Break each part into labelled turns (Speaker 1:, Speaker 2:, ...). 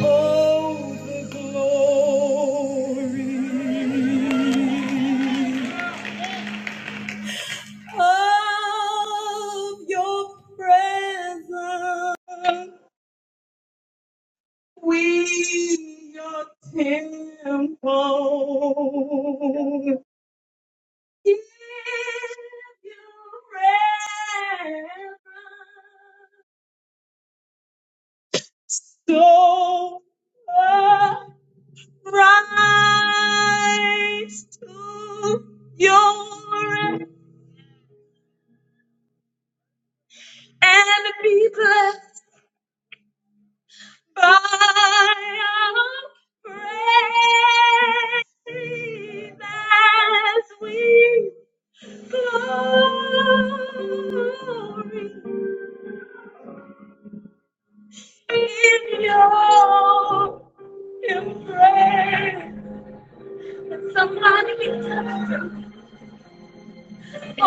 Speaker 1: Oh, the glory of your presence. We your temple. Give you reverence. So Rise to your end and be blessed by our praise as we glory in your embrace. Somebody Thank you.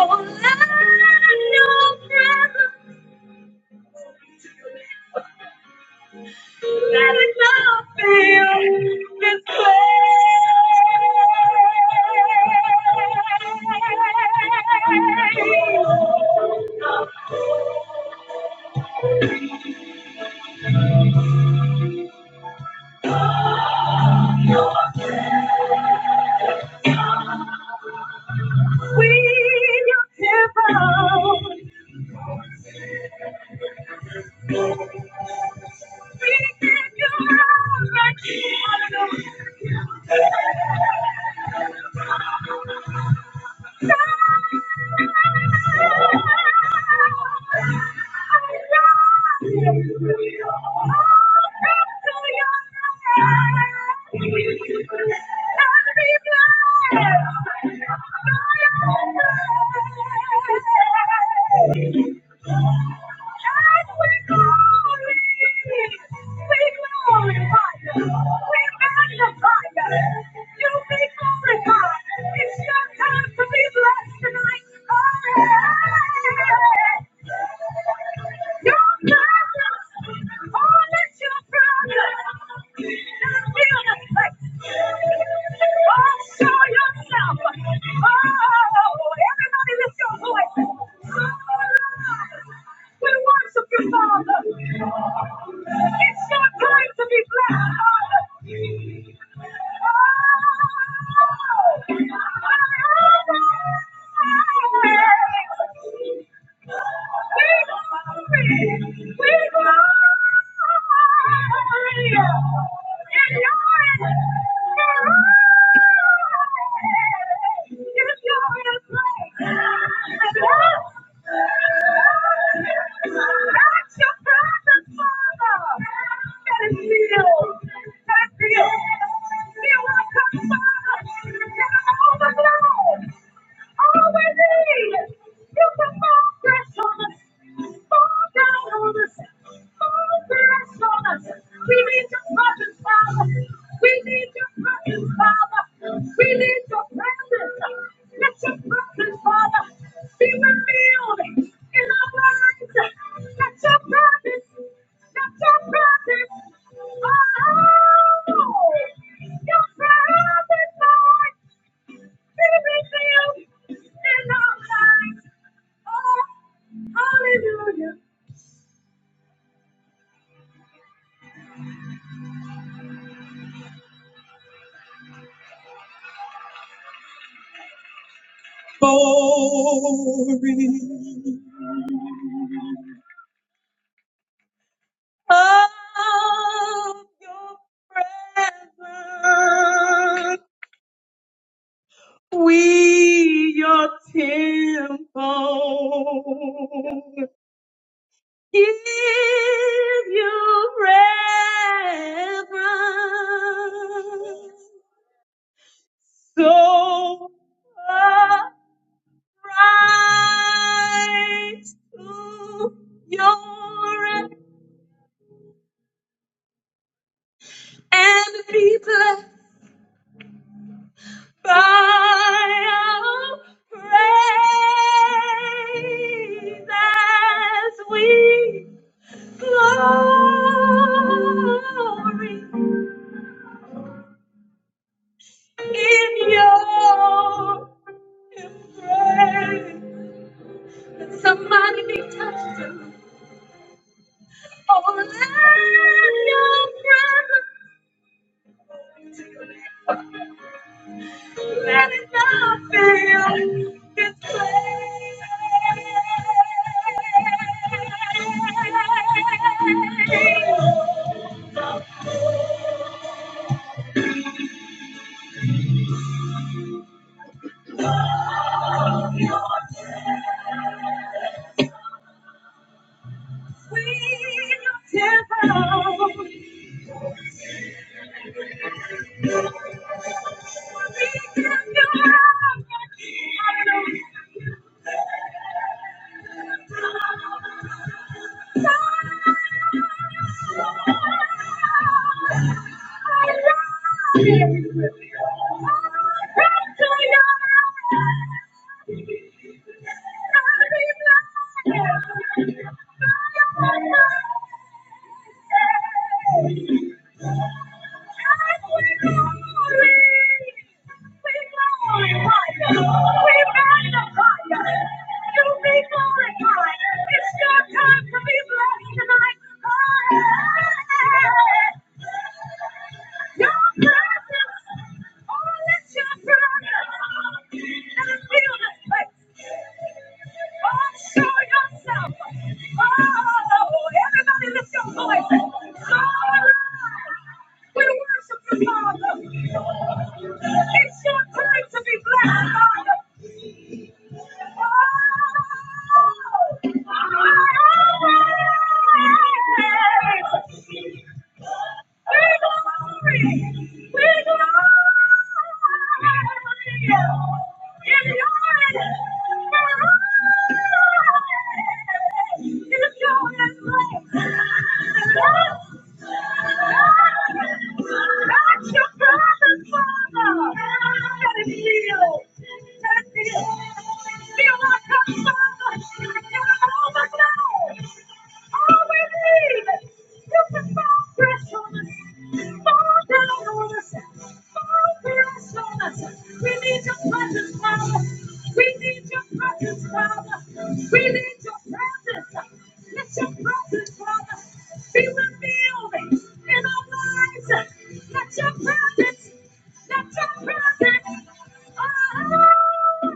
Speaker 1: Can't we believe? We can only fight. We've got to fight to be forgiven. It's your time to be blessed tonight, honey. Oh! Feel what comes, Father. Overflow. All we need is a fall fresh on us. Fall down on us. Fall fresh on us. We need your presence, Father. We need your presence, Father. We need your presence. Let your presence, Father, be revealed in our lives. Let your presence, let your presence, oh, your presence, Lord hallelujah. Glory of your presence, we your temple. Give you reverence. So rise to your end and be blessed by our praise as we glory in your embrace. Let Somebody be touched. tonight. Oh, let your presence Let it not feel this way. We temple. We give your love. Come to your love. Show yourself. Oh, everybody lift your voice. Hallelujah. We worship you, Father. It's your time to be blessed, Father. Oh, Feel like a father. Oh my God. All we need is to fall fresh on us. Fall down on us. Fall fresh on us. We need your presence, Father. We need your presence, Father. We need your presence. Let your presence, Father, be revealed in our lives. Let your presence, let your presence, oh,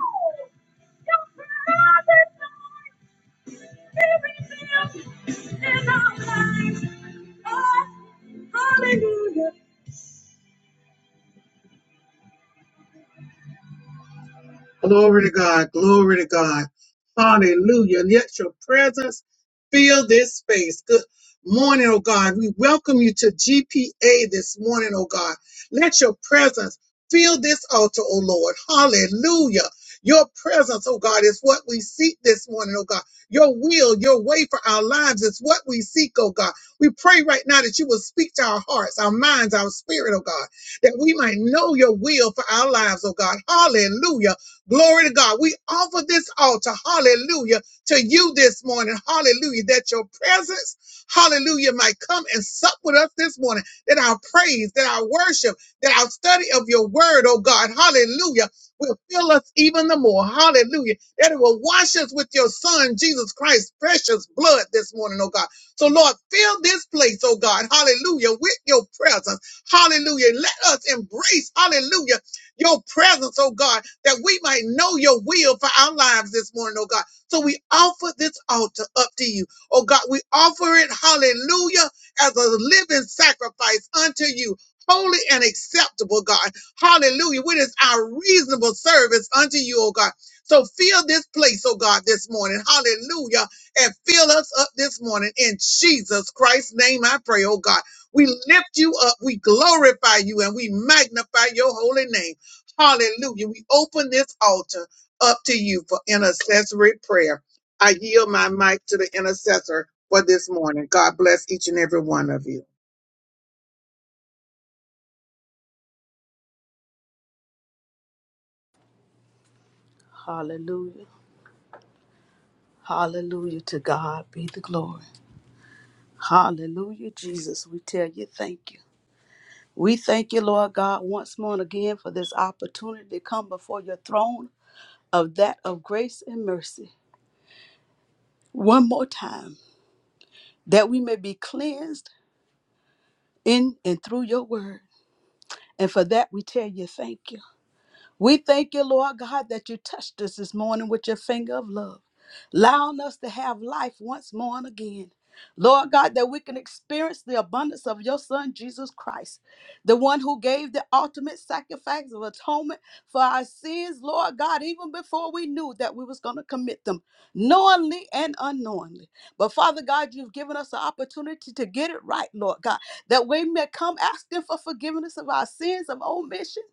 Speaker 1: your presence, Everything else is our lives. Oh, hallelujah. Glory to God. Glory to God. Hallelujah. And yet your presence fill this space. Good morning, oh God. We welcome you to GPA this morning, oh God. Let your presence fill this altar, oh Lord. Hallelujah. Your presence, oh God, is what we seek this morning, oh God. Your will, your way for our lives is what we seek, oh God. We pray right now that you will speak to our hearts, our minds, our spirit, oh God, that we might know your will for our lives, oh God. Hallelujah Glory to God. We offer this altar, hallelujah, to you this morning, hallelujah, that your presence, hallelujah, might come and sup with us this morning, that our praise, that our worship, that our study of your word, oh God, hallelujah, will fill us even the more, hallelujah, that it will wash us with your son, Jesus Christ's precious blood this morning, oh God. So, Lord, fill this place, oh God, hallelujah, with your presence, hallelujah. Let us embrace, hallelujah, your presence, oh God that we might know your will for our lives this morning, oh God. So we offer this altar up to you. Oh God, we offer it, hallelujah, as a living sacrifice unto you. Holy and acceptable, God. Hallelujah. What is our reasonable service unto you, oh God? So fill this place, oh God, this morning. Hallelujah. And fill us up this morning in Jesus Christ's name, I pray, oh God. We lift you up. We glorify you and we magnify your holy name. Hallelujah. We open this altar up to you for intercessory prayer. I yield my mic to the intercessor for this morning. God bless each and every one of you.
Speaker 2: Hallelujah. Hallelujah. To God be the glory. Hallelujah. Jesus, we tell you thank you. We thank you, Lord God, once more and again for this opportunity to come before your throne of that of grace and mercy one more time, that we may be cleansed in and through your word. And for that, we tell you thank you. We thank you, Lord God, that you touched us this morning with your finger of love, allowing us to have life once more and again. Lord God, that we can experience the abundance of your Son, Jesus Christ, the one who gave the ultimate sacrifice of atonement for our sins, Lord God, even before we knew that we was going to commit them, knowingly and unknowingly. But Father God, you've given us an opportunity to get it right, Lord God, that we may come asking for forgiveness of our sins of omission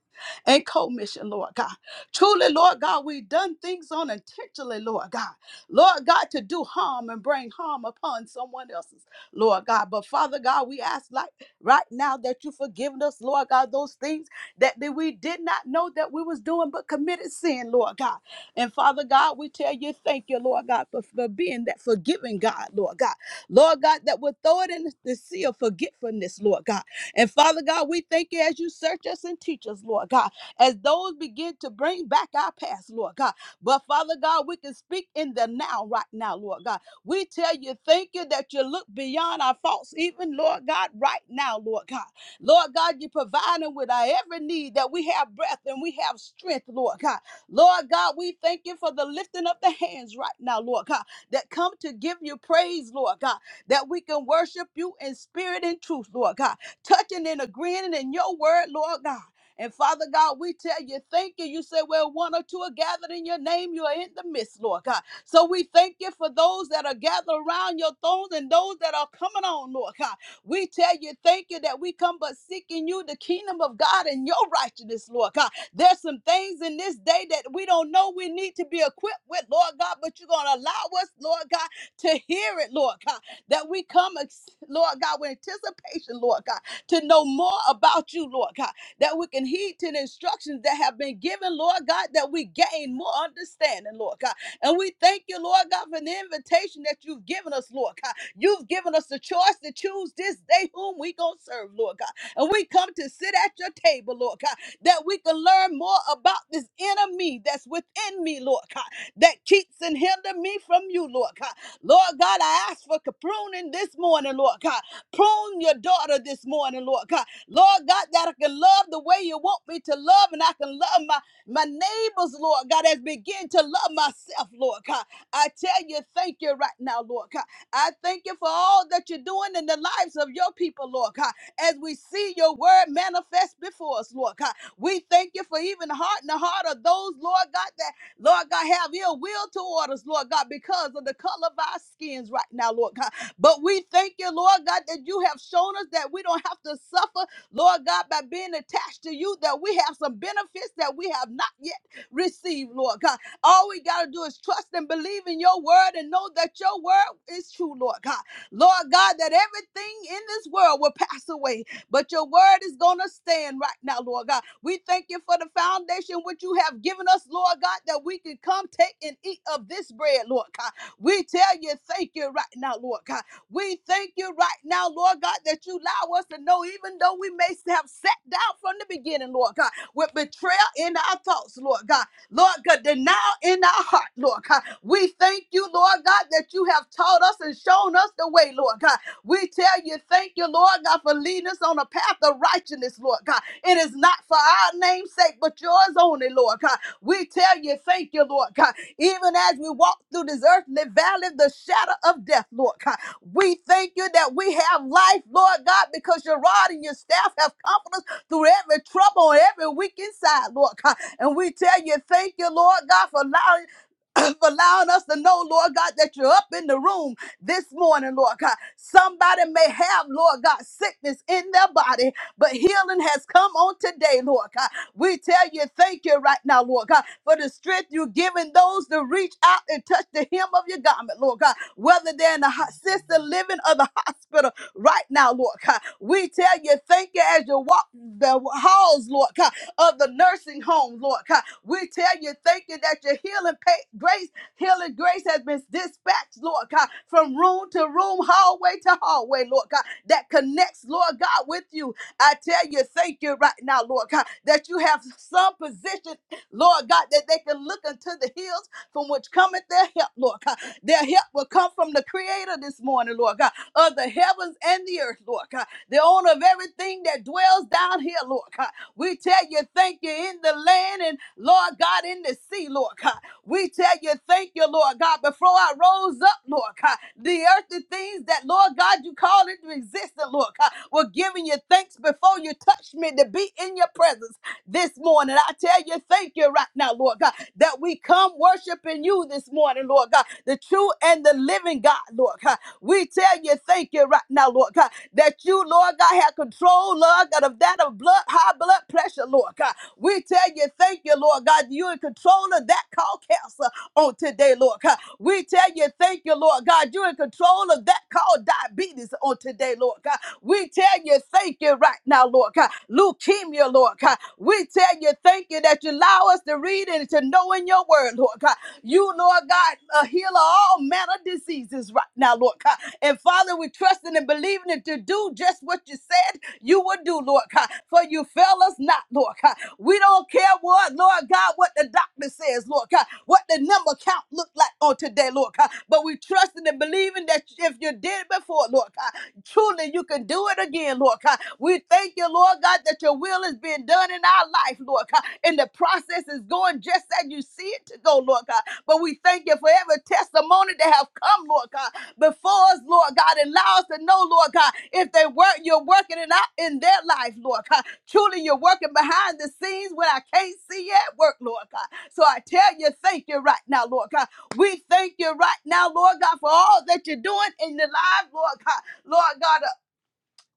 Speaker 2: and commission, Lord God. Truly, Lord God, we've done things unintentionally, Lord God. Lord God, to do harm and bring harm upon someone else's, Lord God. But Father God, we ask like right now that you forgive us, Lord God, those things that, that we did not know that we was doing but committed sin, Lord God. And Father God, we tell you thank you, Lord God, for, for being that forgiving God, Lord God. Lord God, that will throw it in the sea of forgetfulness, Lord God. And Father God, we thank you as you search us and teach us, Lord God as those begin to bring back our past, Lord God. But Father God, we can speak in the now, right now, Lord God. We tell you, thank you that you look beyond our faults, even Lord God, right now, Lord God. Lord God, you provide them with our every need that we have breath and we have strength, Lord God. Lord God, we thank you for the lifting of the hands right now, Lord God, that come to give you praise, Lord God, that we can worship you in spirit and truth, Lord God, touching and agreeing in your word, Lord God. And Father God, we tell you, thank you. You said, Well, one or two are gathered in your name, you are in the midst, Lord God. So we thank you for those that are gathered around your throne and those that are coming on, Lord God. We tell you, thank you that we come but seeking you, the kingdom of God and your righteousness, Lord God. There's some things in this day that we don't know we need to be equipped with, Lord God, but you're going to allow us, Lord God, to hear it, Lord God, that we come, ex- Lord God, with anticipation, Lord God, to know more about you, Lord God that we can heed to the instructions that have been given, Lord God, that we gain more understanding, Lord God. And we thank you, Lord God, for the invitation that you've given us, Lord God. You've given us the choice to choose this day whom we going to serve, Lord God. And we come to sit at your table, Lord God, that we can learn more about this inner me that's within me, Lord God, that keeps and hinder me from you, Lord God. Lord God, I ask for pruning this morning, Lord God. Prune your daughter this morning, Lord God. Lord God, that I can love the way you want me to love, and I can love my, my neighbors, Lord God, as begin to love myself, Lord God. I tell you, thank you right now, Lord God. I thank you for all that you're doing in the lives of your people, Lord God, as we see your word manifest before us, Lord God. We thank you for even heart in the heart of those, Lord God, that, Lord God, have ill will toward us, Lord God, because of the color of our skins right now, Lord God. But we thank you, Lord God, that you have shown us that we don't have to suffer, Lord God, by being attached to you, that we have some benefits that we have not yet received, Lord God. All we got to do is trust and believe in your word and know that your word is true, Lord God. Lord God, that everything in this world will pass away, but your word is going to stand right now, Lord God. We thank you for the foundation which you have given us, Lord God, that we can come take and eat of this bread, Lord God. We tell you, thank you right now, Lord God. We thank you right now, Lord God, that you allow us to know, even though we may have sat down from the beginning, Lord God, with betrayal in our thoughts, Lord God. Lord God, denial in our heart, Lord God. We thank you, Lord God, that you have taught us and shown us the way, Lord God. We tell you, thank you, Lord God, for leading us on a path of righteousness, Lord God. It is not for our name's sake, but yours only, Lord God. We tell you, thank you, Lord God. Even as we walk through this earthly valley, the shadow of death, Lord God. We thank you that we have life, Lord God, because your rod and your staff have comforted us through every trouble and every weak inside, Lord God. And we tell you, thank you, Lord God, for allowing. For allowing us to know, Lord God, that you're up in the room this morning, Lord God. Somebody may have, Lord God, sickness in their body, but healing has come on today, Lord God. We tell you thank you right now, Lord God, for the strength you've given those to reach out and touch the hem of your garment, Lord God, whether they're in the ho- sister living or the hospital right now, Lord God. We tell you thank you as you walk the halls, Lord God, of the nursing home, Lord God. We tell you thank you that your healing pa- grace Healing grace has been dispatched, Lord God, from room to room, hallway to hallway, Lord God, that connects, Lord God, with you. I tell you, thank you right now, Lord God, that you have some position, Lord God, that they can look unto the hills from which cometh their help, Lord God. Their help will come from the Creator this morning, Lord God, of the heavens and the earth, Lord God, the owner of everything that dwells down here, Lord God. We tell you thank you in the land and Lord God in the sea, Lord God. We tell you thank you, Lord God. Before I rose up, Lord God, the earthly things that, Lord God, you call into existence, Lord God, were giving you thanks before you touched me to be in your presence this morning. I tell you thank you right now, Lord God, that we come worshiping you this morning, Lord God, the true and the living God, Lord God. We tell you thank you right now, Lord God, that you, Lord God, have control control, Lord God, of that of blood, high blood pressure, Lord God. We tell you, thank you, Lord God, you're in control of that called cancer on today, Lord God. We tell you, thank you, Lord God, you're in control of that called diabetes on today, Lord God. We tell you, thank you right now, Lord God. Leukemia, Lord God. We tell you, thank you that you allow us to read and to know in your word, Lord God. You, Lord God, a healer of all manner of diseases right now, Lord God. And Father, we trust in and believing it to do just what you said you would do, Lord God. For you fail us not, Lord God. We don't care what, Lord God, what the doctor says, Lord God, what the number count looked like on today, Lord God. But we trusting and believing that if you did it before, Lord God, truly you can do it again, Lord God. We thank you, Lord God, that your will is being done in our life, Lord God. And the process is going just as you see it to go, Lord God. But we thank you for every testimony that have come, Lord God before us, Lord God, and allow us to know, Lord God, if they work, you're working it out in their life, Lord God. Truly, you're working behind the scenes when I can't see you at work, Lord God. So I tell you, thank you right now, Lord God. We thank you right now, Lord God, for all that you're doing in the life, Lord God. Lord God,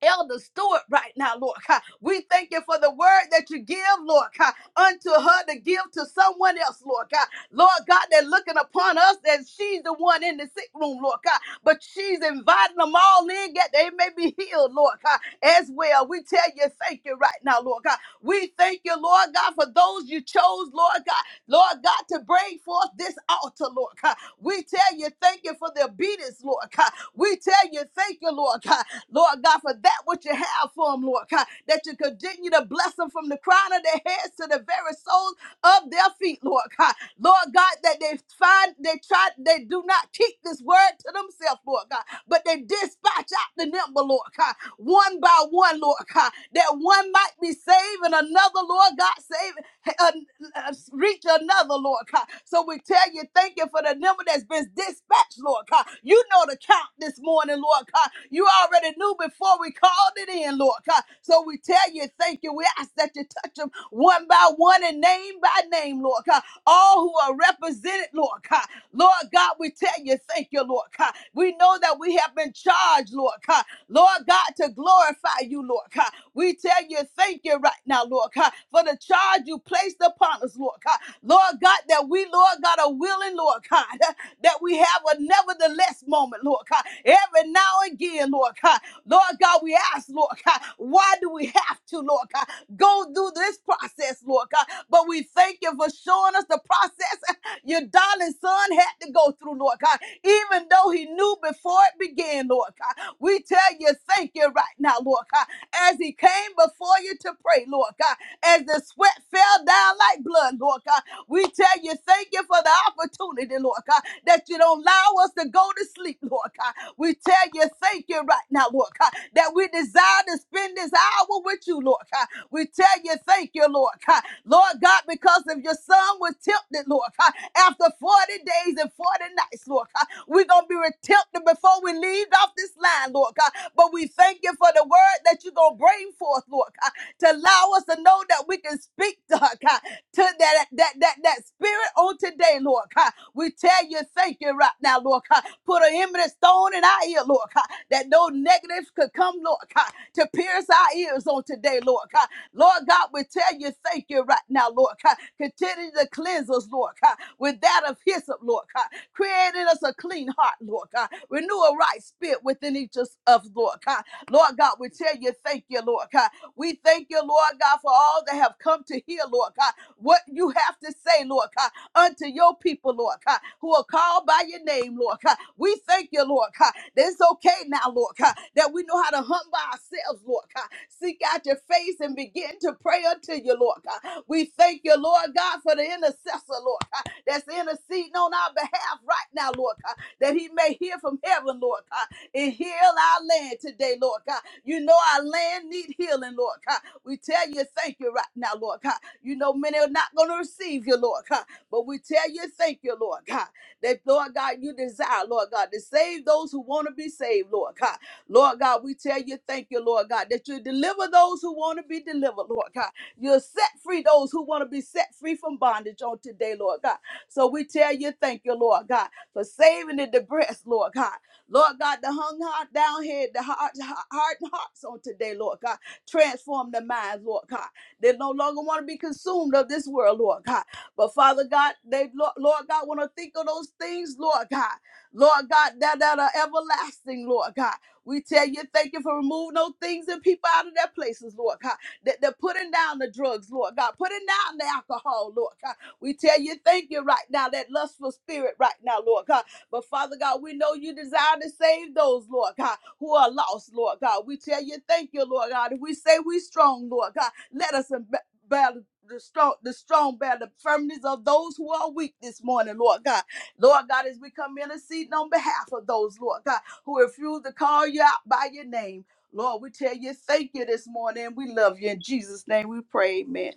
Speaker 2: Elder Stewart right now, Lord God. We thank you for the word that you give, Lord God, unto her to give to someone else, Lord God. Lord God, they're looking upon us as she's the one in the sick room, Lord God. But she's inviting them all in, that they may be healed, Lord God, as well. We tell you, thank you right now, Lord God. We thank you, Lord God, for those you chose, Lord God, Lord God, to bring forth this altar, Lord God. We tell you, thank you for the obedience, Lord God. We tell you, thank you, Lord God. Lord God, for that which you have for them, Lord God, that you continue to bless them from the crown of their heads to the very soles of their feet, Lord God. Lord God, that they find, they try, they do not keep this word to themselves, Lord God, but they dispatch out the number, Lord God, one by one, Lord God, that one might be saved and another, Lord God, saved, an- uh, reach another, Lord God. So we tell you, thank you for the number that's been dispatched, Lord God. You know the count this morning, Lord God. You already knew before we called it in, Lord God. So we tell you, thank you. We ask that you touch them one by one and name by name, Lord God. All who are represented, Lord God. Lord God, we tell you, thank you, Lord God. We know that we have been charged, Lord God. Lord God, to glorify you, Lord God. We tell you, thank you right now, Lord God, for the charge you placed upon us, Lord God. Lord God, that we, Lord God, are willing, Lord God, that we have a nevertheless moment, Lord God. Every now and again, Lord God. Lord God, we ask, Lord God, why do we have to, Lord God? go through this process, Lord God. But we thank you for showing us the process your darling son had to go through, Lord God, even though he knew before it began, Lord God. We tell you thank you right now, Lord God, as he came before you to pray, Lord God, as the sweat fell down like blood, Lord God. We tell you thank you for the opportunity, Lord God, that you don't don't allow us to go to sleep, Lord God. We tell you, thank you right now, Lord God, that we desire to spend this hour with you, Lord God. We tell you, thank you, Lord God. Lord God, because if your son was tempted, Lord God, after 40 days and 40 nights, Lord God, we're going to be tempted before we leave off this line, Lord God. But we thank you for the word that you're going to bring forth, Lord God to allow us to know that we can speak, Lord God, to that, that, that, that spirit on today, Lord God. We tell you thank you right now, Lord God. Put an eminent stone in our ear, Lord God, that no negatives could come, Lord God, to pierce our ears on today, Lord God. Lord God, we tell you thank you right now, Lord God. Continue to cleanse us, Lord God, with that of hyssop, Lord God. Create us a clean heart, Lord God. Renew a right spirit within each of us, Lord God. Lord God, we tell you thank you, Lord God. We thank you, Lord God, for all that have come to hear, Lord God, what you have to say, Lord God, unto your people, Lord God, who are called by your name, Lord God. We thank you, Lord God, that it's okay now, Lord God, that we know how to humble ourselves, Lord God. Seek out your face and begin to pray unto you, Lord God. We thank you, Lord God, for the intercessor, Lord God, that's interceding on our behalf right now, Lord God, that he may hear from heaven, Lord God and heal our land today, Lord God. You know our land need healing, Lord God. We tell you thank you right now, Lord God. You know many are not going to receive you, Lord God, but we tell you thank you, Lord God, that, Lord God, you desire, Lord God, to save those who want to be saved, Lord God. Lord God, we tell you thank you, Lord God, that you deliver those who want to be delivered, Lord God. You'll set free those who want to be set free from bondage on today, Lord God. So we tell you thank you, Lord God, for saving the depressed, Lord God. Lord God, the hung heart down here, the heart, heart and hearts on today, Lord God. Transform the minds, Lord God. They no longer want to be consumed of this world, Lord God. But Father God, they, Lord, Lord God, want to think of those things, Lord God. Lord God, that, that are everlasting, Lord God. We tell you, thank you for removing those things and people out of their places, Lord God. That they're putting down the drugs, Lord God, putting down the alcohol, Lord God. We tell you, thank you right now, that lustful spirit right now, Lord God but Father God, we know you desire to save those, Lord God, who are lost, Lord God. We tell you thank you, Lord God. If we say we strong, Lord God, let us em- battle the strong, the strong bear the firmness of those who are weak this morning, Lord God. Lord God, as we come interceding on behalf of those, Lord God, who refuse to call you out by your name. Lord, we tell you thank you this morning. We love you. In Jesus' name we pray, amen.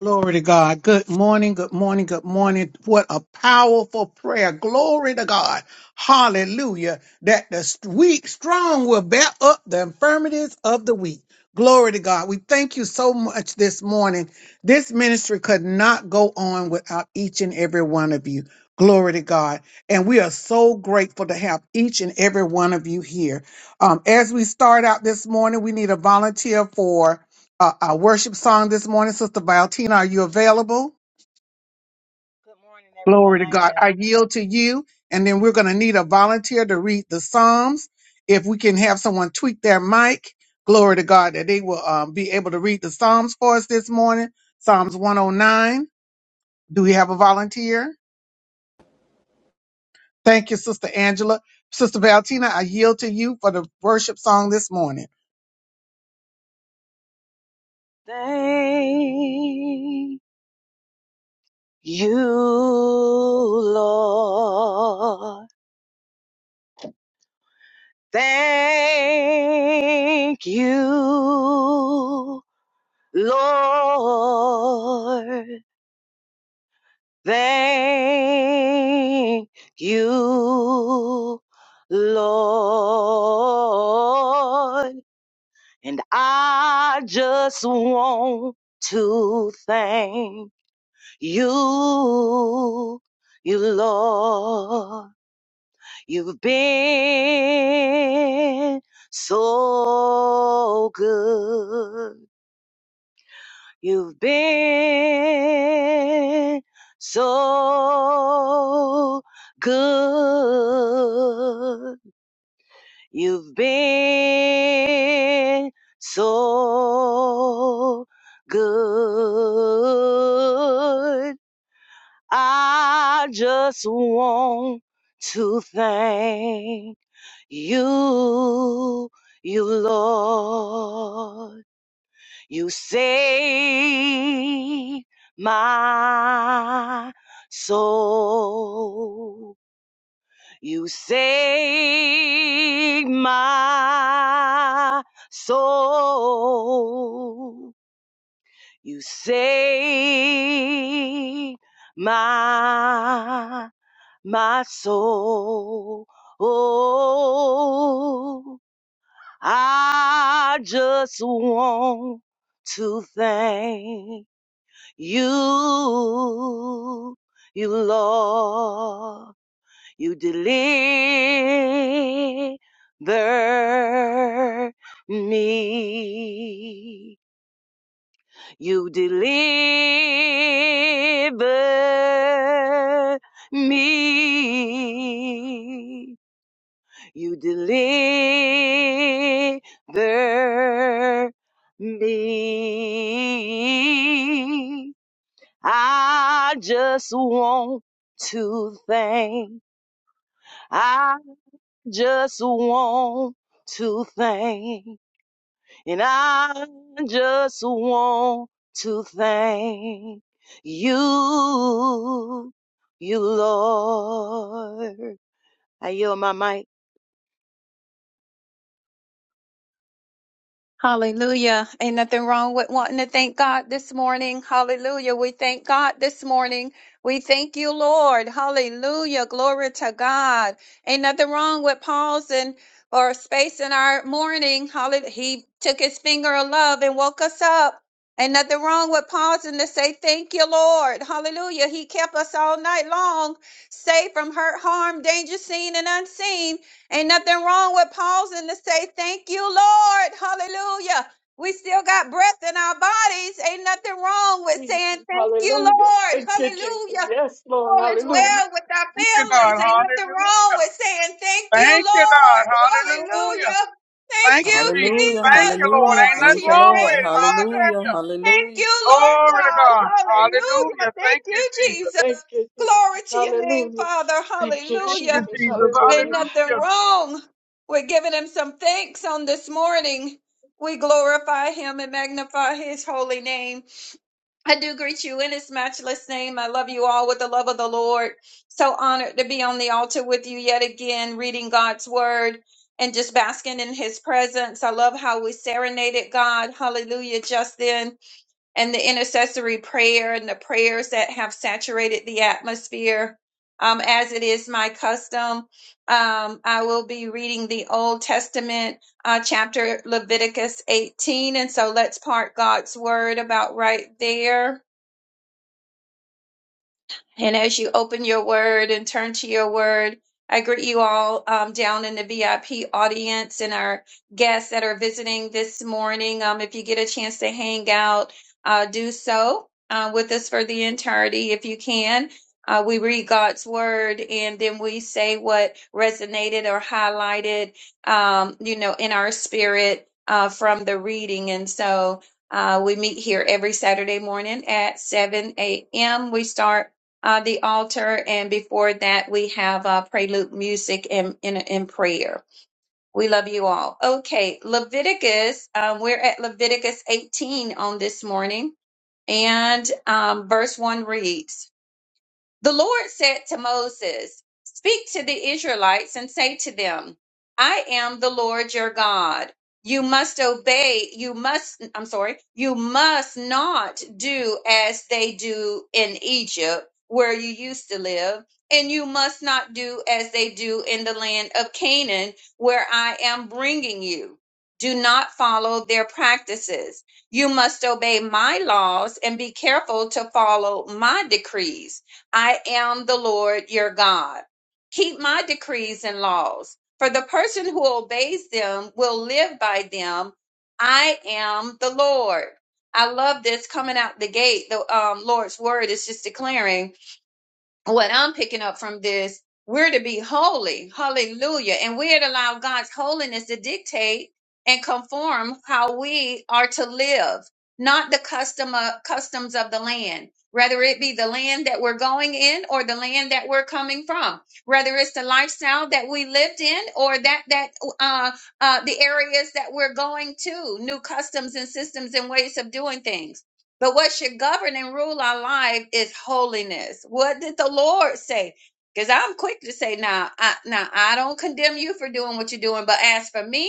Speaker 1: Glory to God. Good morning. Good morning. Good morning. What a powerful prayer. Glory to God. Hallelujah. That the weak strong will bear up the infirmities of the weak. Glory to God. We thank you so much this morning. This ministry could not go on without each and every one of you. Glory to God. And we are so grateful to have each and every one of you here. Um, as we start out this morning, we need a volunteer for uh, our worship song this morning. Sister Valentina, are you available?
Speaker 3: Good morning, everyone.
Speaker 1: Glory to
Speaker 3: I
Speaker 1: God.
Speaker 3: am.
Speaker 1: I yield to you. And then we're going to need a volunteer to read the Psalms. If we can have someone tweak their mic, glory to God, that they will um, be able to read the Psalms for us this morning. Psalms 109. Do we have a volunteer? Thank you, Sister Angela. Sister Valentina, I yield to you for the worship song this morning.
Speaker 3: Thank you, Lord. Thank you, Lord. Thank you, Lord. And I just want to thank You, you Lord, you've been so good. You've been so good. You've been so good. I just want to thank you, you Lord. You saved my soul. You saved my soul. You saved my my soul. Oh, I just want to thank you, you Lord. You deliver me. You deliver me. You deliver me. I just want to thank. I just want to thank. And I just want to thank you, you Lord. I yield my mic.
Speaker 4: Hallelujah. Ain't nothing wrong with wanting to thank God this morning. Hallelujah. We thank God this morning. We thank you, Lord. Hallelujah. Glory to God. Ain't nothing wrong with pausing or space in our morning. Hallelujah. He took his finger of love and woke us up. Ain't nothing wrong with pausing to say thank you, Lord. Hallelujah. He kept us all night long, safe from hurt, harm, danger, seen and unseen. Ain't nothing wrong with pausing to say, Thank you, Lord. Hallelujah. We still got breath in our bodies. Ain't nothing wrong with saying, Thank you, Lord. Hallelujah. All is
Speaker 1: Hallelujah.
Speaker 4: well with our
Speaker 1: Thank you, God.
Speaker 4: families. Ain't nothing
Speaker 1: Hallelujah.
Speaker 4: wrong with saying, Thank you,
Speaker 1: Thank you, God.
Speaker 4: Lord.
Speaker 1: Hallelujah.
Speaker 4: Hallelujah. Thank
Speaker 1: Thank
Speaker 4: you,
Speaker 1: you, Jesus.
Speaker 5: Hallelujah,
Speaker 1: Thank
Speaker 4: Jesus.
Speaker 1: you, Lord.
Speaker 5: hallelujah.
Speaker 1: Ain't
Speaker 4: Glory to
Speaker 1: nothing
Speaker 5: Thank you,
Speaker 4: your
Speaker 1: wrong with
Speaker 4: name,
Speaker 5: Lord.
Speaker 1: it.
Speaker 4: Father.
Speaker 5: Hallelujah,
Speaker 1: Hallelujah.
Speaker 4: Thank
Speaker 5: hallelujah.
Speaker 4: you, Lord
Speaker 1: Glory to
Speaker 4: God.
Speaker 1: God.
Speaker 4: Hallelujah.
Speaker 1: Hallelujah.
Speaker 4: Thank
Speaker 1: Thank you,
Speaker 4: you,
Speaker 1: Jesus.
Speaker 4: Jesus. Glory to your name, Father. Hallelujah. Ain't nothing wrong with giving him some thanks on this morning. We glorify him and magnify his holy name. I do greet you in his matchless name. I love you all with the love of the Lord. So honored to be on the altar with you yet again, reading God's word and just basking in his presence. I love how we serenaded God. Hallelujah, just then and the intercessory prayer and the prayers that have saturated the atmosphere. Um, as it is my custom, um, I will be reading the Old Testament uh, chapter Leviticus 18. And so let's part God's word about right there. And as you open your word and turn to your word, I greet you all um, down in the VIP audience and our guests that are visiting this morning. Um, if you get a chance to hang out, uh, do so uh, with us for the entirety if you can. Uh, we read God's word and then we say what resonated or highlighted, um, you know, in our spirit uh, from the reading. And so uh, we meet here every Saturday morning at 7 a.m. We start uh, the altar, and before that we have uh, prelude music and in, in prayer. We love you all. Okay, Leviticus. Um, we're at Leviticus 18 on this morning, and um, verse one reads. The Lord said to Moses, Speak to the Israelites and say to them, I am the Lord your God. You must obey, you must, I'm sorry, you must not do as they do in Egypt, where you used to live, and you must not do as they do in the land of Canaan, where I am bringing you. Do not follow their practices. You must obey my laws and be careful to follow my decrees. I am the Lord your God. Keep my decrees and laws, for the person who obeys them will live by them. I am the Lord. I love this coming out the gate. The um, Lord's word is just declaring what I'm picking up from this, we're to be holy. Hallelujah. And we're to allow God's holiness to dictate and conform how we are to live, not the custom of, customs of the land. Whether it be the land that we're going in or the land that we're coming from, whether it's the lifestyle that we lived in or that that uh, uh, the areas that we're going to, new customs and systems and ways of doing things. But what should govern and rule our life is holiness. What did the Lord say? Because I'm quick to say, now, I, now I don't condemn you for doing what you're doing, but as for me,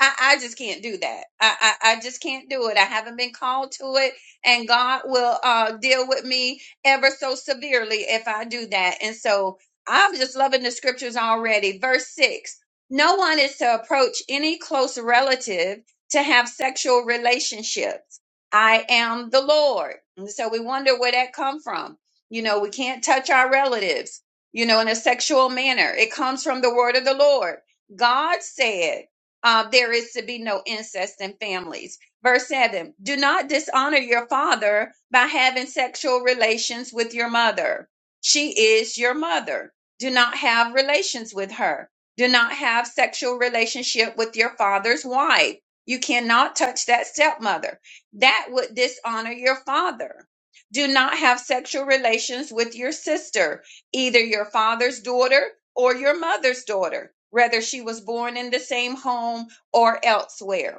Speaker 4: I, I just can't do that. I, I I just can't do it. I haven't been called to it, and God will uh, deal with me ever so severely if I do that. And so I'm just loving the scriptures already. Verse six: No one is to approach any close relative to have sexual relationships I am the Lord. And so we wonder where that come from. You know, we can't touch our relatives, you know, in a sexual manner. It comes from the word of the Lord. God said, uh, there is to be no incest in families. Verse 7 Do not dishonor your father by having sexual relations with your mother. She is your mother. Do not have relations with her. Do not have sexual relationship with your father's wife. You cannot touch that stepmother that would dishonor your father. Do not have sexual relations with your sister, either your father's daughter or your mother's daughter, whether she was born in the same home or elsewhere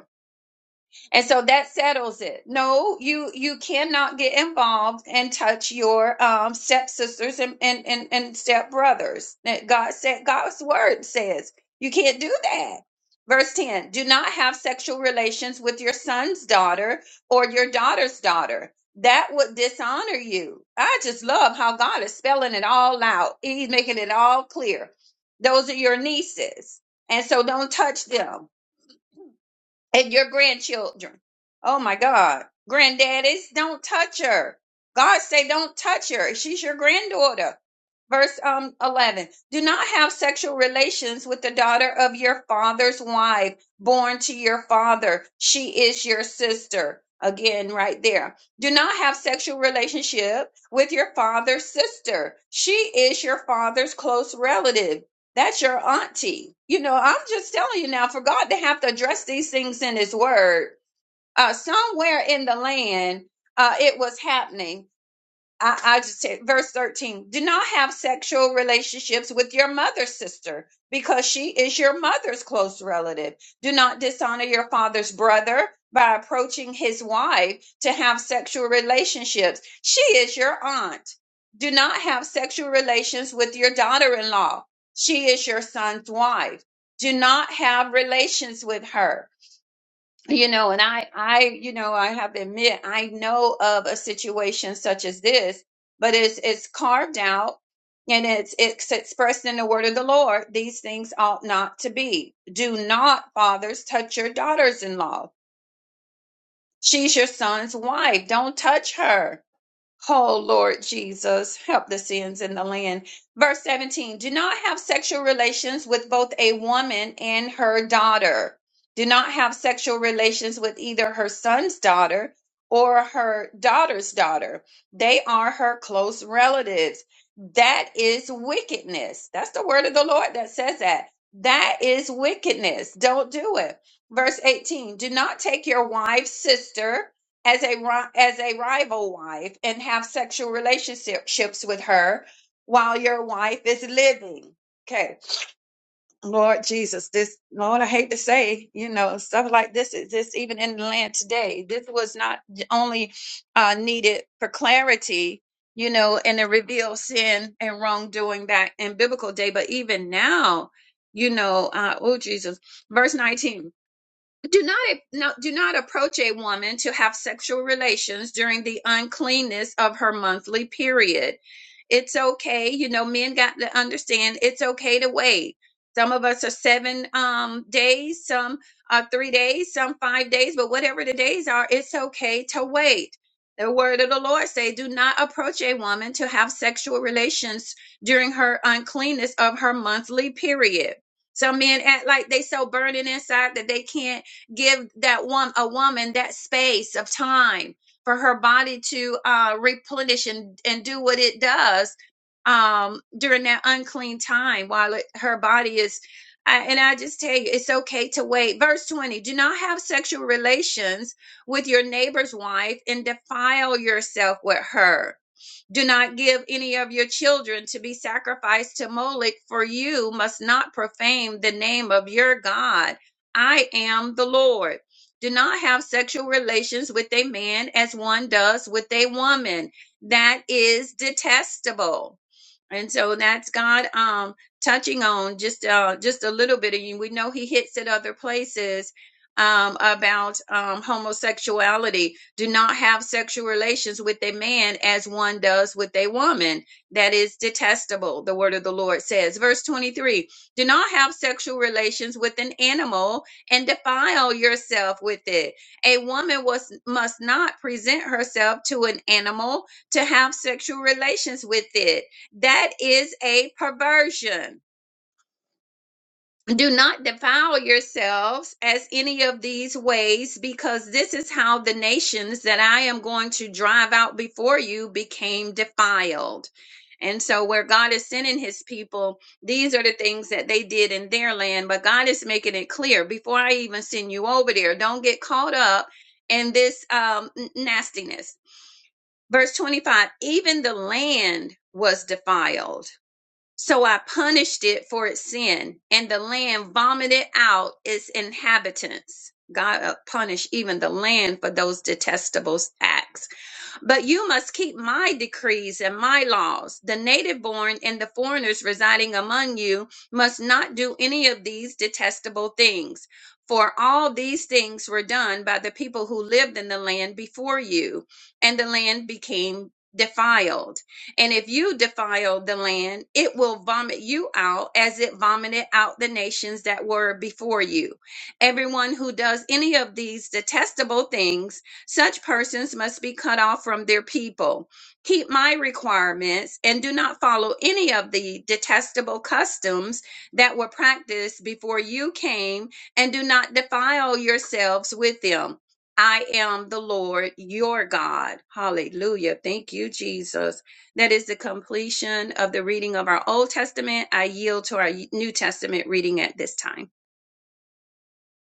Speaker 4: and so that settles it no you you cannot get involved and touch your um stepsisters and and and, and step brothers god said god's word says you can't do that verse 10 do not have sexual relations with your son's daughter or your daughter's daughter that would dishonor you i just love how god is spelling it all out he's making it all clear those are your nieces and so don't touch them and your grandchildren. Oh my God. Granddaddies, don't touch her. God say don't touch her. She's your granddaughter. Verse um 11. Do not have sexual relations with the daughter of your father's wife born to your father. She is your sister. Again, right there. Do not have sexual relationship with your father's sister. She is your father's close relative. That's your auntie. You know, I'm just telling you now, for God to have to address these things in His Word, uh, somewhere in the land, uh, it was happening. I, I just said, verse 13, do not have sexual relationships with your mother's sister because she is your mother's close relative. Do not dishonor your father's brother by approaching his wife to have sexual relationships. She is your aunt. Do not have sexual relations with your daughter in law. She is your son's wife. Do not have relations with her you know and i i you know i have to admit i know of a situation such as this but it's it's carved out and it's it's expressed in the word of the lord these things ought not to be do not fathers touch your daughters in law she's your son's wife don't touch her Oh Lord Jesus, help the sins in the land. Verse 17 Do not have sexual relations with both a woman and her daughter. Do not have sexual relations with either her son's daughter or her daughter's daughter. They are her close relatives. That is wickedness. That's the word of the Lord that says that. That is wickedness. Don't do it. Verse 18 Do not take your wife's sister as a ri- as a rival wife and have sexual relationships with her while your wife is living. Okay, Lord Jesus, this Lord, I hate to say, you know, stuff like this is this even in the land today. This was not only uh, needed for clarity, you know, and to reveal sin and wrongdoing back in biblical day, but even now, you know, uh, oh Jesus, verse nineteen. Do not no, do not approach a woman to have sexual relations during the uncleanness of her monthly period. It's okay, you know, men got to understand it's okay to wait. Some of us are seven um, days, some are three days, some five days, but whatever the days are, it's okay to wait. The word of the Lord say, do not approach a woman to have sexual relations during her uncleanness of her monthly period. Some men act like they so burning inside that they can't give that one a woman that space of time for her body to uh, replenish and, and do what it does um, during that unclean time while it, her body is I, and I just tell you, it's okay to wait. Verse 20 Do not have sexual relations with your neighbor's wife and defile yourself with her do not give any of your children to be sacrificed to Moloch, for you must not profane the name of your God. I am the Lord. Do not have sexual relations with a man as one does with a woman. That is detestable and so that's God um touching on just uh just a little bit of you. We know he hits at other places um about um homosexuality. Do not have sexual relations with a man as one does with a woman. That is detestable, the word of the Lord says. Verse 23, do not have sexual relations with an animal and defile yourself with it. A woman was must not present herself to an animal to have sexual relations with it that is a perversion. Do not defile yourselves as any of these ways, because this is how the nations that I am going to drive out before you became defiled. And so, where God is sending his people, these are the things that they did in their land. But God is making it clear before I even send you over there, don't get caught up in this um, n- nastiness. Verse 25 even the land was defiled so I punished it for its sin, and the land vomited out its inhabitants. God uh, punished even the land for those detestable acts. But you must keep my decrees and my laws. The native born and the foreigners residing among you must not do any of these detestable things. For all these things were done by the people who lived in the land before you, and the land became defiled. And if you defile the land, it will vomit you out as it vomited out the nations that were before you. Everyone who does any of these detestable things, such persons must be cut off from their people. Keep my requirements and do not follow any of the detestable customs that were practiced before you came, and do not defile yourselves with them. I am the Lord your God. Hallelujah. Thank you, Jesus. That is the completion of the reading of our Old Testament. I yield to our New Testament reading at this time.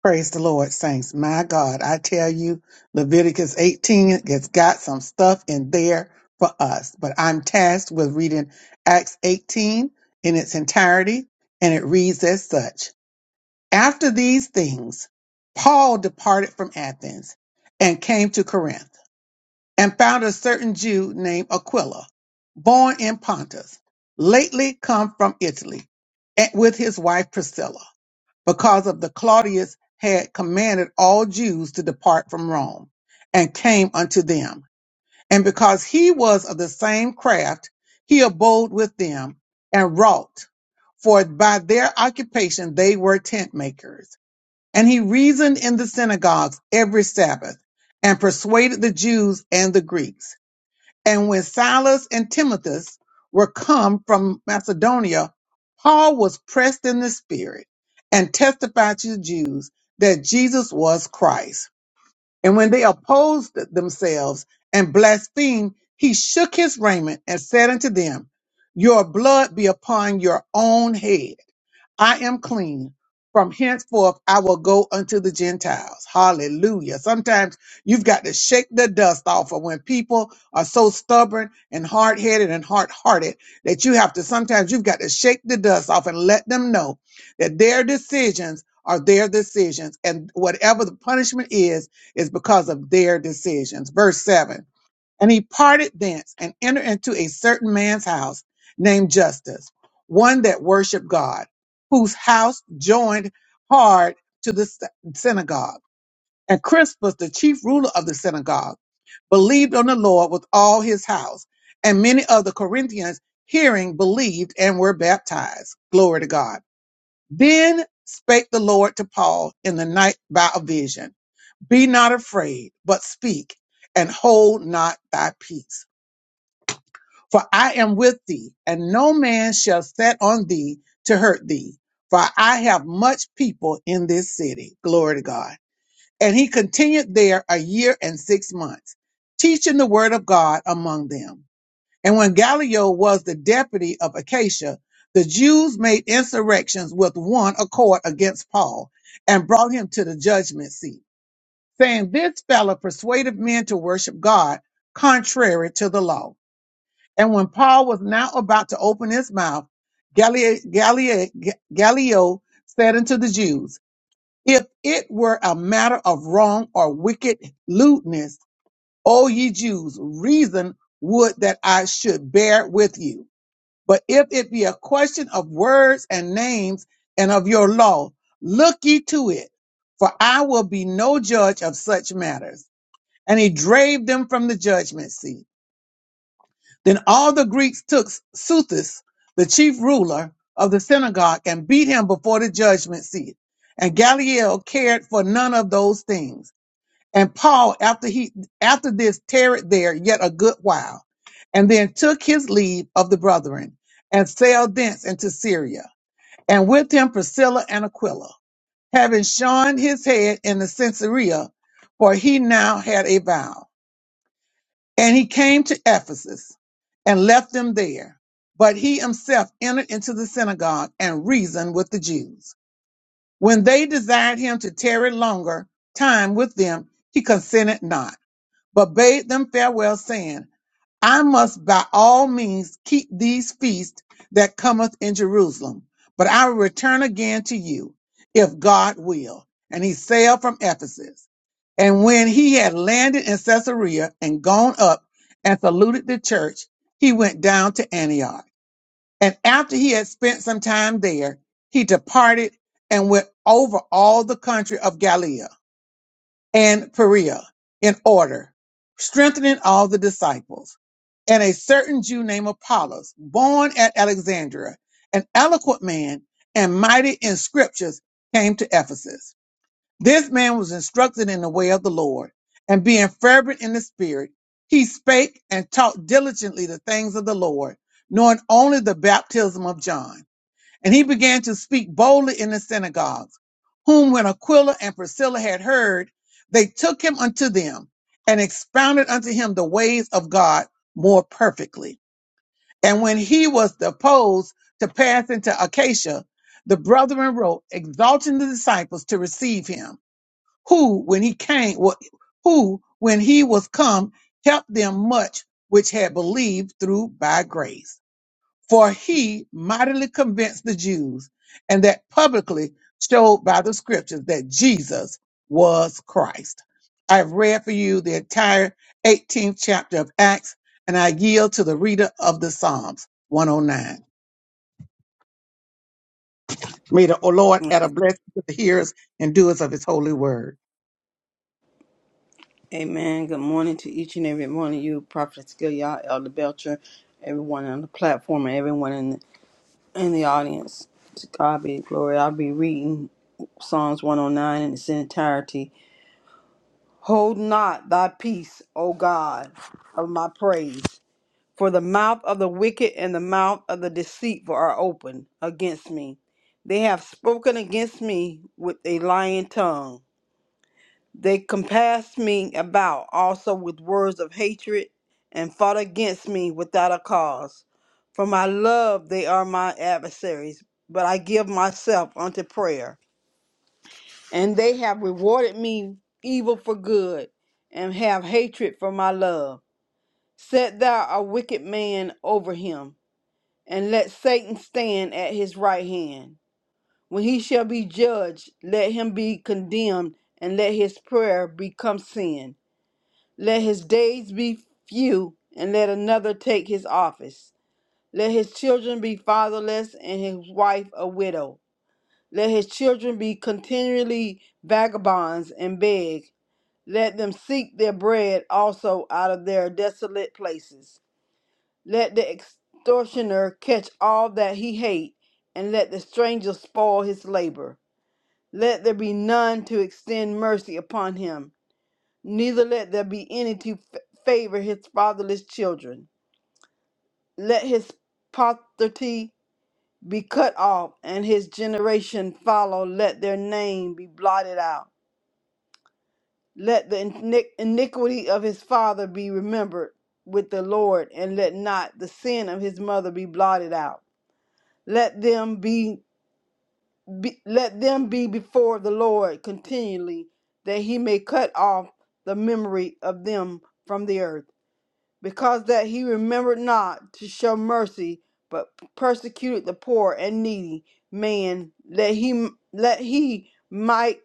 Speaker 1: Praise the Lord, saints. My God, I tell you, Leviticus 18 has got some stuff in there for us. But I'm tasked with reading Acts 18 in its entirety, and it reads as such. After these things, Paul departed from Athens and came to Corinth. and found a certain Jew named Aquila, born in Pontus, lately come from Italy, and with his wife Priscilla, because of the Claudius had commanded all Jews to depart from Rome, and came unto them. And because he was of the same craft, he abode with them and wrought, for by their occupation they were tent makers. And he reasoned in the synagogues every Sabbath, and persuaded the Jews and the Greeks and when Silas and Timothy were come from Macedonia, Paul was pressed in the spirit and testified to the Jews that Jesus was Christ. And when they opposed themselves and blasphemed, he shook his raiment and said unto them, Your blood be upon your own head. I am clean. From henceforth, I will go unto the Gentiles. Hallelujah. Sometimes you've got to shake the dust off of when people are so stubborn and hard headed and hard hearted that you have to sometimes you've got to shake the dust off and let them know that their decisions are their decisions and whatever the punishment is, is because of their decisions. Verse 7 and he parted thence and entered into a certain man's house named Justus, one that worshiped God, whose house joined hard to the sy- synagogue. And Crispus, the chief ruler of the synagogue, believed on the Lord with all his house. And many of the Corinthians, hearing, believed and were baptized. Glory to God. Then spake the Lord to Paul in the night by a vision Be not afraid, but speak and hold not thy peace for I am with thee, and no man shall set on thee to hurt thee. For I have much people in this city. Glory to God. And he continued there a year and six months, teaching the word of God among them. And when Gallio was the deputy of Acacia, the Jews made insurrections with one accord against Paul and brought him to the judgment seat, saying, This fellow persuaded men to worship God contrary to the law. And when Paul was now about to open his mouth, Galileo, Galileo, Galileo said unto the Jews, If it were a matter of wrong or wicked lewdness, O ye Jews, reason would that I should bear with you. But if it be a question of words and names and of your law, look ye to it, for I will be no judge of such matters. And he drave them from the judgment seat. Then all the Greeks took Suthus, the chief ruler of the synagogue, and beat him before the judgment seat. And Gamaliel cared for none of those things. And Paul, after he after this, tarried there yet a good while, and then took his leave of the brethren, and sailed thence into Syria, and with him Priscilla and Aquila, having shorn his head in the Caesarea, for he now had a vow. And he came to Ephesus and left them there. But he himself entered into the synagogue and reasoned with the Jews. When they desired him to tarry longer time with them, he consented not, but bade them farewell, saying, I must by all means keep these feasts that cometh in Jerusalem, but I will return again to you, if God will. And he sailed from Ephesus. And when he had landed in Caesarea and gone up and saluted the church, he went down to Antioch. And after he had spent some time there, he departed and went over all the country of Galilee and Perea in order, strengthening all the disciples. And a certain Jew named Apollos, born at Alexandria, an eloquent man and mighty in scriptures, came to Ephesus this man was instructed in the way of the Lord, and being fervent in the spirit, he spake and taught diligently the things of the Lord, knowing only the baptism of John. And he began to speak boldly in the synagogues, whom when Aquila and Priscilla had heard, they took him unto them and expounded unto him the ways of God more perfectly. And when he was disposed to pass into Acacia, the brethren wrote, exalting the disciples to receive him who when he came wa- who when he was come helped them much which had believed through by grace for he mightily convinced the jews and that publicly showed by the scriptures that jesus was christ i've read for you the entire 18th chapter of acts and i yield to the reader of the psalms 109 may the O lord add a blessing to the hearers and doers of his holy word
Speaker 5: Amen. Good morning to each and every one of you, Prophet Skilliah, Elder Belcher, everyone on the platform, and everyone in the, in the audience. To God be the glory. I'll be reading Psalms 109 in its entirety. Hold not thy peace, O God, of my praise, For the mouth of the wicked and the mouth of the deceitful are open against me. They have spoken against me with a lying tongue. They compassed me about also with words of hatred and fought against me without a cause. For my love they are my adversaries, but I give myself unto prayer. And they have rewarded me evil for good and have hatred for my love. Set thou a wicked man over him and let Satan stand at his right hand. When he shall be judged, let him be condemned, and let his prayer become sin. Let his days be few, and let another take his office. Let his children be fatherless, and his wife a widow. Let his children be continually vagabonds and beg. Let them seek their bread also out of their desolate places. Let the extortioner catch all that he hate, and let the stranger spoil his labor. Let there be none to extend mercy upon him, neither let there be any to f- favor his fatherless children. Let his posterity be cut off, and his generation follow. Let their name be blotted out. Let the iniqu- iniquity of his father be remembered with the Lord, and let not the sin of his mother be blotted out. Let them be, be let them be before the Lord continually, that he may cut off the memory of them from the earth, because that he remembered not to show mercy, but persecuted the poor and needy man, that he let he might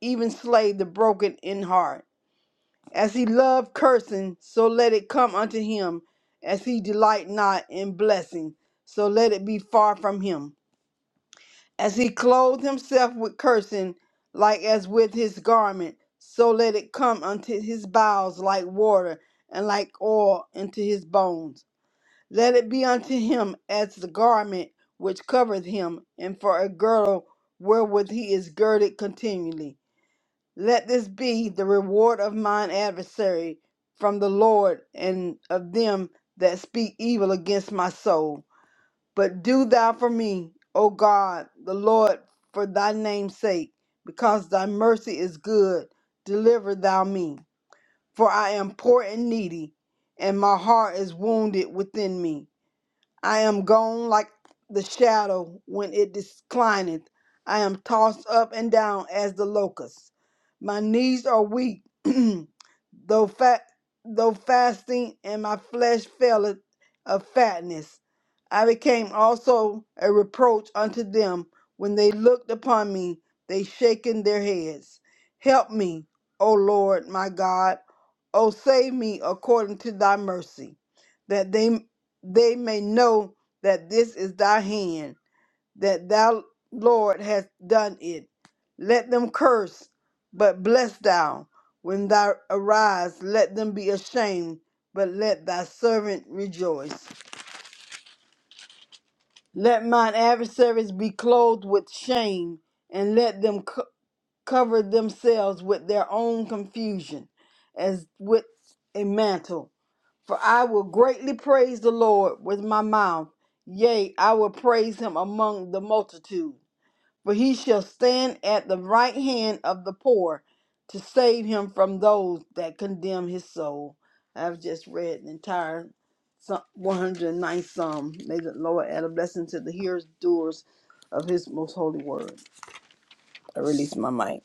Speaker 5: even slay the broken in heart. As he loved cursing, so let it come unto him, as he delight not in blessing, so let it be far from him as he clothed himself with cursing, like as with his garment, so let it come unto his bowels like water, and like oil into his bones. Let it be unto him as the garment which covereth him, and for a girdle wherewith he is girded continually. Let this be the reward of mine adversary from the Lord and of them that speak evil against my soul. But do thou for me, O God, the Lord, for thy name's sake, because thy mercy is good, deliver thou me. For I am poor and needy, and my heart is wounded within me. I am gone like the shadow when it declineth. I am tossed up and down as the locust. My knees are weak, though fat, though fasting, and my flesh faileth of fatness. I became also a reproach unto them when they looked upon me. They shaken their heads. Help me, O Lord my God. O save me according to thy mercy that they they may know that this is thy hand, that thou, Lord, hast done it. Let them curse, but bless thou. When thou arise, let them be ashamed, but let thy servant rejoice. Let mine adversaries be clothed with shame, and let them co- cover themselves with their own confusion, as with a mantle For I will greatly praise the Lord with my mouth. Yea, I will praise him among the multitude. For he shall stand at the right hand of the poor to save him from those that condemn his soul. I've just read the entire Psa- ninth Psalm. May the Lord add a blessing to the hearers, doers of his most holy word. I release my mic.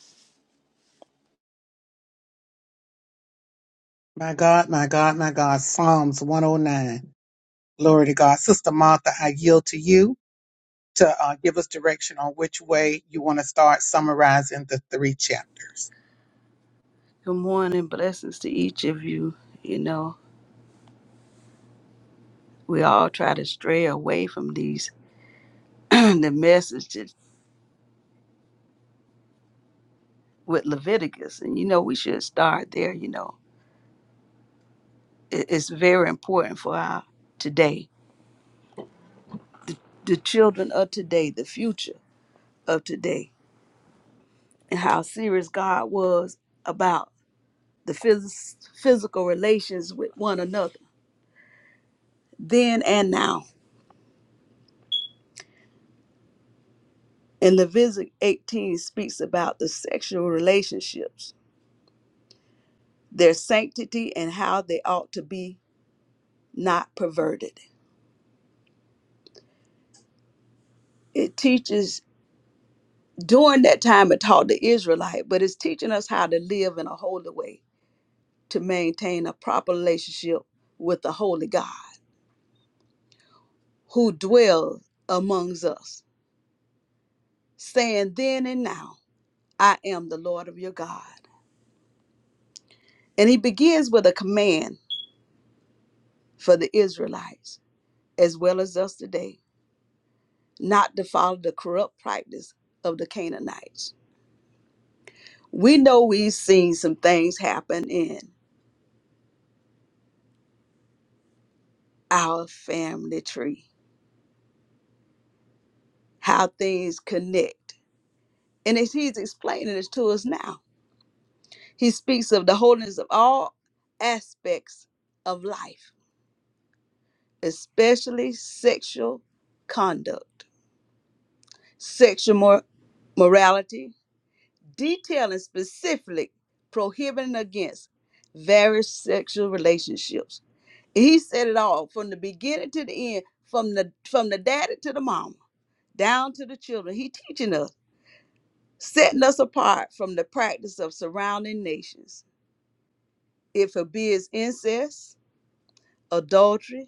Speaker 1: My God, my God, my God. Psalms 109. Glory to God. Sister Martha, I yield to you to uh, give us direction on which way you want to start summarizing the three chapters.
Speaker 2: Good morning. Blessings to each of you. You know, we all try to stray away from these the message is with Leviticus, and you know we should start there. You know, it, it's very important for our today, the children of today, the future of today, and how serious God was about the phys- physical relations with one another, then and now. And Leviticus 18 speaks about the sexual relationships, their sanctity, and how they ought to be not perverted. It teaches during that time it taught the israelite but it's teaching us how to live in a holy way to maintain a proper relationship with the holy god who dwells amongst us saying then and now i am the lord of your god and he begins with a command for the israelites as well as us today not to follow the corrupt practice of the canaanites we know we've seen some things happen in our family tree how things connect And as he's explaining it to us now, he speaks of the holiness of all aspects of life, especially sexual conduct, sexual mor- morality, detailing specifically prohibiting against various sexual relationships. He said it all from the beginning to the end, from the from the daddy to the mama, down to the children. He teaching us, setting us apart from the practice of surrounding nations It forbids incest, adultery,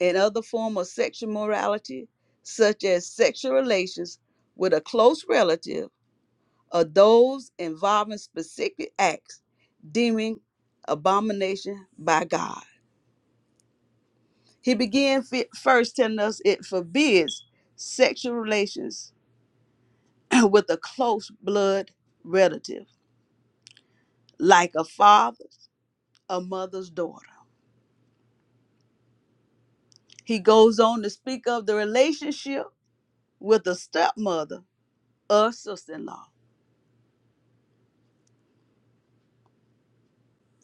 Speaker 2: and other form of sexual morality, such as sexual relations with a close relative or those involving specific acts deeming abomination by God. He began fi- first telling us it forbids sexual relations with a close blood relative, like a father's, a mother's daughter. He goes on to speak of the relationship with a stepmother of sister-in-law.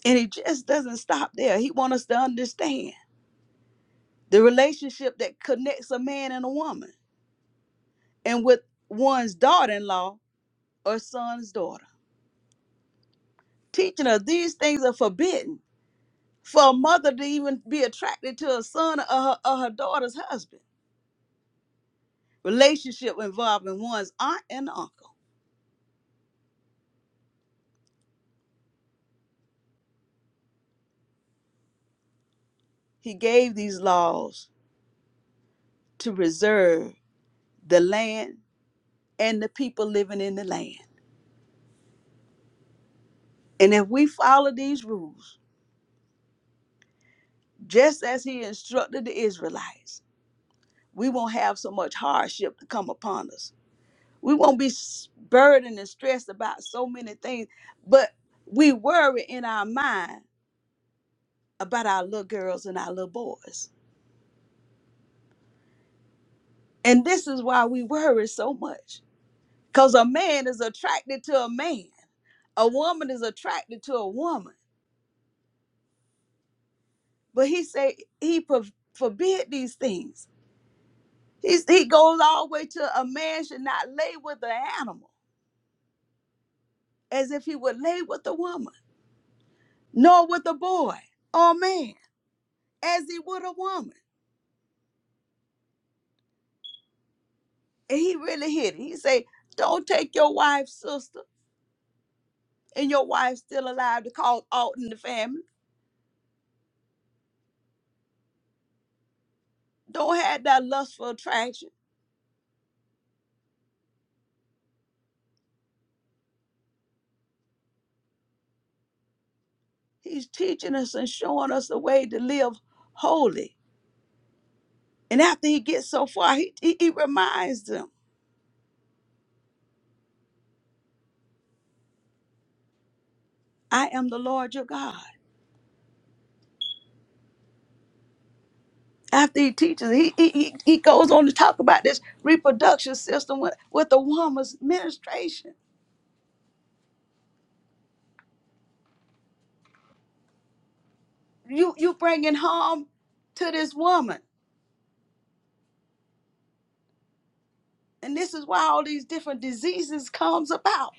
Speaker 2: And it just doesn't stop there. He wants us to understand the relationship that connects a man and a woman and with one's daughter-in-law or son's daughter. Teaching her these things are forbidden for a mother to even be attracted to a son or her, or her daughter's husband. Relationship involving one's aunt and uncle. He gave these laws to preserve the land and the people living in the land. And if we follow these rules, just as he instructed the Israelites, we won't have so much hardship to come upon us. We won't be s- burdened and stressed about so many things, but we worry in our mind about our little girls and our little boys. And this is why we worry so much because a man is attracted to a man, a woman is attracted to a woman. But he say he pro- forbid these things. He's, he goes all the way to a man should not lay with an animal as if he would lay with a woman, nor with a boy or man, as he would a woman. And he really hit it. He say, Don't take your wife's sister and your wife's still alive to cause out in the family. Don't have that lustful attraction. He's teaching us and showing us the way to live holy. And after he gets so far, he, he, he reminds them, I am the Lord your God. After he teaches, he, he, he he goes on to talk about this reproduction system with, with the woman's ministration you you bringing harm to this woman and this is why all these different diseases comes about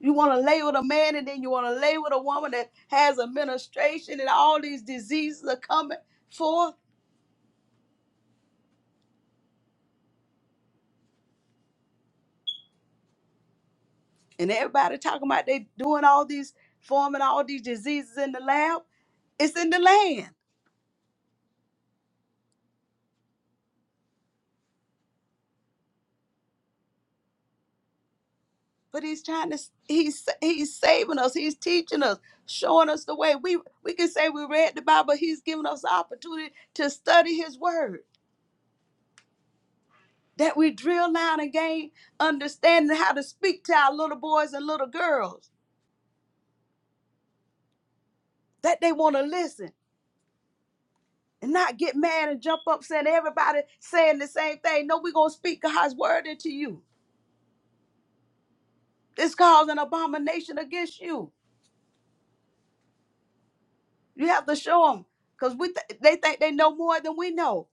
Speaker 2: you want to lay with a man and then you want to lay with a woman that has administration and all these diseases are coming forth and everybody talking about they doing all these forming all these diseases in the lab it's in the land but he's trying to he's he's saving us he's teaching us showing us the way we we can say we read the bible he's giving us the opportunity to study his word that we drill down and gain understanding how to speak to our little boys and little girls, that they want to listen and not get mad and jump up saying everybody saying the same thing. No, we're going to speak God's word into you. This calls an abomination against you. You have to show them because we th- they think they know more than we know.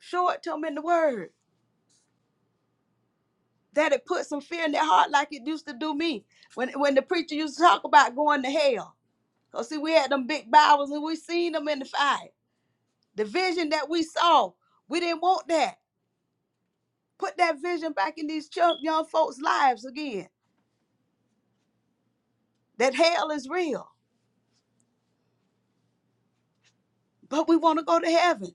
Speaker 2: Show it to them in the word that it puts some fear in their heart like it used to do me when, when the preacher used to talk about going to hell. Because see, we had them big Bibles and we seen them in the fire. The vision that we saw, we didn't want that. Put that vision back in these chil- young folks' lives again. That hell is real, but we want to go to heaven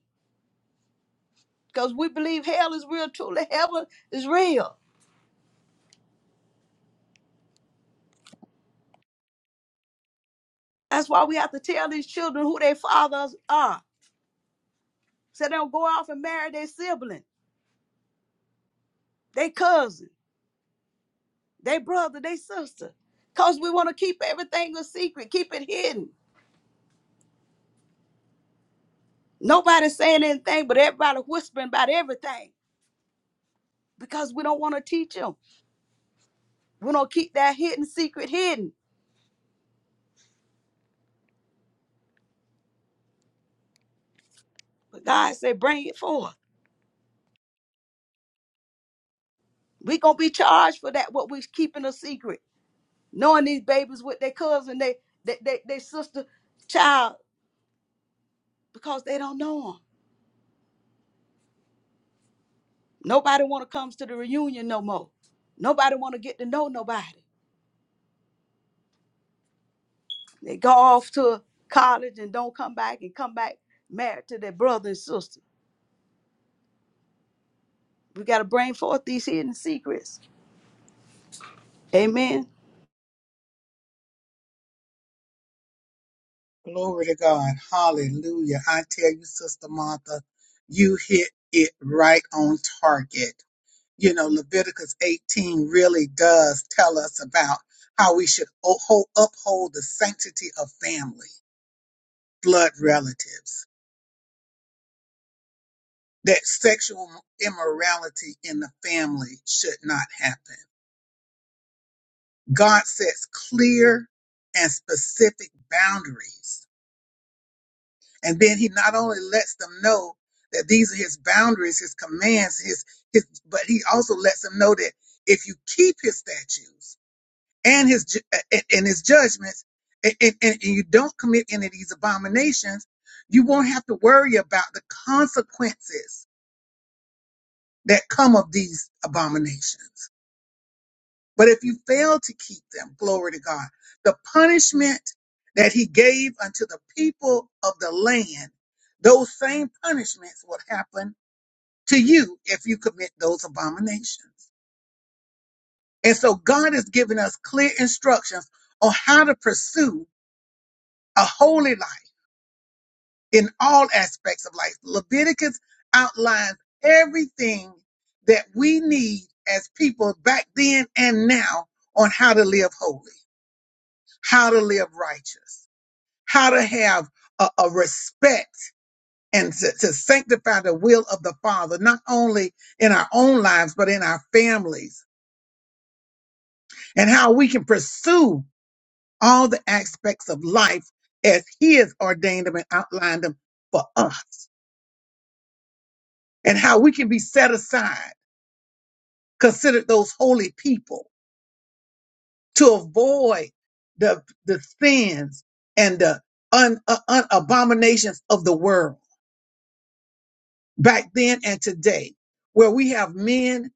Speaker 2: because we believe hell is real. Truly, heaven is real. That's why we have to tell these children who their fathers are, so they don't go off and marry their sibling, their cousin, their brother, their sister, because we want to keep everything a secret, keep it hidden. Nobody's saying anything, but everybody whispering about everything because we don't want to teach them. We don't keep that hidden secret hidden. But God said, bring it forth. We gonna be charged for that, what we keeping a secret. Knowing these babies with their cousin, they they they, they sister child, because they don't know them. Nobody wanna comes to the reunion no more. Nobody wanna get to know nobody. They go off to college and don't come back and come back married to their brother and sister. We gotta bring forth these hidden secrets. Amen.
Speaker 1: Glory to God. Hallelujah. I tell you, Sister Martha, you hit it right on target. You know, Leviticus 18 really does tell us about how we should uphold uphold the sanctity of family, blood relatives. that sexual immorality in the family should not happen. God sets clear and specific boundaries. And then he not only lets them know that these are his boundaries, his commands, his, his but he also lets them know that if you keep his statutes and his ju- and, and his judgments and, and, and you don't commit any of these abominations, you won't have to worry about the consequences that come of these abominations. But if you fail to keep them, glory to God, the punishment that he gave unto the people of the land, those same punishments would happen to you if you commit those abominations. And so God has given us clear instructions on how to pursue a holy life in all aspects of life. Leviticus outlines everything that we need as people back then and now on how to live holy. how to live righteous, how to have a, a respect and to, to sanctify the will of the Father, not only in our own lives, but in our families, and how we can pursue all the aspects of life as He has ordained them and outlined them for us, and how we can be set aside, considered those holy people to avoid the, the sins and the un, uh, un, abominations of the world back then and today, where we have men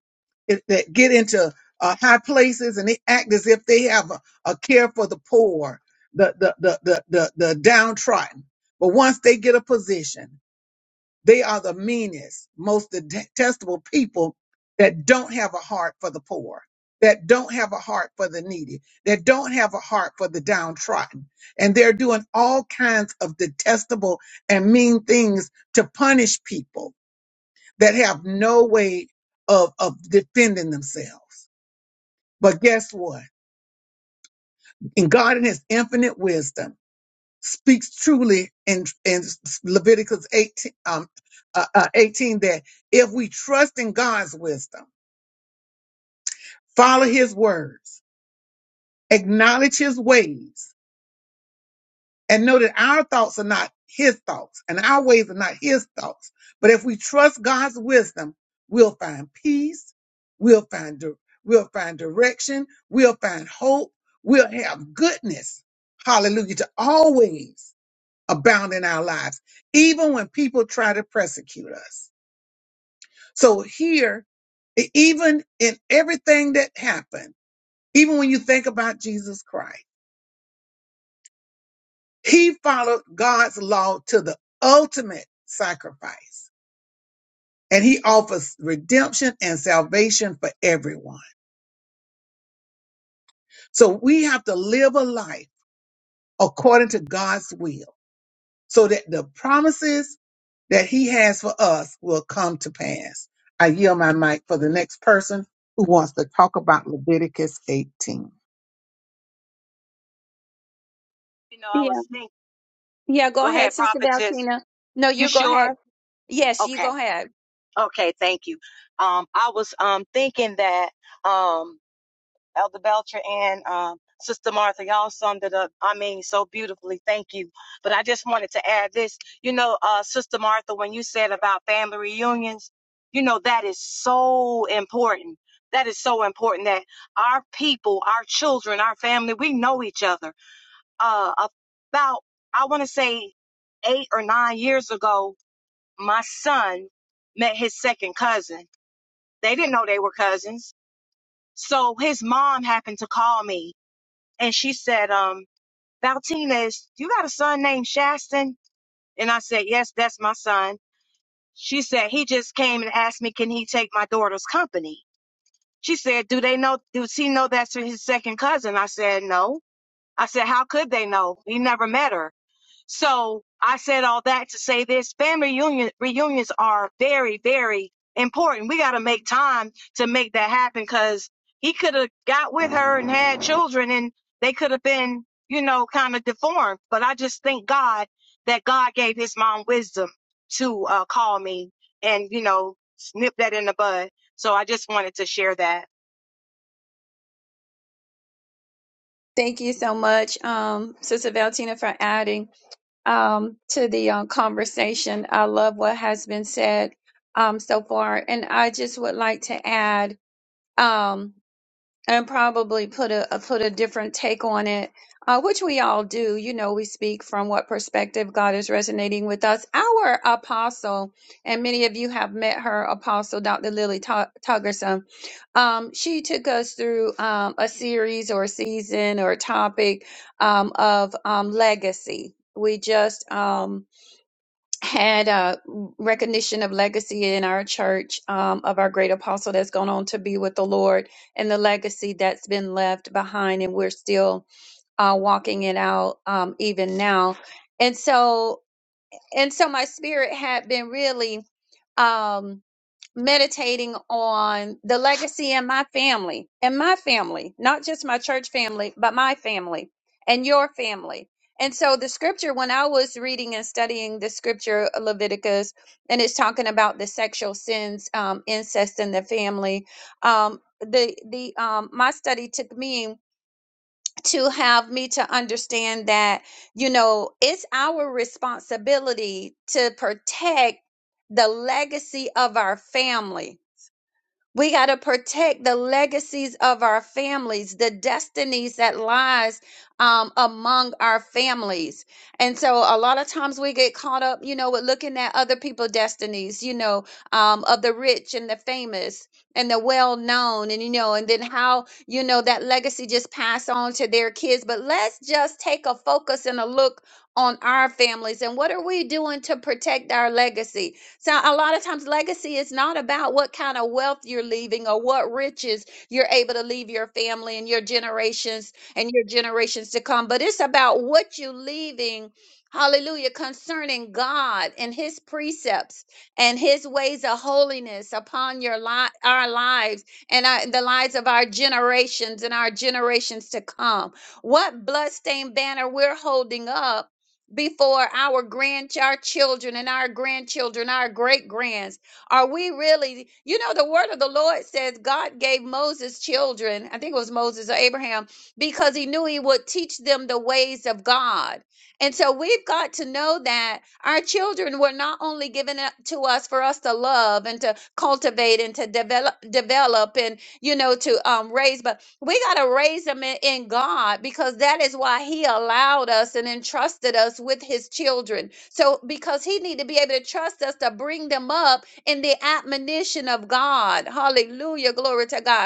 Speaker 1: that that get into uh, high places and they act as if they have a, a care for the poor, the, the the the the the downtrodden. But once they get a position, they are the meanest, most detestable people that don't have a heart for the poor, that don't have a heart for the needy, that don't have a heart for the downtrodden, and they're doing all kinds of detestable and mean things to punish people that have no way of, of defending themselves. But guess what? And God in his infinite wisdom speaks truly in, in Leviticus 18, um, uh, uh, 18 that if we trust in God's wisdom, follow his words, acknowledge his ways, and know that our thoughts are not his thoughts and our ways are not his thoughts. But if we trust God's wisdom, we'll find peace, we'll find di- we'll find direction, we'll find hope, we'll have goodness. Hallelujah to always abound in our lives, even when people try to persecute us. So here, e- even in everything that happened, even when you think about Jesus Christ. He followed God's law to the ultimate sacrifice. And he offers redemption and salvation for everyone. So we have to live a life according to God's will so that the promises that he has for us will come to pass. I yield my mic for the next person who wants to talk about Leviticus 18.
Speaker 3: You know, I
Speaker 4: Yeah.
Speaker 3: was thinking.
Speaker 4: Yeah. Go
Speaker 3: Go ahead,
Speaker 4: ahead, Sister
Speaker 3: prophetess.
Speaker 4: Valentina. No,
Speaker 3: You
Speaker 4: you go ahead.
Speaker 3: sure?
Speaker 4: Yes, you
Speaker 3: Okay.
Speaker 4: go ahead.
Speaker 3: Okay. Thank you. Um, I was um thinking that um Elder Belcher and um Sister Martha, y'all summed it up. I mean, so beautifully. Thank you. But I just wanted to add this. You know, uh, Sister Martha, when you said about family reunions, you know that is so important. That is so important that our people, our children, our family, we know each other. Uh, about I want to say eight or nine years ago, my son met his second cousin. They didn't know they were cousins. So his mom happened to call me and she said, um, Valtinez, you got a son named Shaston? And I said, yes, that's my son. She said, he just came and asked me, can he take my daughter's company? She said, do they know, does he know that's his second cousin? I said, no. I said, how could they know? He never met her. So I said all that to say this family reunion, reunions are very, very important. We got to make time to make that happen because he could have got with her and had children and they could have been, you know, kind of deformed. But I just thank God that God gave his mom wisdom to uh, call me and, you know, snip that in the bud. So I just wanted to share that.
Speaker 4: Thank you so much, um, Sister Valentina, for adding um, to the uh, conversation. I love what has been said um, so far. And I just would like to add. Um, and probably put a, a put a different take on it, uh, which we all do. You know, we speak from what perspective God is resonating with us. Our apostle, and many of you have met her, Apostle Dr. Lily Tu- Tuggerson. Um, she took us through um, a series or a season or a topic um, of um, legacy. We just um, had a recognition of legacy in our church um, of our great apostle that's gone on to be with the Lord and the legacy that's been left behind, and we're still uh, walking it out um, even now. And so, and so, my spirit had been really. Um, meditating on the legacy in my family and my family, not just my church family, but my family and your family. And so the scripture, when I was reading and studying the scripture Leviticus, and it's talking about the sexual sins, um, incest in the family, um, the the um, my study took me to have me to understand that you know it's our responsibility to protect the legacy of our family we got to protect the legacies of our families, the destinies that lies um, among our families. And so a lot of times we get caught up, you know, with looking at other people's destinies, you know, um, of the rich and the famous and the well known and you know and then how you know that legacy just pass on to their kids but let's just take a focus and a look on our families and what are we doing to protect our legacy so a lot of times legacy is not about what kind of wealth you're leaving or what riches you're able to leave your family and your generations and your generations to come, but it's about what you're leaving. Hallelujah, concerning God and his precepts and his ways of holiness upon your li- our lives and our, the lives of our generations and our generations to come. What bloodstained banner we're holding up before our grand our children and our grandchildren our great grands are we really you know the word of the lord says god gave moses children i think it was moses or abraham because he knew he would teach them the ways of god and so we've got to know that our children were not only given up to us for us to love and to cultivate and to develop develop you know, to um, raise. But we got to raise them in, in God because that is why He allowed us and entrusted us with His children. So, because He need to be able to trust us to bring them up in the admonition of God. Hallelujah. Glory to God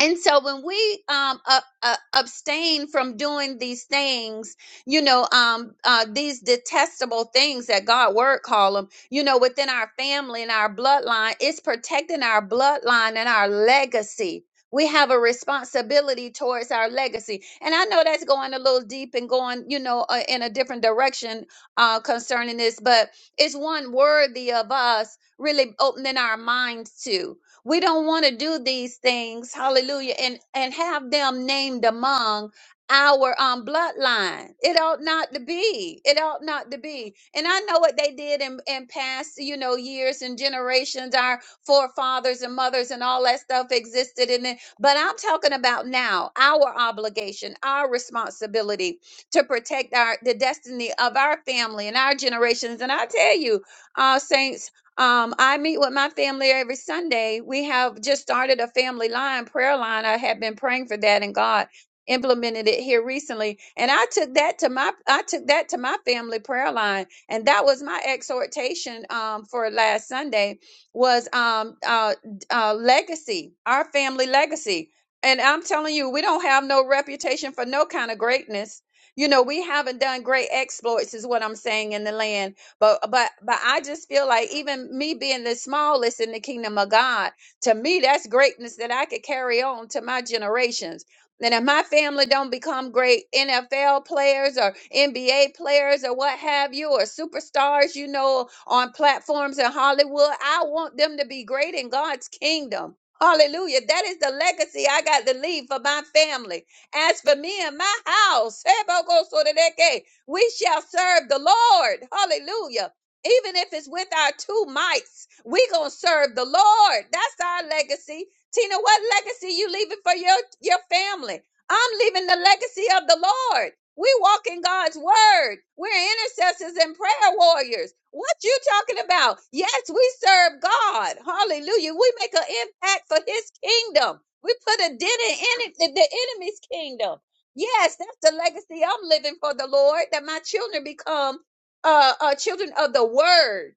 Speaker 4: and so when we um, uh, uh, abstain from doing these things, you know, um, uh, these detestable things that God word call them, you know, within our family and our bloodline, it's protecting our bloodline and our legacy. We have a responsibility towards our legacy, and I know that's going a little deep and going, you know, uh, in a different direction uh, concerning this, but it's one worthy of us really opening our minds to. We don't want to do these things, hallelujah, and, and have them named among our um bloodline. It ought not to be. It ought not to be. And I know what they did in, in past, you know, years and generations, our forefathers and mothers and all that stuff existed in it. But I'm talking about now, our obligation, our responsibility to protect our the destiny of our family and our generations. And I tell you, uh, saints. Um, I meet with my family every Sunday. We have just started a family line, prayer line. I have been praying for that, and God implemented it here recently. And I took that to my I took that to my family prayer line, and that was my exhortation um, for last Sunday was um, uh, uh, legacy, our family legacy. And I'm telling you, we don't have no reputation for no kind of greatness. You know, we haven't done great exploits, is what I'm saying in the land but but but I just feel like even me being the smallest in the kingdom of God, to me that's greatness that I could carry on to my generations. And if my family don't become great NFL players or NBA players or what have you, or superstars, you know, on platforms in Hollywood, I want them to be great in God's kingdom. Hallelujah. That is the legacy I got to leave for my family. As for me and my house, We shall serve the Lord. Hallelujah. Even if it's with our two mites, we gonna serve the Lord. That's our legacy. Tina, what legacy you leaving for your, your family? I'm leaving the legacy of the Lord. We walk in God's word. We're intercessors and prayer warriors. What you talking about? Yes, we serve God. Hallelujah. We make an impact for his kingdom. We put a dent in any, the the enemy's kingdom. Yes, that's the legacy I'm living for the Lord, that my children become uh, uh children of the word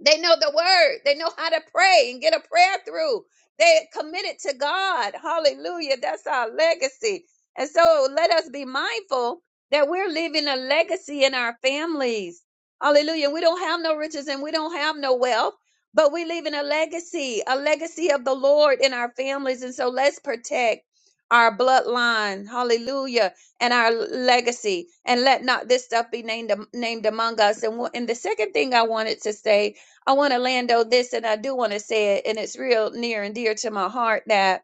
Speaker 4: they know the word. They know how to pray and get a prayer through. They're committed to God. Hallelujah. That's our legacy. And so let us be mindful that we're leaving a legacy in our families. Hallelujah. We don't have no riches and we don't have no wealth, but we're leaving a legacy, a legacy of the Lord in our families. And so let's protect our bloodline. Hallelujah. And our legacy. And let not this stuff be named, named among us. And, one- and the second thing I wanted to say I want to Lando this, and I do want to say it, and it's real near and dear to my heart that,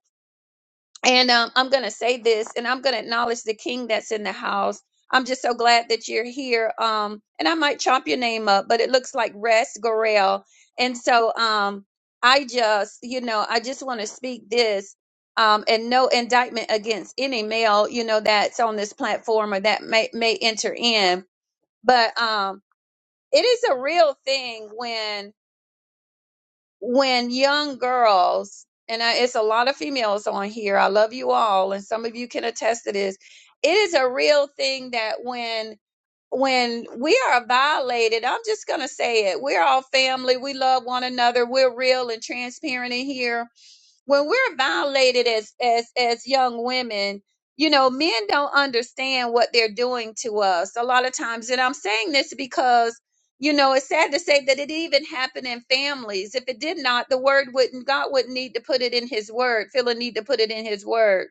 Speaker 4: and um, I'm going to say this, and I'm going to acknowledge the King that's in the house. I'm just so glad that you're here. Um, and I might chop your name up, but it looks like Rest Gorel, and so um, I just, you know, I just want to speak this. Um, and no indictment against any male, you know, that's on this platform or that may may enter in. But um, it is a real thing when when young girls and I, it's a lot of females on here i love you all and some of you can attest to this it is a real thing that when when we are violated i'm just going to say it we're all family we love one another we're real and transparent in here when we're violated as as as young women you know men don't understand what they're doing to us a lot of times and i'm saying this because you know it's sad to say that it even happened in families if it did not the word wouldn't god wouldn't need to put it in his word feel a need to put it in his word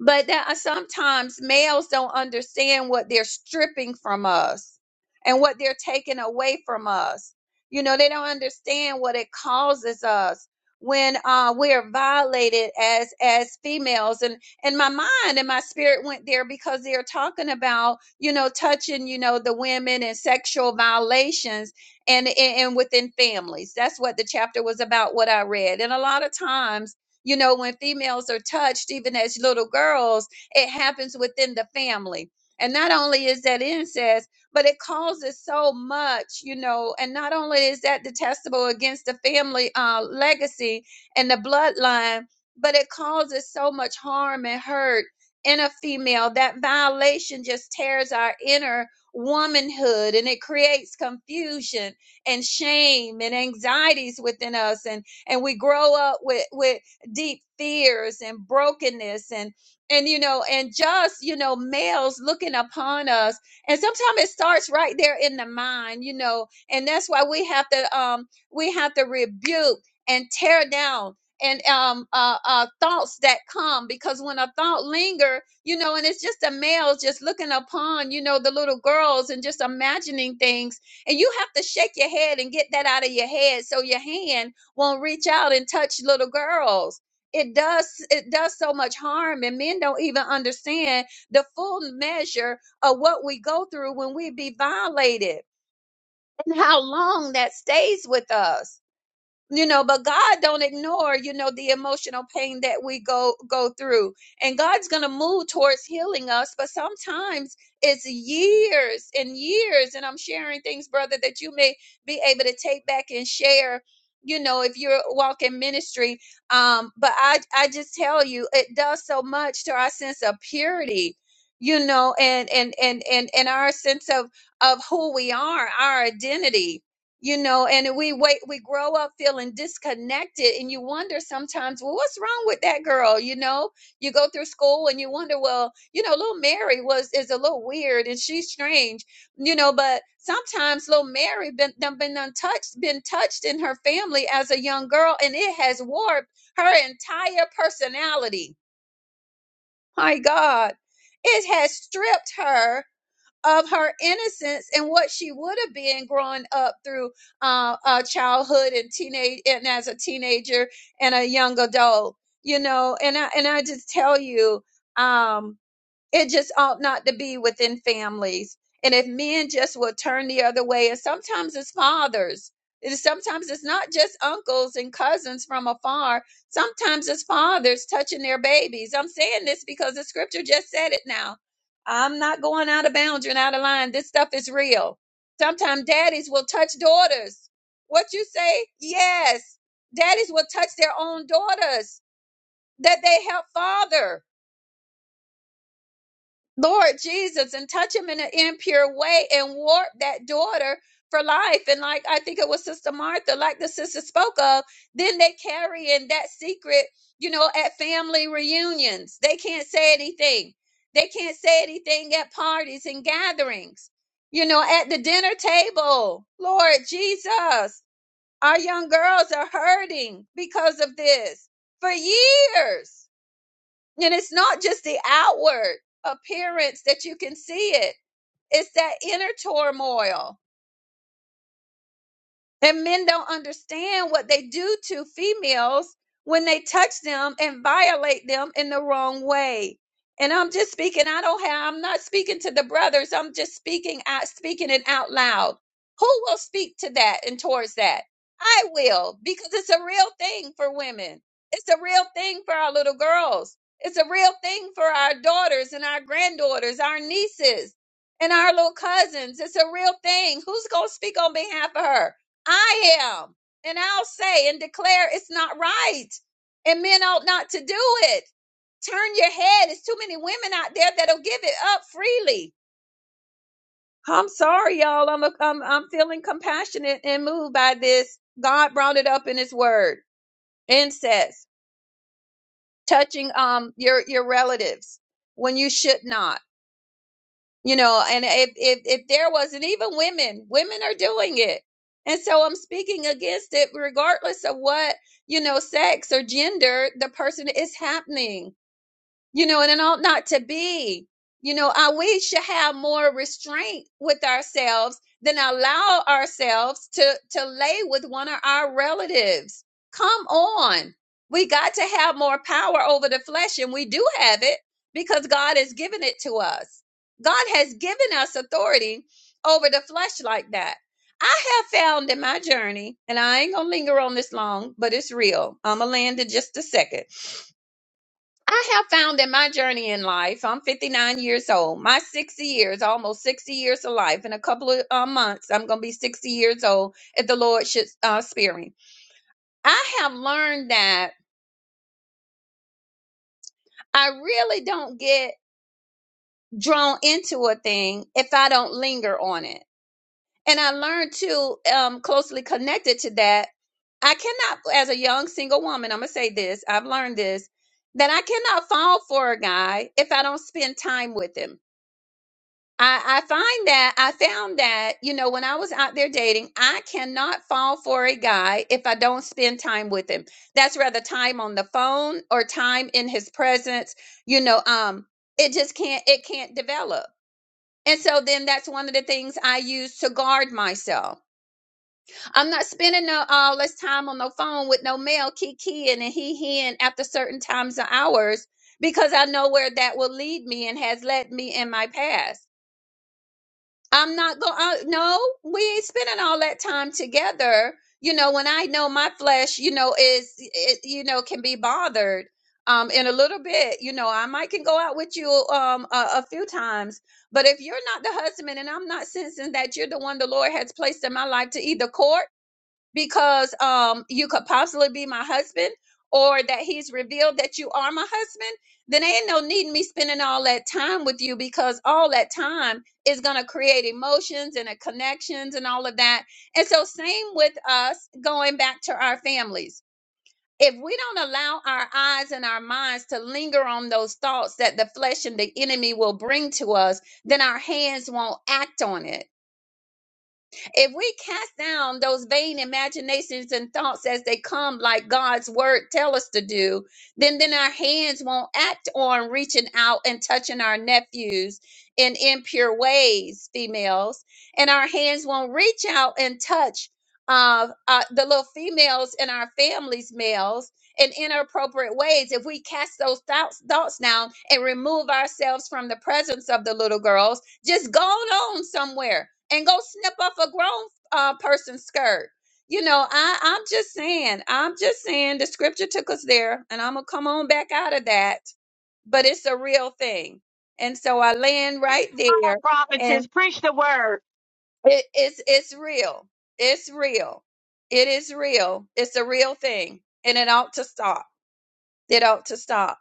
Speaker 4: but that sometimes males don't understand what they're stripping from us and what they're taking away from us. You know, they don't understand what it causes us when uh, we're violated as as females. And and my mind and my spirit went there because they're talking about you know touching you know the women and sexual violations and and, and within families. That's what the chapter was about. What I read, and a lot of times you know, when females are touched, even as little girls, it happens within the family. And not only is that incest, but it causes so much, you know, and not only is that detestable against the family uh, legacy and the bloodline, but it causes so much harm and hurt in a female. That violation just tears our inner womanhood and it creates confusion and shame and anxieties within us and and we grow up with with deep fears and brokenness and and you know and just you know males looking upon us and sometimes it starts right there in the mind you know and that's why we have to um we have to rebuke and tear down and um uh, uh thoughts that come because when a thought linger you know and it's just a male just looking upon you know the little girls and just imagining things and you have to shake your head and get that out of your head so your hand won't reach out and touch little girls it does it does so much harm and men don't even understand the full measure of what we go through when we be violated and how long that stays with us you know but god don't ignore you know the emotional pain that we go go through and god's gonna move towards healing us but sometimes it's years and years and i'm sharing things brother that you may be able to take back and share you know if you're walking ministry um but i i just tell you it does so much to our sense of purity you know and and and and, and our sense of of who we are our identity you know and we wait we grow up feeling disconnected and you wonder sometimes well what's wrong with that girl you know you go through school and you wonder well you know little mary was is a little weird and she's strange you know but sometimes little mary been done been untouched been touched in her family as a young girl and it has warped her entire personality my god it has stripped her of her innocence and what she would have been growing up through uh, uh, childhood and teenage and as a teenager and a young adult. You know, and I and I just tell you. Um, it just ought not to be within families. And if men just will turn the other way, and sometimes it's fathers, and sometimes it's not just uncles and cousins from afar, sometimes it's fathers touching their babies. I'm saying this because the scripture just said it now. I'm not going out of bounds and out of line. This stuff is real. Sometimes daddies will touch daughters. What you say? Yes. Daddies will touch their own daughters that they help father Lord Jesus, and touch him in an impure way and warp that daughter for life. And like I think it was Sister Martha, like the sister spoke of, then they carry in that secret, you know, at family reunions. They can't say anything. They can't say anything at parties and gatherings, you know, at the dinner table. Lord Jesus, our young girls are hurting because of this for years and it's not just the outward appearance that you can see it, it's that inner turmoil and men don't understand what they do to females when they touch them and violate them in the wrong way. And I'm just speaking, I don't have I'm not speaking to the brothers. I'm just speaking out speaking it out loud. Who will speak to that and towards that? I will, because it's a real thing for women. It's a real thing for our little girls. It's a real thing for our daughters and our granddaughters, our nieces and our little cousins. It's a real thing. Who's going to speak on behalf of her? I am. And I'll say and declare it's not right. And men ought not to do it. Turn your head. There's too many women out there that'll give it up freely. I'm sorry, y'all. I'm, a, I'm I'm feeling compassionate and moved by this. God brought it up in His Word. Incest, touching um your your relatives when you should not you know and if if, if there wasn't even women women are doing it and so i'm speaking against it regardless of what you know sex or gender the person is happening you know, and it ought not to be. You know, uh, we should have more restraint with ourselves than allow ourselves to to lay with one of our relatives. Come on, we got to have more power over the flesh, and we do have it because God has given it to us. God has given us authority over the flesh like that. I have found in my journey, and I ain't gonna linger on this long, but it's real. I'ma land in just a second I have found in my journey in life, I'm 59 years old, my 60 years, almost 60 years of life, in a couple of uh, months, I'm going to be 60 years old if the Lord should uh, spare me. I have learned that I really don't get drawn into a thing if I don't linger on it. And I learned too, um, closely connected to that, I cannot, as a young single woman, I'm going to say this, I've learned this, that I cannot fall for a guy if I don't spend time with him I, I find that I found that, you know, when I was out there dating, I cannot fall for a guy if I don't spend time with him. That's rather time on the phone or time in his presence. You know, um, it just can't it can't develop. And so then that's one of the things I use to guard myself. I'm not spending no all this time on the phone with no male kikiing and he heeing after certain times of hours because I know where that will lead me and has led me in my past. I'm not going. Uh, no, we ain't spending all that time together. You know, when I know my flesh, you know, is it, you know can be bothered. Um, in a little bit, you know, I might can go out with you um a, a few times, but if you're not the husband and I'm not sensing that you're the one the Lord has placed in my life to either court because um you could possibly be my husband or that he's revealed that you are my husband then ain't no need in me spending all that time with you because all that time is going to create emotions and a connections and all of that and so same with us going back to our families if we don't allow our eyes and our minds to linger on those thoughts that the flesh and the enemy will bring to us then our hands won't act on it if we cast down those vain imaginations and thoughts as they come, like God's word tell us to do, then then our hands won't act on reaching out and touching our nephews in impure ways, females, and our hands won't reach out and touch uh, uh, the little females in our families, males, in inappropriate ways. If we cast those thoughts thoughts down and remove ourselves from the presence of the little girls, just go on somewhere and go snip off a grown uh, person's skirt. You know, I, I'm just saying, I'm just saying the scripture took us there, and I'm going to come on back out of that, but it's a real thing. And so I land
Speaker 3: Preach
Speaker 4: right
Speaker 3: the word,
Speaker 4: there, and
Speaker 3: prophetess. Preach the word.
Speaker 4: it, it's, it's real. It's real. It is real. It's a real thing, and it ought to stop. It ought to stop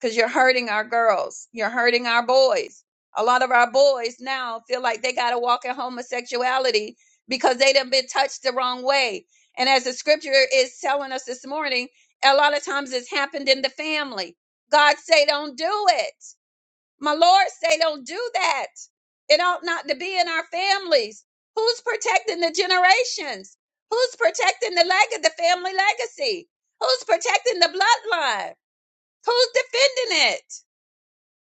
Speaker 4: because you're hurting our girls. You're hurting our boys. A lot of our boys now feel like they got to walk in homosexuality because they done been touched the wrong way. And as the scripture is telling us this morning, a lot of times it's happened in the family. God say, don't do it. My Lord say, don't do that. It ought not to be in our families. Who's protecting the generations? Who's protecting the leg of the family legacy? Who's protecting the bloodline? Who's defending it?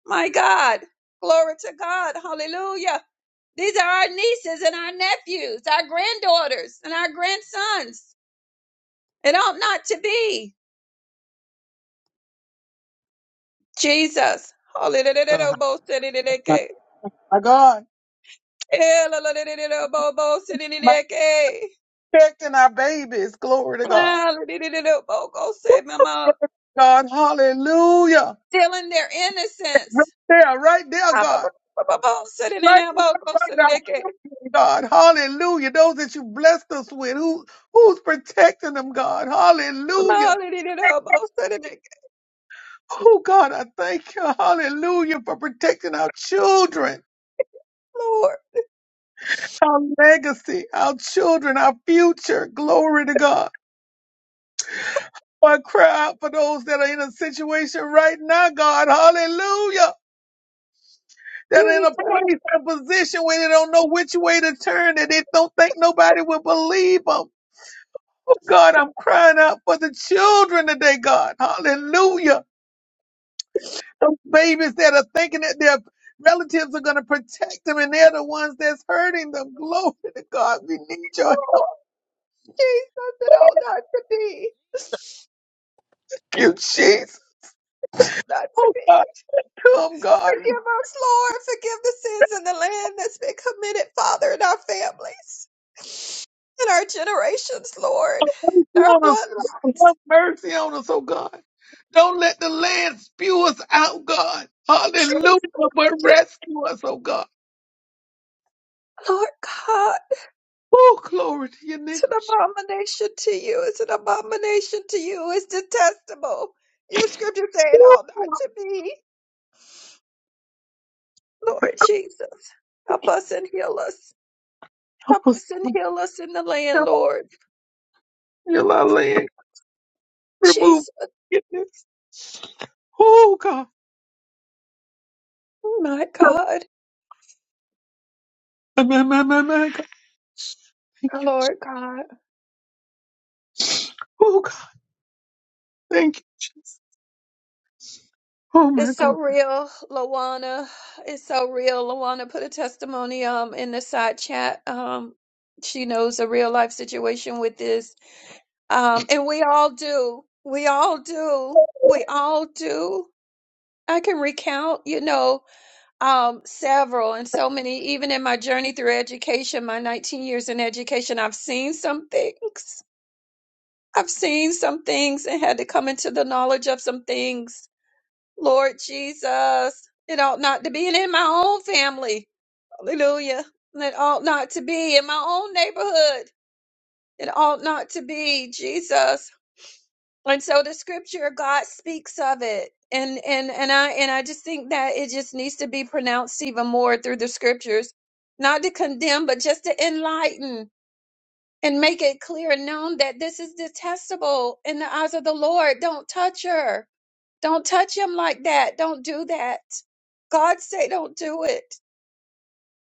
Speaker 4: My God. Glory to God. Hallelujah. These are our nieces and our nephews, our granddaughters and our grandsons. It ought not to be. Jesus. Hallelujah.
Speaker 1: Go ahead. My God, my protecting our babies. Glory to God. God, hallelujah.
Speaker 4: Stealing their innocence.
Speaker 1: Right there, right there, God. Right there, right our children, God. Hallelujah. Those that you blessed us with, who who's protecting them, God. Hallelujah. Oh God, I thank you. Hallelujah for protecting our children,
Speaker 4: Lord,
Speaker 1: our legacy, our children, our future. Glory to God. I cry out for those that are in a situation right now, God. Hallelujah that are in a
Speaker 4: Jesus.
Speaker 1: place, a position where they don't know which way to turn, and they don't think nobody will believe 'em. Oh, God, I'm crying out for the children today, God. Hallelujah. Those babies that are thinking that their relatives are going to protect them and they're the ones that's hurting them. Glory to God. We need your help,
Speaker 4: Jesus, and oh, not to be.
Speaker 1: you Jesus.
Speaker 4: Oh, Not to
Speaker 1: Oh,
Speaker 4: be.
Speaker 1: God, come, God.
Speaker 4: Forgive us, Lord. Forgive the sins in the land that's been committed, Father, in our families, in our generations, Lord,
Speaker 1: Mercy
Speaker 4: in our
Speaker 1: on us.
Speaker 4: bloodlines.
Speaker 1: Have mercy on us, oh God. Don't let the land spew us out, God. Hallelujah. But
Speaker 4: Jesus,
Speaker 1: rescue us, oh God.
Speaker 4: Lord God,
Speaker 1: Oh, glory to your name.
Speaker 4: it's an abomination to you. It's an abomination to you. It's detestable. Your scripture saying,
Speaker 1: Oh,
Speaker 4: oh, not
Speaker 1: God.
Speaker 4: to be. Lord Jesus, help us and heal us.
Speaker 1: Help
Speaker 4: Help
Speaker 1: us.
Speaker 4: us and heal us in the land,
Speaker 1: Help us
Speaker 4: Lord.
Speaker 1: heal our land. remove
Speaker 4: Jesus,
Speaker 1: forgiveness. Oh God.
Speaker 4: my God.
Speaker 1: My, my, my, my, my God. Thank you.
Speaker 4: Lord God,
Speaker 1: Oh God. Thank you. Oh my
Speaker 4: it's so
Speaker 1: God.
Speaker 4: real, Lawana. It's so real. Lawana put a testimony um in the side chat. Um, she knows a real life situation with this. Um, and we all do. We all do. We all do. I can recount, you know, um, several and so many. Even in my journey through education, my 19 years in education, I've seen some things. I've seen some things and had to come into the knowledge of some things Lord Jesus, it ought not to be in my own family. Hallelujah. It ought not to be in my own neighborhood. It ought not to be, Jesus. And so the scripture, God speaks of it. And and and I and I just think that it just needs to be pronounced even more through the scriptures. Not to condemn, but just to enlighten and make it clear and known that this is detestable in the eyes of the Lord. Don't touch her don't touch him like that. Don't do that. God say don't do it.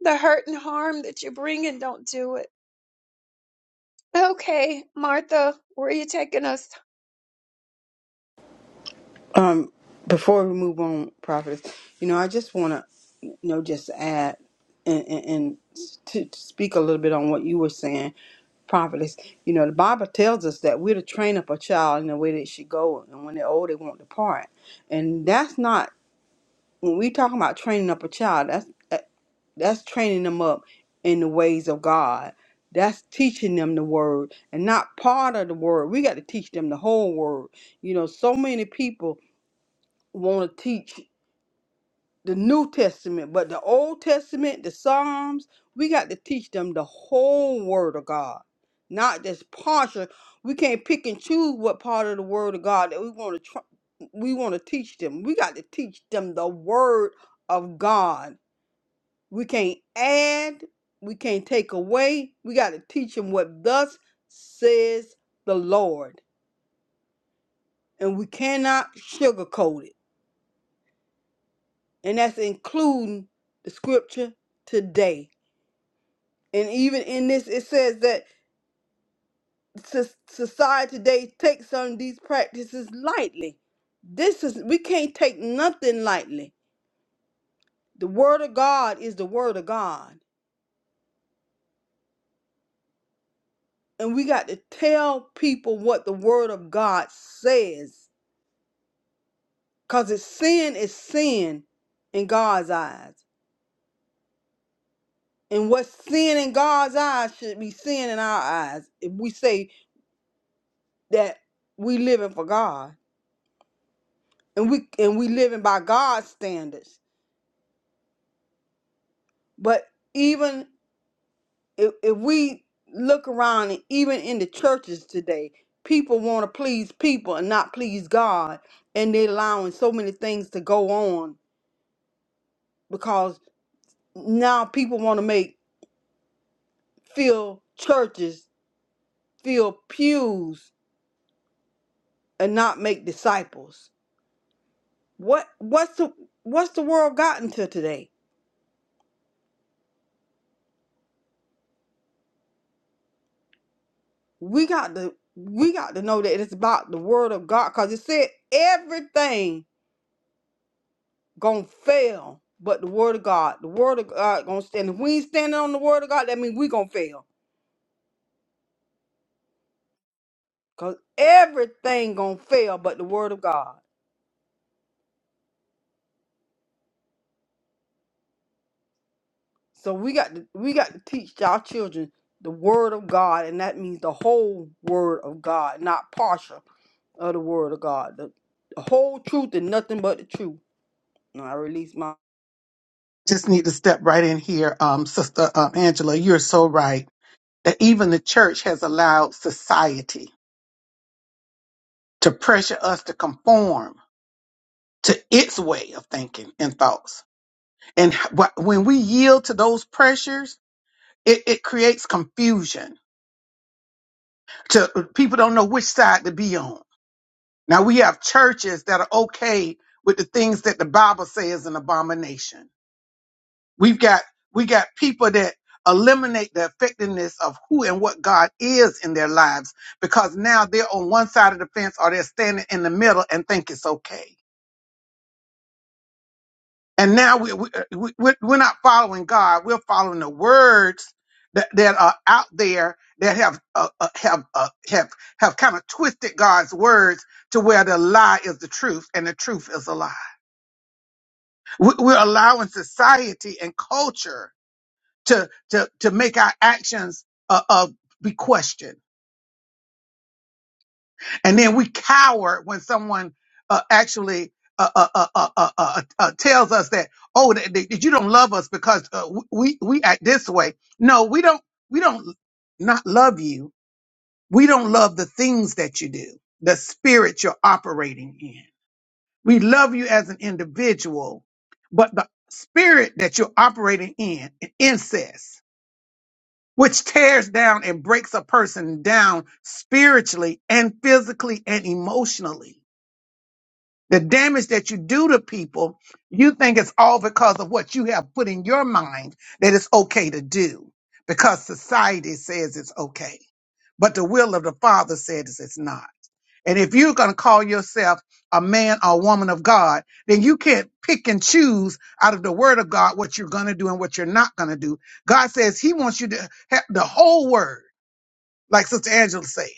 Speaker 4: The hurt and harm that you're bringing, don't do it. Okay, Martha, where are you taking us?
Speaker 5: Um, before we move on, prophetess, you know, I just want to, you know, just add and, and, and to, to speak a little bit on what you were saying, prophetess. You know, the Bible tells us that we're to train up a child in the way they should go, and when they're old, they won't depart. And that's not when we talking about training up a child. That's that- that's training them up in the ways of God. That's teaching them the word and not part of the word. We got to teach them the whole word. You know, so many people want to teach the New Testament, but the Old Testament, the Psalms, we got to teach them the whole Word of God, not just partial. We can't pick and choose what part of the Word of God that we want to tr- we want to teach them. We got to teach them the Word of God. We can't add, we can't take away. We got to teach them what thus says the Lord, and we cannot sugarcoat it. and that's including the scripture today. And even in this, it says that so- society today takes on these practices lightly. This is we can't take nothing lightly. The word of God is the word of God, and we got to tell people what the word of God says, cause it's sin is sin in God's eyes, and what's sin in God's eyes should be sin in our eyes if we say that we living for God and we and we living by God's standards. But even if, if we look around and even in the churches today, people want to please people and not please God, and they're allowing so many things to go on because now people want to make fill churches, fill pews, and not make disciples. What what's the what's the world gotten to today? we got to we got to know that it's about the word of God because it said everything gonna fail but the word of God. The word of God gonna stand. If we ain't standing on the word of God, that means we gonna fail. Cause everything gonna fail but the word of God. So we got to we got to teach our children the word of God, and that means the whole word of God, not partial of the word of God. The, the whole truth and nothing but the truth. And I release my
Speaker 1: Just need to step right in here. Um, Sister um, Angela, you're so right that even the church has allowed society to pressure us to conform to its way of thinking and thoughts. And wh- when we yield to those pressures, it, it creates confusion to people don't know which side to be on Now we have churches that are okay with the things that the Bible says is an abomination. We've got we got people that eliminate the effectiveness of who and what God is in their lives because now they're on one side of the fence or they're standing in the middle and think it's okay. And now we, we, uh, we we're we're not following God. We're following the words that, that are out there that have uh, uh, have uh, have have kind of twisted God's words to where the lie is the truth and the truth is a lie. We- We're allowing society and culture to to to make our actions uh, uh be questioned, and then we cower when someone uh, actually. Uh, uh, uh, uh, uh, uh, uh, uh, tells us that oh that, that you don't love us because uh, we we act this way. No, we don't we don't not love you. We don't love the things that you do, the spirit you're operating in. We love you as an individual, but the spirit that you're operating in, incest, which tears down and breaks a person down spiritually and physically and emotionally. The damage that you do to people, you think it's all because of what you have put in your mind that it's okay to do because society says it's okay. But the will of the Father says it's not. And if you're going to call yourself a man or woman of God, then you can't pick and choose out of the word of God what you're going to do and what you're not going to do. God says he wants you to have the whole word, like Sister Angela said.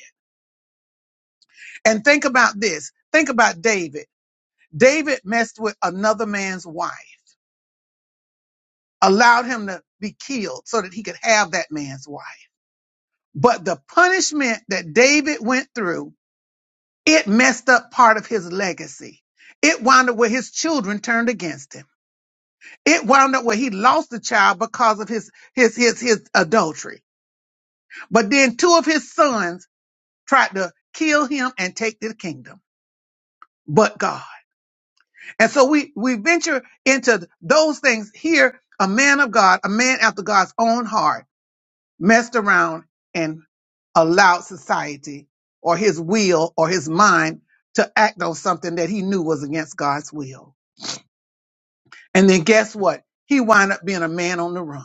Speaker 1: And think about this. Think about David. David messed with another man's wife, allowed him to be killed so that he could have that man's wife. But the punishment that David went through, it messed up part of his legacy. It wound up where his children turned against him. it wound up where he lost the child because of his his his his adultery. But then two of his sons tried to kill him and take the kingdom, but God. And so we we venture into those things here. A man of God, a man after God's own heart, messed around and allowed society or his will or his mind to act on something that he knew was against God's will. And then guess what? He wound up being a man on the run,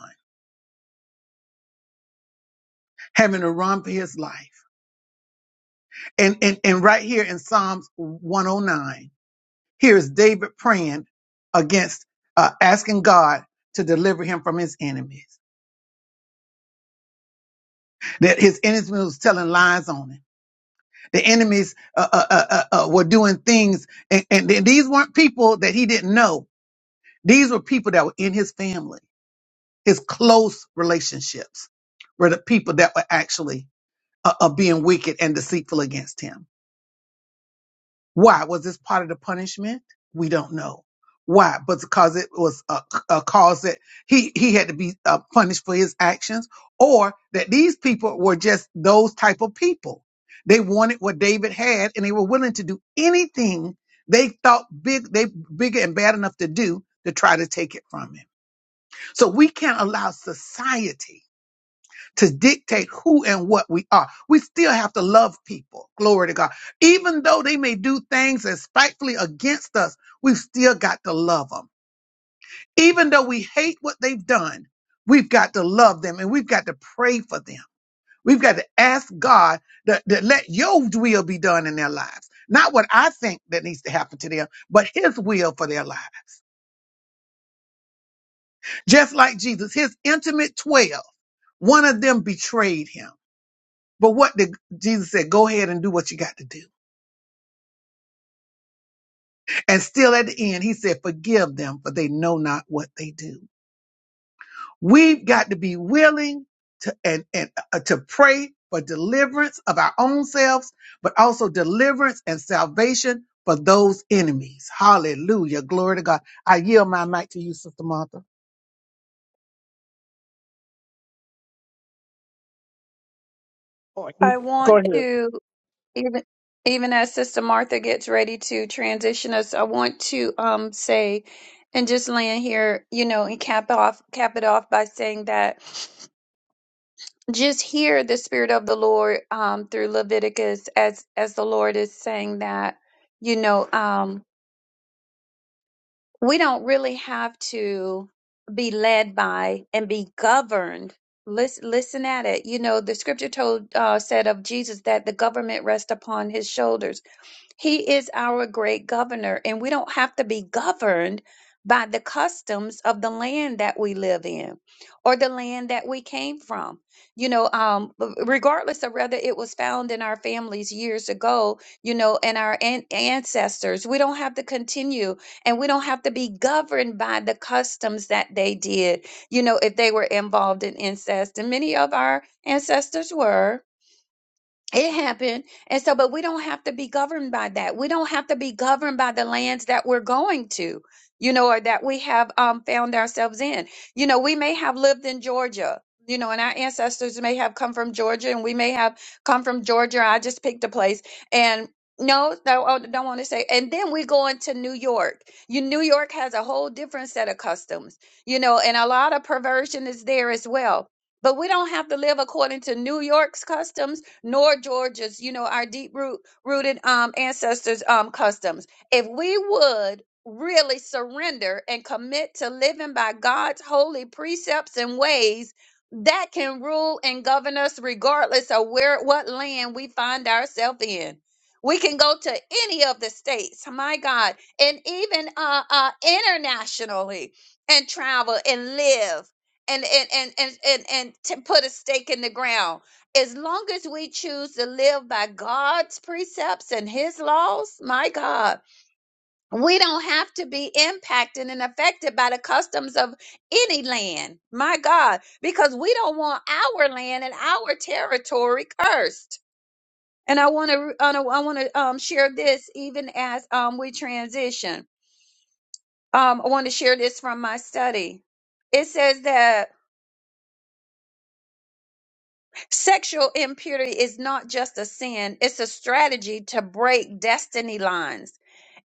Speaker 1: having to run for his life And, and, and right here in Psalms 109, here is David praying against, uh, asking God to deliver him from his enemies. That his enemies was telling lies on him. The enemies uh, uh, uh, uh, uh, were doing things, and, and th- these weren't people that he didn't know. These were people that were in his family, his close relationships, were the people that were actually uh, uh, being wicked and deceitful against him. Why? Was this part of the punishment? We don't know. Why? But because it was a, a cause that he, he had to be uh, punished for his actions or that these people were just those type of people. They wanted what David had and they were willing to do anything they thought big, they bigger and bad enough to do to try to take it from him. So we can't allow society to dictate who and what we are. We still have to love people. Glory to God. Even though they may do things that's spitefully against us, we've still got to love them. Even though we hate what they've done, we've got to love them and we've got to pray for them. We've got to ask God that, that let your will be done in their lives. Not what I think that needs to happen to them, but his will for their lives. Just like Jesus, his intimate twelve, one of them betrayed him But what did Jesus said? Go ahead and do what you got to do. And still at the end, he said, forgive them for they know not what they do. We've got to be willing to, and, and uh, to pray for deliverance of our own selves, but also deliverance and salvation for those enemies. Hallelujah. Glory to God. I yield my mic to you, Sister Martha.
Speaker 4: I want to even even as Sister Martha gets ready to transition us, I want to um say and just land here, you know, and cap off cap it off by saying that just hear the spirit of the Lord um through Leviticus as as the Lord is saying that, you know, um we don't really have to be led by and be governed. Listen, listen at it. You know, the scripture told uh, said of Jesus that the government rests upon his shoulders. He is our great governor, and we don't have to be governed by the customs of the land that we live in or the land that we came from. You know, um, b- regardless of whether it was found in our families years ago, you know, and our an- ancestors, we don't have to continue and we don't have to be governed by the customs that they did, you know, if they were involved in incest. And many of our ancestors were it happened. And so, but we don't have to be governed by that. We don't have to be governed by the lands that we're going to, you know, or that we have um, found ourselves in. You know, we may have lived in Georgia, you know, and our ancestors may have come from Georgia and we may have come from Georgia. I just picked a place and no, no, I don't want to say. And then we go into New York. You, New York has a whole different set of customs, you know, and a lot of perversion is there as well. But we don't have to live according to New York's customs nor Georgia's, you know, our deep root rooted um ancestors um customs. If we would really surrender and commit to living by God's holy precepts and ways, that can rule and govern us regardless of where what land we find ourselves in. We can go to any of the states, my God, and even uh, uh, internationally and travel and live and and and and and, and to put a stake in the ground as long as we choose to live by God's precepts and His laws, my God, we don't have to be impacted and affected by the customs of any land, my God, because we don't want our land and our territory cursed. And I want to, I want to um, share this even as um, we transition. Um, I want to share this from my study. It says that Sexual impurity is not just a sin, it's a strategy to break destiny lines.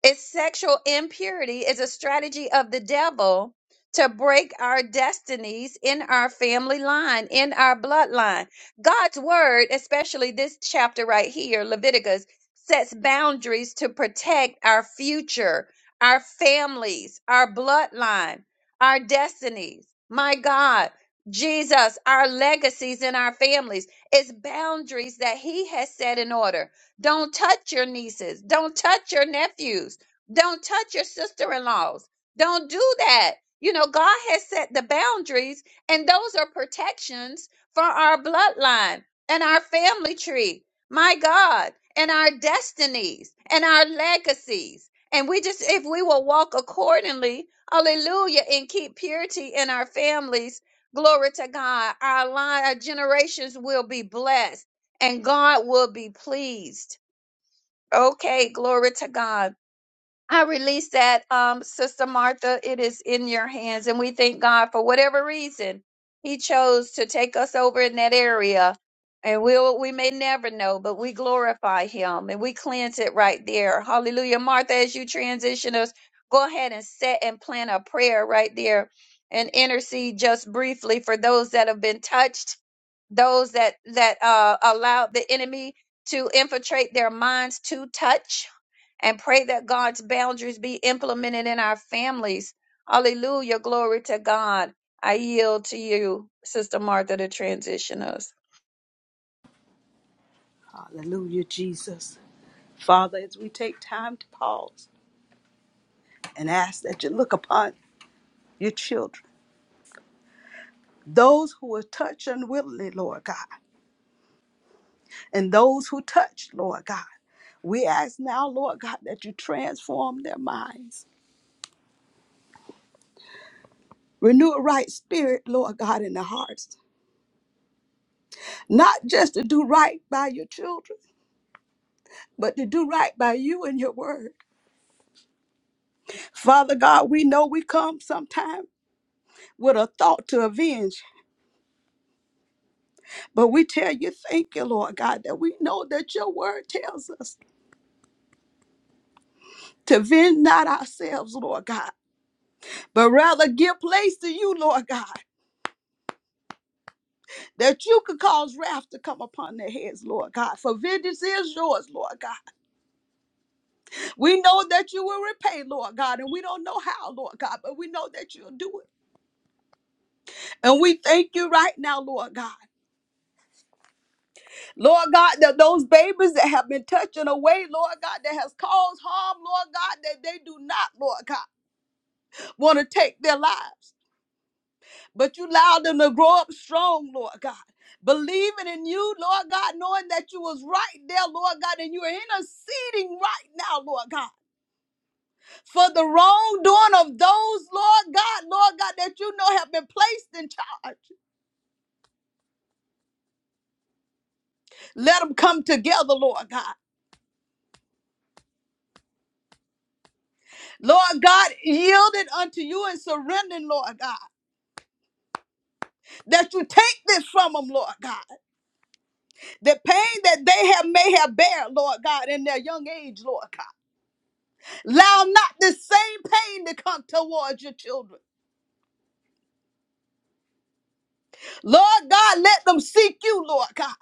Speaker 4: It's sexual impurity is a strategy of the devil to break our destinies in our family line, in our bloodline. God's word, especially this chapter right here, Leviticus, sets boundaries to protect our future, our families, our bloodline, our destinies. My God. Jesus, our legacies in our families. It's boundaries that He has set in order. Don't touch your nieces. Don't touch your nephews. Don't touch your sister in laws. Don't do that. You know, God has set the boundaries, and those are protections for our bloodline and our family tree. My God, and our destinies and our legacies. And we just, if we will walk accordingly, hallelujah, and keep purity in our families Glory to God. Our line, our generations will be blessed and God will be pleased. Okay, glory to God. I release that, um, Sister Martha. It is in your hands. And we thank God for whatever reason He chose to take us over in that area. And we'll, we may never know, but we glorify Him and we cleanse it right there. Hallelujah. Martha, as you transition us, go ahead and set and plant a prayer right there and intercede just briefly for those that have been touched those that that uh, allow the enemy to infiltrate their minds to touch and pray that god's boundaries be implemented in our families hallelujah glory to god i yield to you sister martha to transition us
Speaker 2: Hallelujah, Jesus. Father, as we take time to pause. and ask that you look upon your children, those who were touched unwillingly, Lord God, and those who touched, Lord God. We ask now, Lord God, that you transform their minds. Renew a right spirit, Lord God, in their hearts, not just to do right by your children, but to do right by you and your word. Father God, we know we come sometime with a thought to avenge, but we tell you, thank you, Lord God, that we know that your word tells us to vend not ourselves, Lord God, but rather give place to you, Lord God, that you could cause wrath to come upon their heads, Lord God. For vengeance is yours, Lord God. We know that you will repay, Lord God, and we don't know how, Lord God, but we know that you'll do it. And we thank you right now, Lord God. Lord God, that those babies that have been touching away, Lord God, that has caused harm, Lord God, that they do not, Lord God, want to take their lives. But you allowed them to grow up strong, Lord God. Believing in you, Lord God, knowing that you was right there, Lord God, and you are interceding right now, Lord God, for the wrongdoing of those, Lord God, Lord God, that you know have been placed in charge. Let them come together, Lord God. Lord God, yielded unto you and surrendering, Lord God, that you take this from them, Lord God. The pain that they have may have bear, Lord God, in their young age, Lord God. Allow not the same pain to come towards your children. Lord God, let them seek you, Lord God,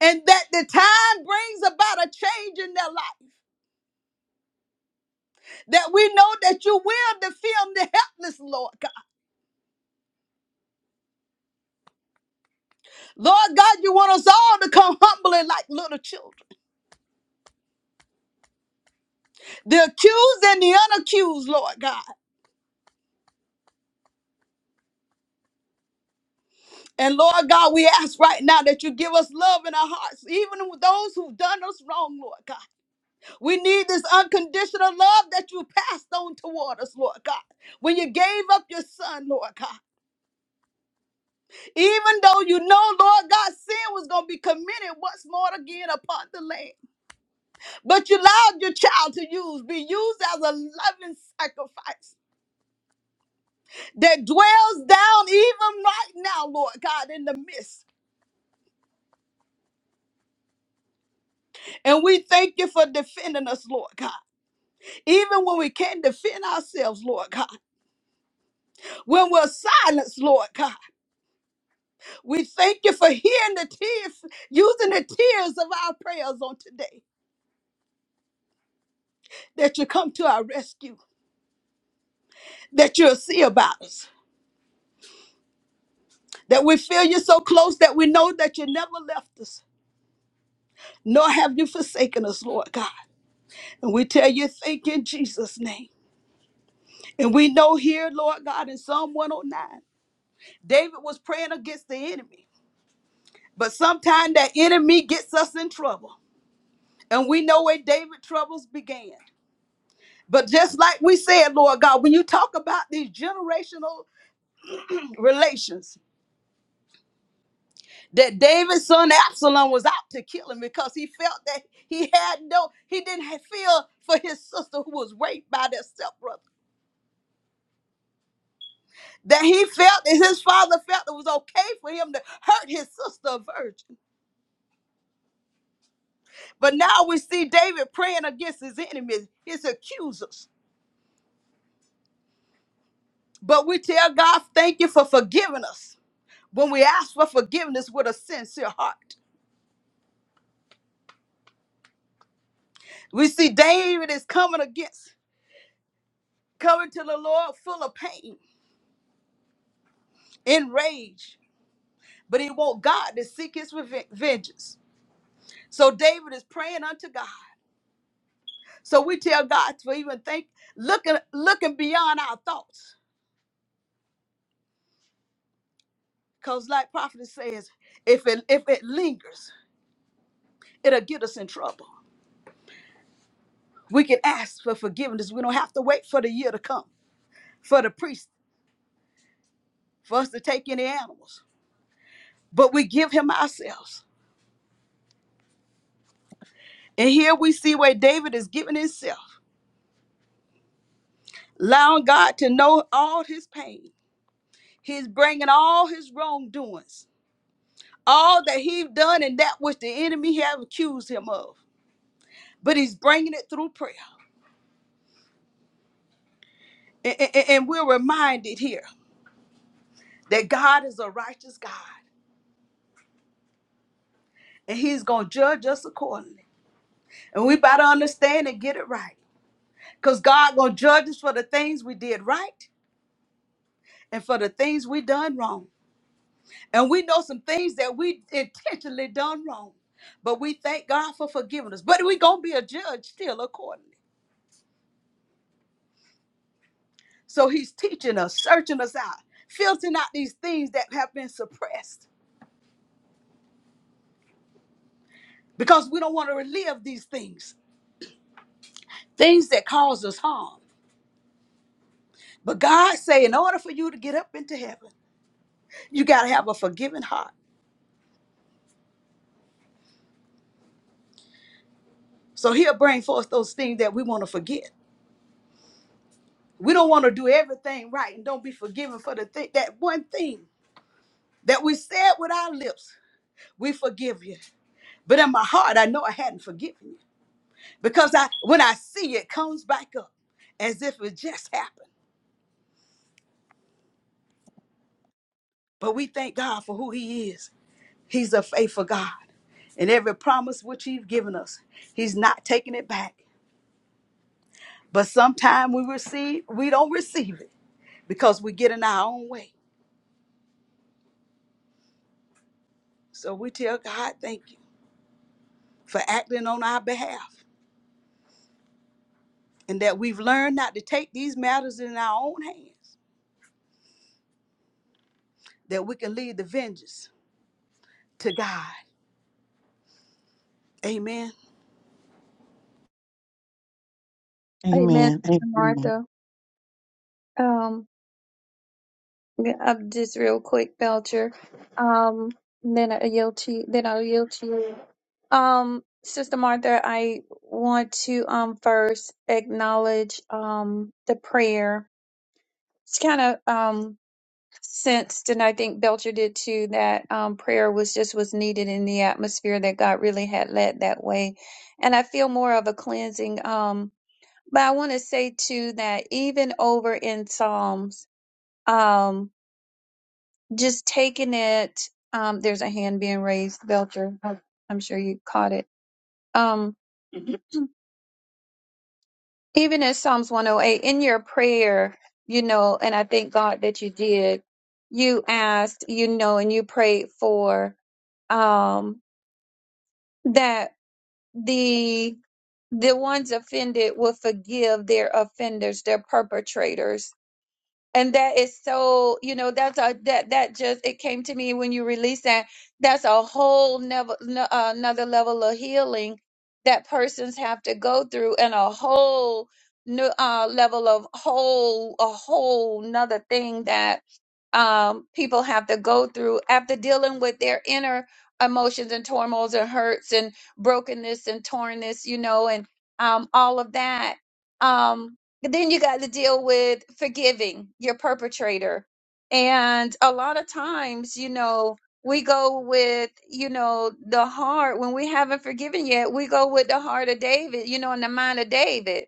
Speaker 2: and that the time brings about a change in their life. That we know that you will defend the helpless, Lord God. Lord God, you want us all to come humbly like little children, the accused and the unaccused, Lord God. And Lord God, we ask right now that you give us love in our hearts, even with those who've done us wrong, Lord God. We need this unconditional love that you passed on toward us, Lord God. When you gave up your son, Lord God, even though you know, Lord God, sin was going to be committed once more again upon the land, but you allowed your child to use, be used as a loving sacrifice that dwells down even right now, Lord God, in the midst. And we thank you for defending us, Lord God, even when we can't defend ourselves, Lord God when we're silenced, Lord God. We thank you for hearing the tears, using the tears of our prayers on today, that you come to our rescue, that you'll see about us, that we feel you so close that we know that you never left us, nor have you forsaken us, Lord God. And we tell you, thank you in Jesus' name. And we know here, Lord God, in Psalm 109, David was praying against the enemy. But sometimes that enemy gets us in trouble. And we know where David troubles began. But just like we said, Lord God, when you talk about these generational relations, that David's son Absalom was out to kill him because he felt that he had no, he didn't have- feel for his sister who was raped by their stepbrother. That he felt that his father felt it was okay for him to hurt his sister, a virgin. But now we see David praying against his enemies, his accusers. But we tell God, thank you for forgiving us when we ask for forgiveness with a sincere heart. We see David is coming against, coming to the Lord full of pain, enraged, but he want God to seek his reve- vengeance. So David is praying unto God. So we tell God to even think, looking, looking beyond our thoughts, because like prophet says, if it if it lingers, it'll get us in trouble. We can ask for forgiveness. We don't have to wait for the year to come, for the priest, for us to take any animals. But we give him ourselves. And here we see where David is giving himself. allowing God to know all his pain. He's bringing all his wrongdoings, all that he's done and that which the enemy have accused him of. But he's bringing it through prayer. A- a- And we're reminded here that God is a righteous God and he's going to judge us accordingly. And we better understand and get it right because God going to judge us for the things we did right and for the things we done wrong. And we know some things that we intentionally done wrong. But we thank God for forgiving us. But we going to be a judge still accordingly. So he's teaching us, searching us out, filtering out these things that have been suppressed because we don't want to relive these things, things that cause us harm. But God say, in order for you to get up into heaven, you got to have a forgiving heart. So he'll bring forth those things that we want to forget. We don't want to do everything right and don't be forgiven for the thing that one thing that we said with our lips we forgive you. But in my heart, I know I hadn't forgiven you because I, when I see it it comes back up as if it just happened. But we thank God for who He is. He's a faithful God. And every promise which He's given us, He's not taking it back. But sometimes we receive, we don't receive it because we get in our own way. So we tell God, thank you for acting on our behalf and that we've learned not to take these matters in our own hands, that we can leave the vengeance to God. Amen.
Speaker 4: amen
Speaker 1: Amen. Amen.
Speaker 4: Sister martha Yeah, I'm just real quick, Belcher. Um, then I yield to then I'll yield to you. Um, Sister Martha, I want to um first acknowledge um the prayer. It's kind of um sensed, and I think Belcher did too, that um prayer was just was needed in the atmosphere that God really had led that way. And I feel more of a cleansing. Um, but I want to say too that even over in Psalms. Um, just taking it. Um, there's a hand being raised, Belcher. I- I'm sure you caught it. Um, Mhm. even in Psalms 108, in your prayer, you know, and I thank God that you did. You asked, you know, and you prayed for um, that the the ones offended will forgive their offenders, their perpetrators and that is so you know that's a that that just it came to me when you released that that's a whole never n- uh, another level of healing that persons have to go through and a whole new uh level of whole a whole nother thing that um people have to go through after dealing with their inner emotions and turmoils and hurts and brokenness and tornness you know and um all of that um then you got to deal with forgiving your perpetrator. And a lot of times, you know, we go with, you know, the heart when we haven't forgiven yet, we go with the heart of David, you know, and the mind of David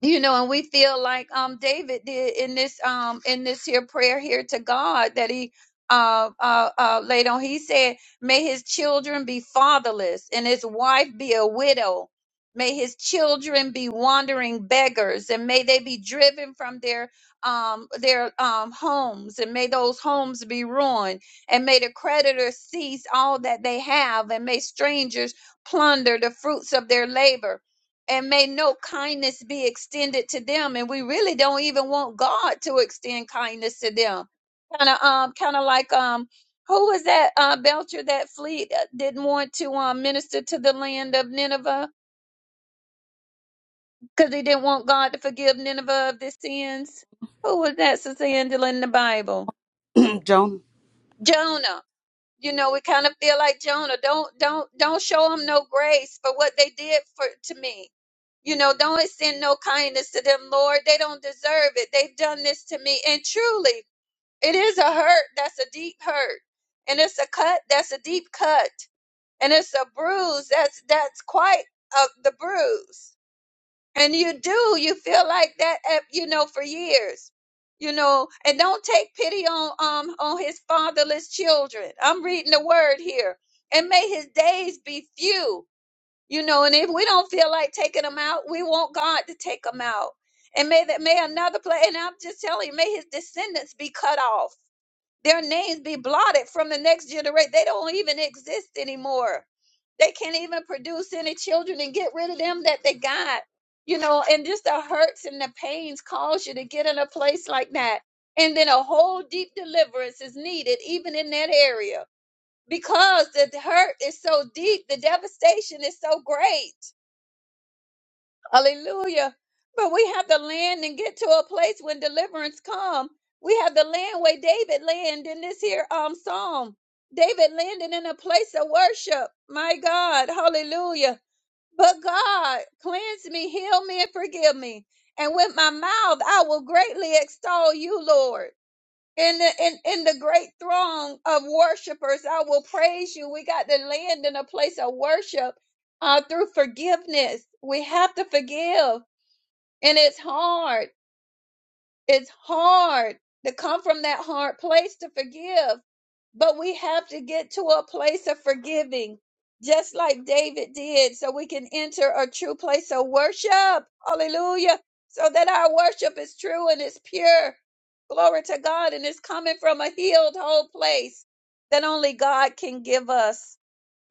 Speaker 4: you know and we feel like um david did in this um in this here prayer here to god that he uh, uh uh laid on he said may his children be fatherless and his wife be a widow may his children be wandering beggars and may they be driven from their um their um homes and may those homes be ruined and may the creditors seize all that they have and may strangers plunder the fruits of their labor and may no kindness be extended to them and we really don't even want god to extend kindness to them kind of um kind of like um who was that uh belcher that fleet uh, didn't want to um minister to the land of nineveh because he didn't want god to forgive nineveh of their sins who was that sister angela in the bible
Speaker 2: Jonah.
Speaker 4: jonah you know we kind of feel like jonah don't don't don't show them no grace for what they did for to me You know, don't extend no kindness to them, Lord. They don't deserve it. They've done this to me. And truly, it is a hurt that's a deep hurt. And it's a cut that's a deep cut. And it's a bruise that's that's quite uh, the bruise. And you do, you feel like that, uh, you know, for years. You know, and don't take pity on um on his fatherless children. I'm reading the word here. And may his days be few you know and if we don't feel like taking them out we want god to take them out and may that may another play and i'm just telling you may his descendants be cut off their names be blotted from the next generation they don't even exist anymore they can't even produce any children and get rid of them that they got you know and just the hurts and the pains cause you to get in a place like that and then a whole deep deliverance is needed even in that area because the hurt is so deep the devastation is so great Hallelujah. But we have to land and get to a place when deliverance come. We have the land where David landed in this here um psalm. David landed in a place of worship. My God, hallelujah. But God, cleanse me, heal me, and forgive me. And with my mouth I will greatly extol you, Lord. In the in, in the great throng of worshipers, I will praise you. We got to land in a place of worship uh, through forgiveness. We have to forgive and it's hard. It's hard to come from that hard place to forgive. But we have to get to a place of forgiving, just like David did, so we can enter a true place of worship. Hallelujah. So that our worship is true and it's pure. Glory to God. And it's coming from a healed, whole place that only God can give us.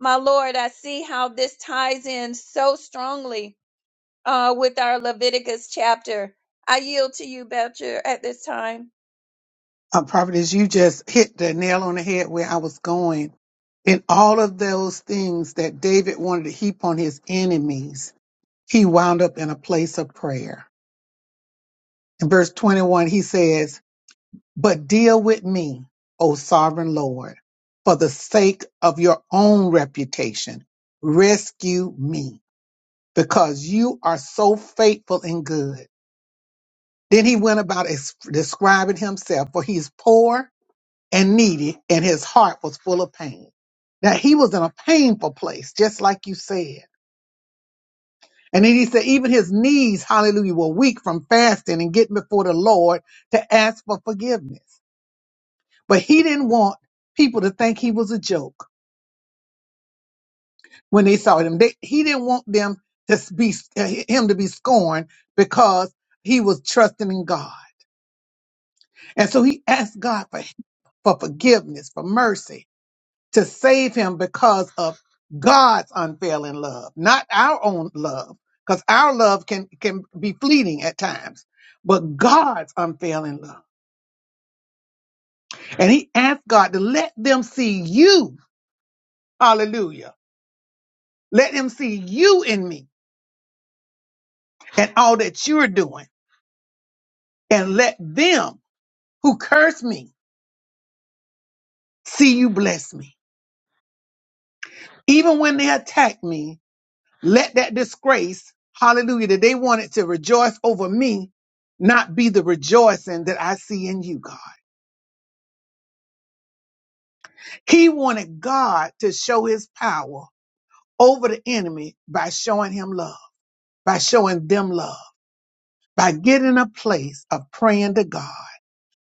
Speaker 4: My Lord, I see how this ties in so strongly uh, with our Leviticus chapter. I yield to you, Belcher, at this time.
Speaker 1: uh, prophetess, you just hit the nail on the head where I was going. In all of those things that David wanted to heap on his enemies, he wound up in a place of prayer. In verse 21, he says, But deal with me, O sovereign Lord, for the sake of your own reputation. Rescue me, because you are so faithful and good. Then he went about es- describing himself, for he's poor and needy, and his heart was full of pain. Now he was in a painful place, just like you said. And then he said, even his knees, hallelujah, were weak from fasting and getting before the Lord to ask for forgiveness. But he didn't want people to think he was a joke when they saw him. They, he didn't want them to be him to be scorned because he was trusting in God. And so he asked God for, for forgiveness, for mercy. to save him because of God's unfailing love, not our own love, because our love can, can be fleeting at times, but God's unfailing love. And he asked God to let them see you. Hallelujah. Let them see you in me and all that you're doing. And let them who curse me see you bless me. Even when they attack me, Let that disgrace, hallelujah, that they wanted to rejoice over me, not be the rejoicing that I see in you, God. He wanted God to show his power over the enemy by showing him love, by showing them love, by getting a place of praying to God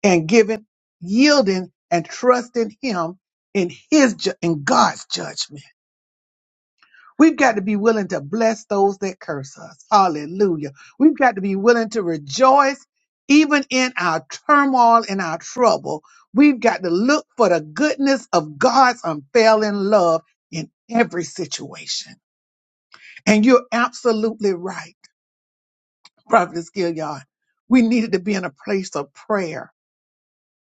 Speaker 1: and giving, yielding and trusting him in his, ju- in God's judgment. We've got to be willing to bless those that curse us. Hallelujah. We've got to be willing to rejoice even in our turmoil and our trouble. We've got to look for the goodness of God's unfailing love in every situation. And you're absolutely right, Prophetess Gilliard. We needed to be in a place of prayer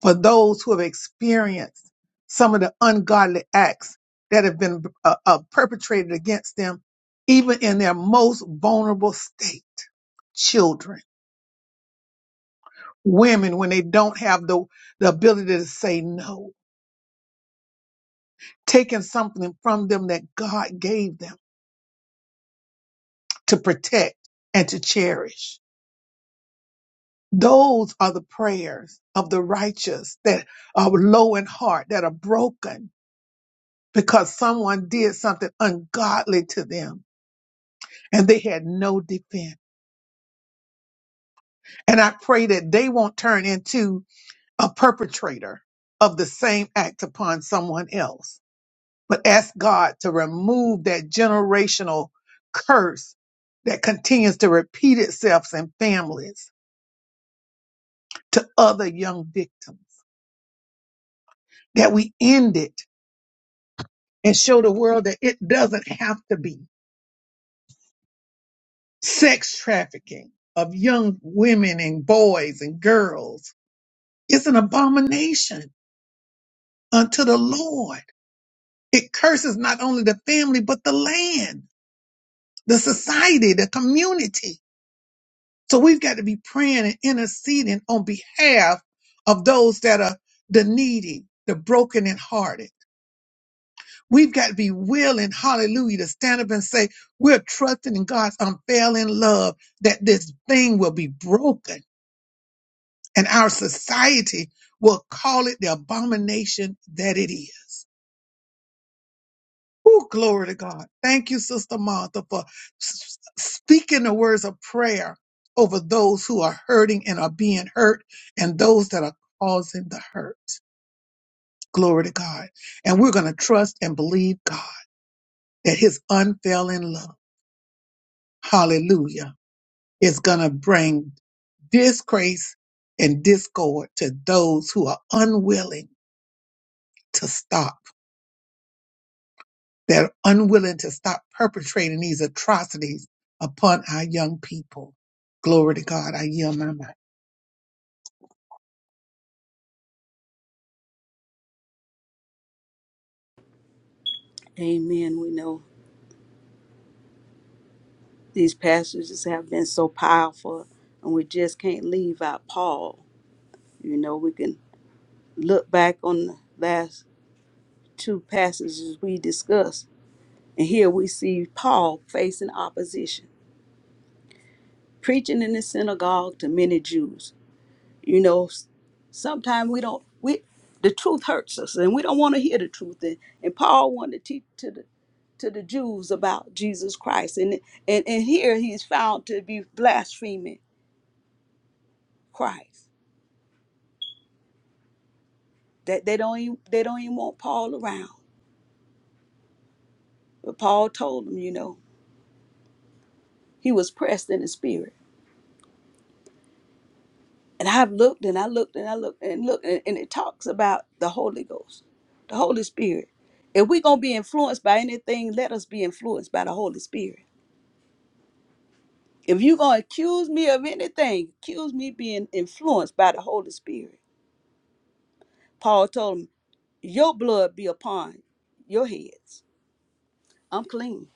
Speaker 1: for those who have experienced some of the ungodly acts that have been uh, uh, perpetrated against them, even in their most vulnerable state. Children, women, when they don't have the, the ability to say no, taking something from them that God gave them to protect and to cherish. Those are the prayers of the righteous that are low in heart, that are broken because someone did something ungodly to them and they had no defense. And I pray that they won't turn into a perpetrator of the same act upon someone else, but ask God to remove that generational curse that continues to repeat itself in families to other young victims, that we end it and show the world that it doesn't have to be sex trafficking of young women and boys and girls. It's an abomination unto the Lord It curses not only the family, but the land, the society, the community. So we've got to be praying and interceding on behalf of those that are the needy, the broken and hearted. We've got to be willing, hallelujah, to stand up and say, we're trusting in God's unfailing love that this thing will be broken and our society will call it the abomination that it is. Oh, glory to God. Thank you, Sister Martha, for s- s- speaking the words of prayer over those who are hurting and are being hurt and those that are causing the hurt. Glory to God. And we're going to trust and believe God that his unfailing love, hallelujah, is going to bring disgrace and discord to those who are unwilling to stop They're unwilling to stop perpetrating these atrocities upon our young people. Glory to God. I yield my mind.
Speaker 2: Amen. We know these passages have been so powerful, and we just can't leave out Paul. You know, we can look back on the last two passages we discussed, and here we see Paul facing opposition, preaching in the synagogue to many Jews. you know s- sometimes we don't we the truth hurts us and we don't want to hear the truth and, and paul wanted to teach to the to the jews about jesus christ and and, and here he's found to be blaspheming christ that they don't even they don't even want paul around but paul told them you know he was pressed in the spirit and i've looked and i looked and i looked and looked and, and it talks about the holy ghost the holy spirit if we're going to be influenced by anything let us be influenced by the holy spirit If you're going to accuse me of anything, accuse me being influenced by the Holy Spirit. Paul told him, Your blood be upon your heads. I'm clean.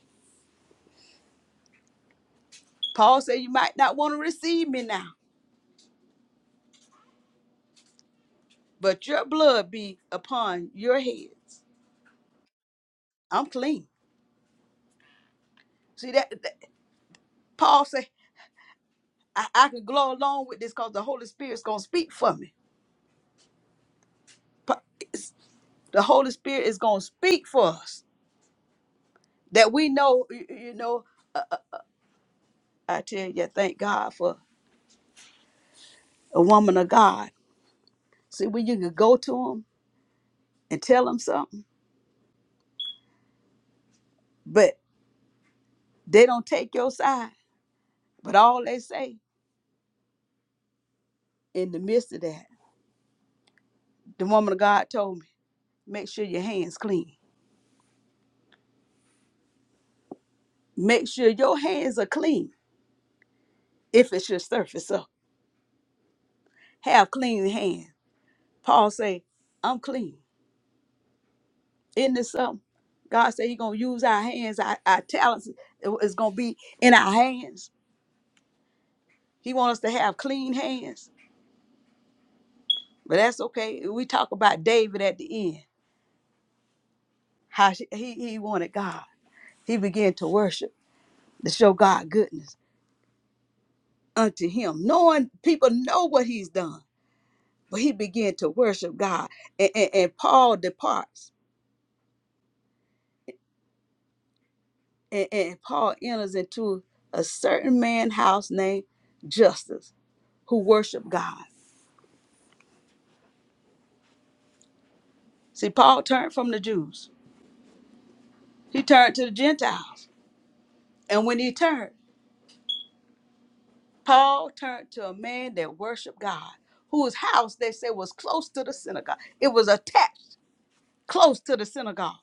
Speaker 2: Paul said, You might not want to receive me now, but your blood be upon your heads. I'm clean. See that, that- Paul said, I, I can go along with this because the Holy Spirit's going to speak for me. Pa- it's- The Holy Spirit is going to speak for us that we know, you you know, I tell you, thank God for a woman of God See, when you could go to them and tell them something, but they don't take your side. But all they say in the midst of that, the woman of God told me, make sure your hands clean. Make sure your hands are clean if it should surface up. Have clean hands. Paul say, I'm clean. Isn't this something? God said He gonna use our hands, our, our talents is gonna be in our hands. He wants us to have clean hands. But that's okay. We talk about David at the end, how she, he, he wanted God. He began to worship to show God goodness unto him, knowing people know what he's done. But he began to worship God. And, and, and Paul departs. And, and Paul enters into a certain man house named Justus, who worshiped God. See, Paul turned from the Jews. He turned to the Gentiles. And when he turned, Paul turned to a man that worshiped God, whose house they said was close to the synagogue. It was attached close to the synagogue.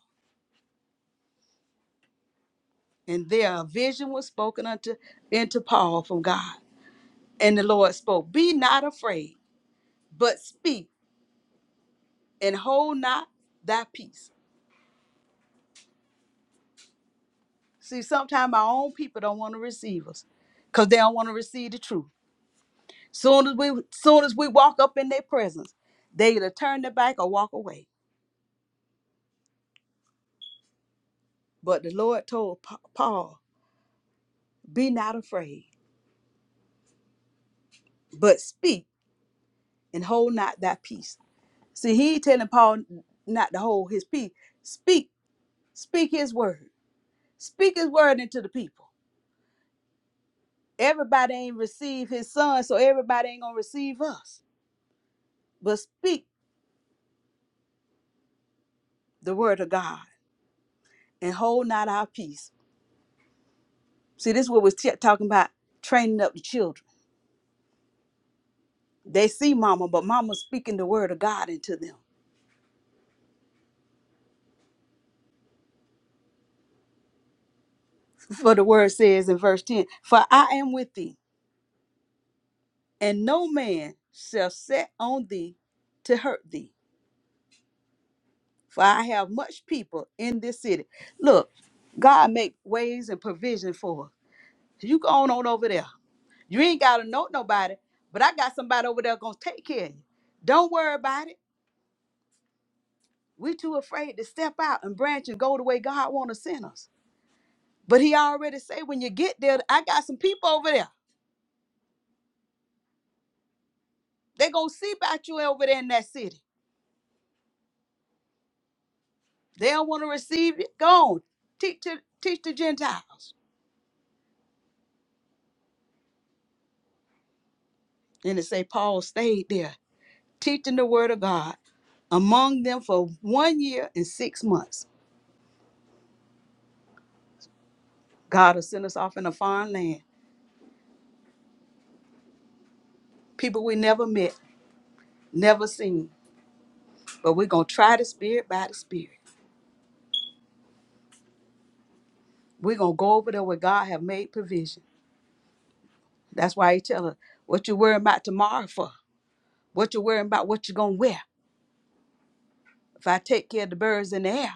Speaker 2: And there a vision was spoken unto into Paul from God. And the Lord spoke, Be not afraid, but speak and hold not thy peace. See, sometimes our own people don't want to receive us because they don't want to receive the truth. Soon as we soon as we walk up in their presence, they either turn their back or walk away. But the Lord told Pa- Paul, Be not afraid, but speak and hold not thy peace. See, he ain't telling Paul not to hold his peace. Speak, speak his word Speak his word into the people. Everybody ain't receive his son, so everybody ain't gonna receive us. But speak the word of God and hold not our peace. See, this is what we're t- talking about training up the children. They see mama, but mama's speaking the word of God into them. For the word says in verse 10, For I am with thee, and no man shall set on thee to hurt thee. For I have much people in this city. Look, God make ways and provision for us. You go on, on over there You ain't gotta know nobody, but I got somebody over there gonna take care of you. Don't worry about it. We too afraid to step out and branch and go the way God wanna send us. But he already say when you get there, I got some people over there. They gonna see about you over there in that city. They don't wanna receive it. Go on. Teach to teach the Gentiles. And it say Paul stayed there, teaching the word of God among them for one year and six months. God will send us off in a foreign land. People we never met, never seen. But we're gonna try the spirit by the spirit. We're gonna go over there where God have made provision. That's why he tell us what you worrying about tomorrow for. What you worrying about what you gonna wear. If I take care of the birds in the air,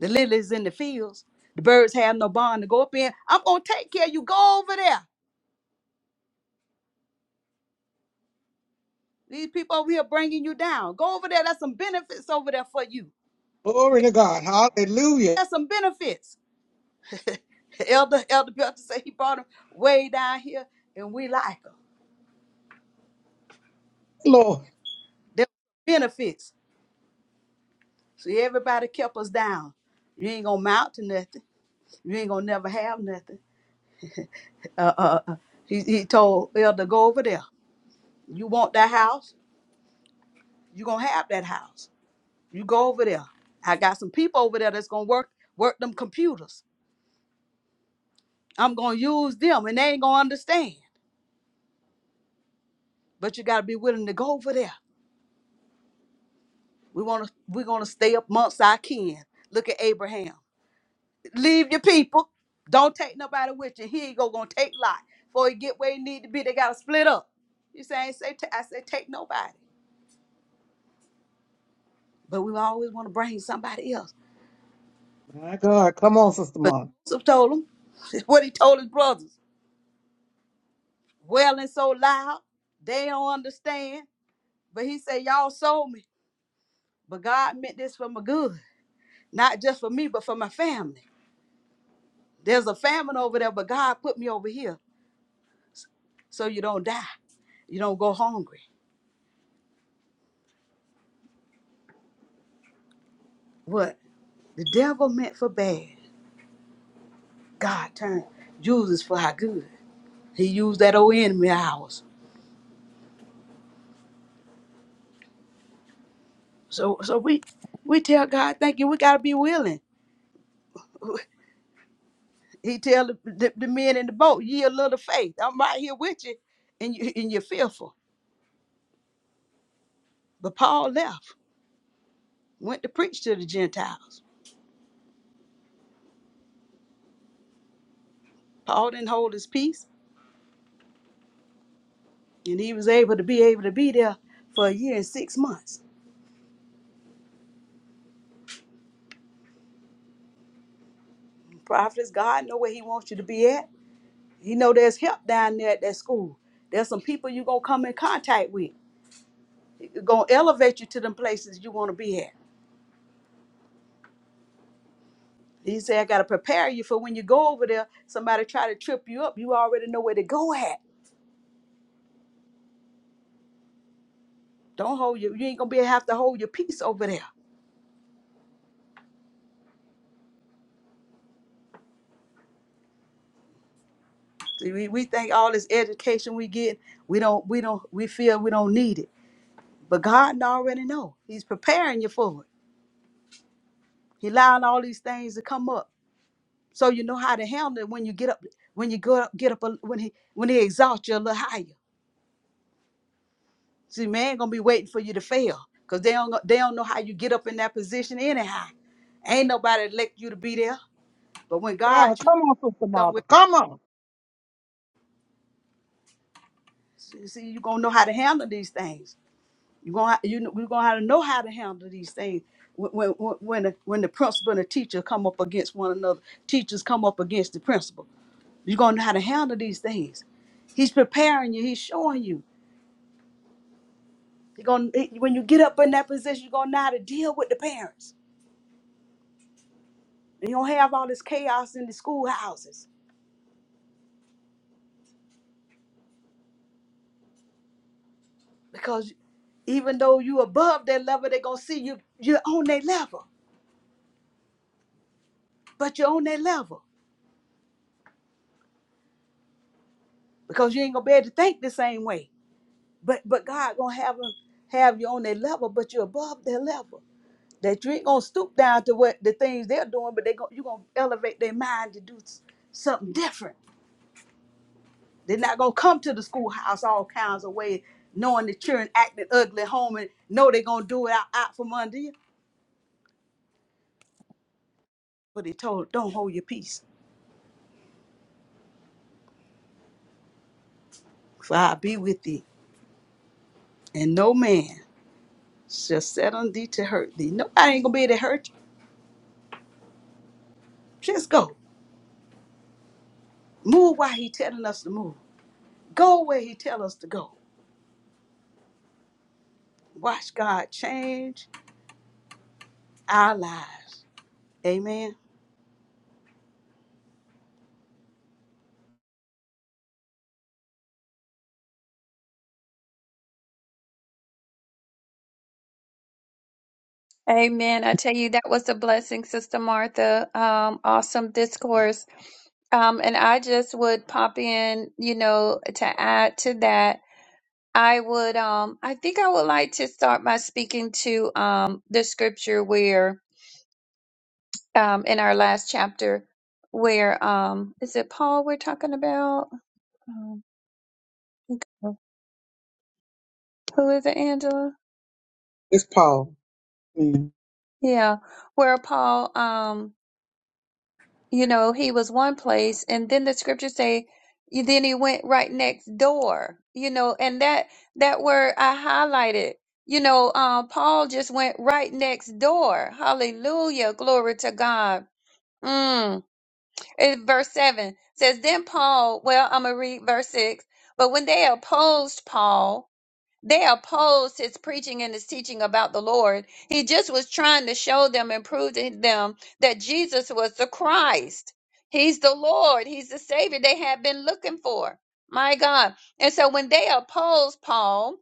Speaker 2: the lilies in the fields, the birds have no barn to go up in. I'm gonna take care of you. Go over there. These people over here bringing you down. Go over there. There's some benefits over there for you.
Speaker 1: Glory to God. Hallelujah.
Speaker 2: There's some benefits. Elder Elder Belcher said he brought them way down here, and we like them.
Speaker 1: Lord.
Speaker 2: There benefits. So everybody kept us down. You ain't gonna mount to nothing. You ain't gonna never have nothing. Uh, uh, uh. He, he told Elder, go over there. You want that house? You gonna have that house. You go over there. I got some people over there that's gonna work work them computers. I'm gonna use them, and they ain't gonna understand. But you gotta be willing to go over there. We wanna we gonna stay up amongst our kin. Look at Abraham. leave your people. Don't take nobody with you. Here you go, gonna take Lot. Before you get where you need to be, they gotta split up. You saying say I say take nobody. But we always want to bring somebody else.
Speaker 1: My God. Come on, Sister
Speaker 2: But
Speaker 1: Martha.
Speaker 2: Joseph told him, it's what he told his brothers. Wailing so loud, they don't understand. But he said, Y'all sold me. But God meant this for my good. Not just for me, but for my family. There's a famine over there, but God put me over here so you don't die. You don't go hungry. What the devil meant for bad, God turned uses for our good. He used that old enemy of ours. So so we we tell God, thank you, we gotta be willing. He tell the, the, the men in the boat, ye a little faith. I'm right here with you and you and you're fearful. But Paul left, went to preach to the Gentiles. Paul didn't hold his peace, and he was able to be able to be there for a year and six months. Prophets, God know where he wants you to be at. You know, there's help down there at that school. There's some people you're going to come in contact with. It's going to elevate you to them places you want to be at. He said, I got to prepare you for when you go over there, somebody try to trip you up. You already know where to go at. Don't hold you. You ain't going to be able to have to hold your peace over there. See, we, we think all this education we get, we don't, we don't, we feel we don't need it. But God already know. He's preparing you for it. He allowing all these things to come up. so you know how to handle it when you get up when you go up get up a, when he when he exalts you a little higher see man ain't gonna be waiting for you to fail because they don't they don't know how you get up in that position anyhow ain't nobody elect you to be there but when god
Speaker 1: God,
Speaker 2: chooses
Speaker 1: come on, Sister
Speaker 2: somewhere
Speaker 1: Martha. Come on.
Speaker 2: see see, you gonna know how to handle these things you gonna you know you gonna have to know how to handle these things when when when when the, when the principal and the teacher come up against one another teachers come up against the principal you're gonna know how to handle these things he's preparing you he's showing you You're gonna when you get up in that position, you're gonna know how to deal with the parents. And you don't have all this chaos in the schoolhouses because even though you above their level, they're gonna see you you're on their level, but you're on their level because you ain't gonna be able to think the same way. But but God gonna have them have you on their level, but you're above their level. That you ain't gonna stoop down to what the things they're doing, but they go, you're gonna elevate their mind to do s- something different They're not gonna come to the schoolhouse all kinds of ways, knowing the children acting ugly at home and know they're gonna do it out, out from under you. But he told, Don't hold your peace, for I'll be with thee. And no man shall set on thee to hurt thee. Nobody ain't gonna be able to hurt you. Just go. Move while he telling us to move. Go where he tell us to go. Watch God change our lives. Amen.
Speaker 4: Amen. I tell you, that was a blessing, Sister Martha. Um, awesome discourse. Um, and I just would pop in, you know, to add to that. I would, um, I think I would like to start by speaking to um, the scripture where, um, in our last chapter, where um, is it Paul we're talking about? Um, who is it, Angela?
Speaker 1: It's Paul. Mm.
Speaker 4: Yeah, where Paul, um, you know, he was one place, and then the scriptures say, y- then he went right next door, you know, and that that word I highlighted, you know, um, Paul just went right next door. Hallelujah, glory to God. Mm. And verse seven says, then Paul. Well, I'm gonna read verse six. But when they opposed Paul. They opposed his preaching and his teaching about the Lord. He just was trying to show them and prove to them that Jesus was the Christ. He's the Lord. He's the Savior they had been looking for. My God. And so when they opposed Paul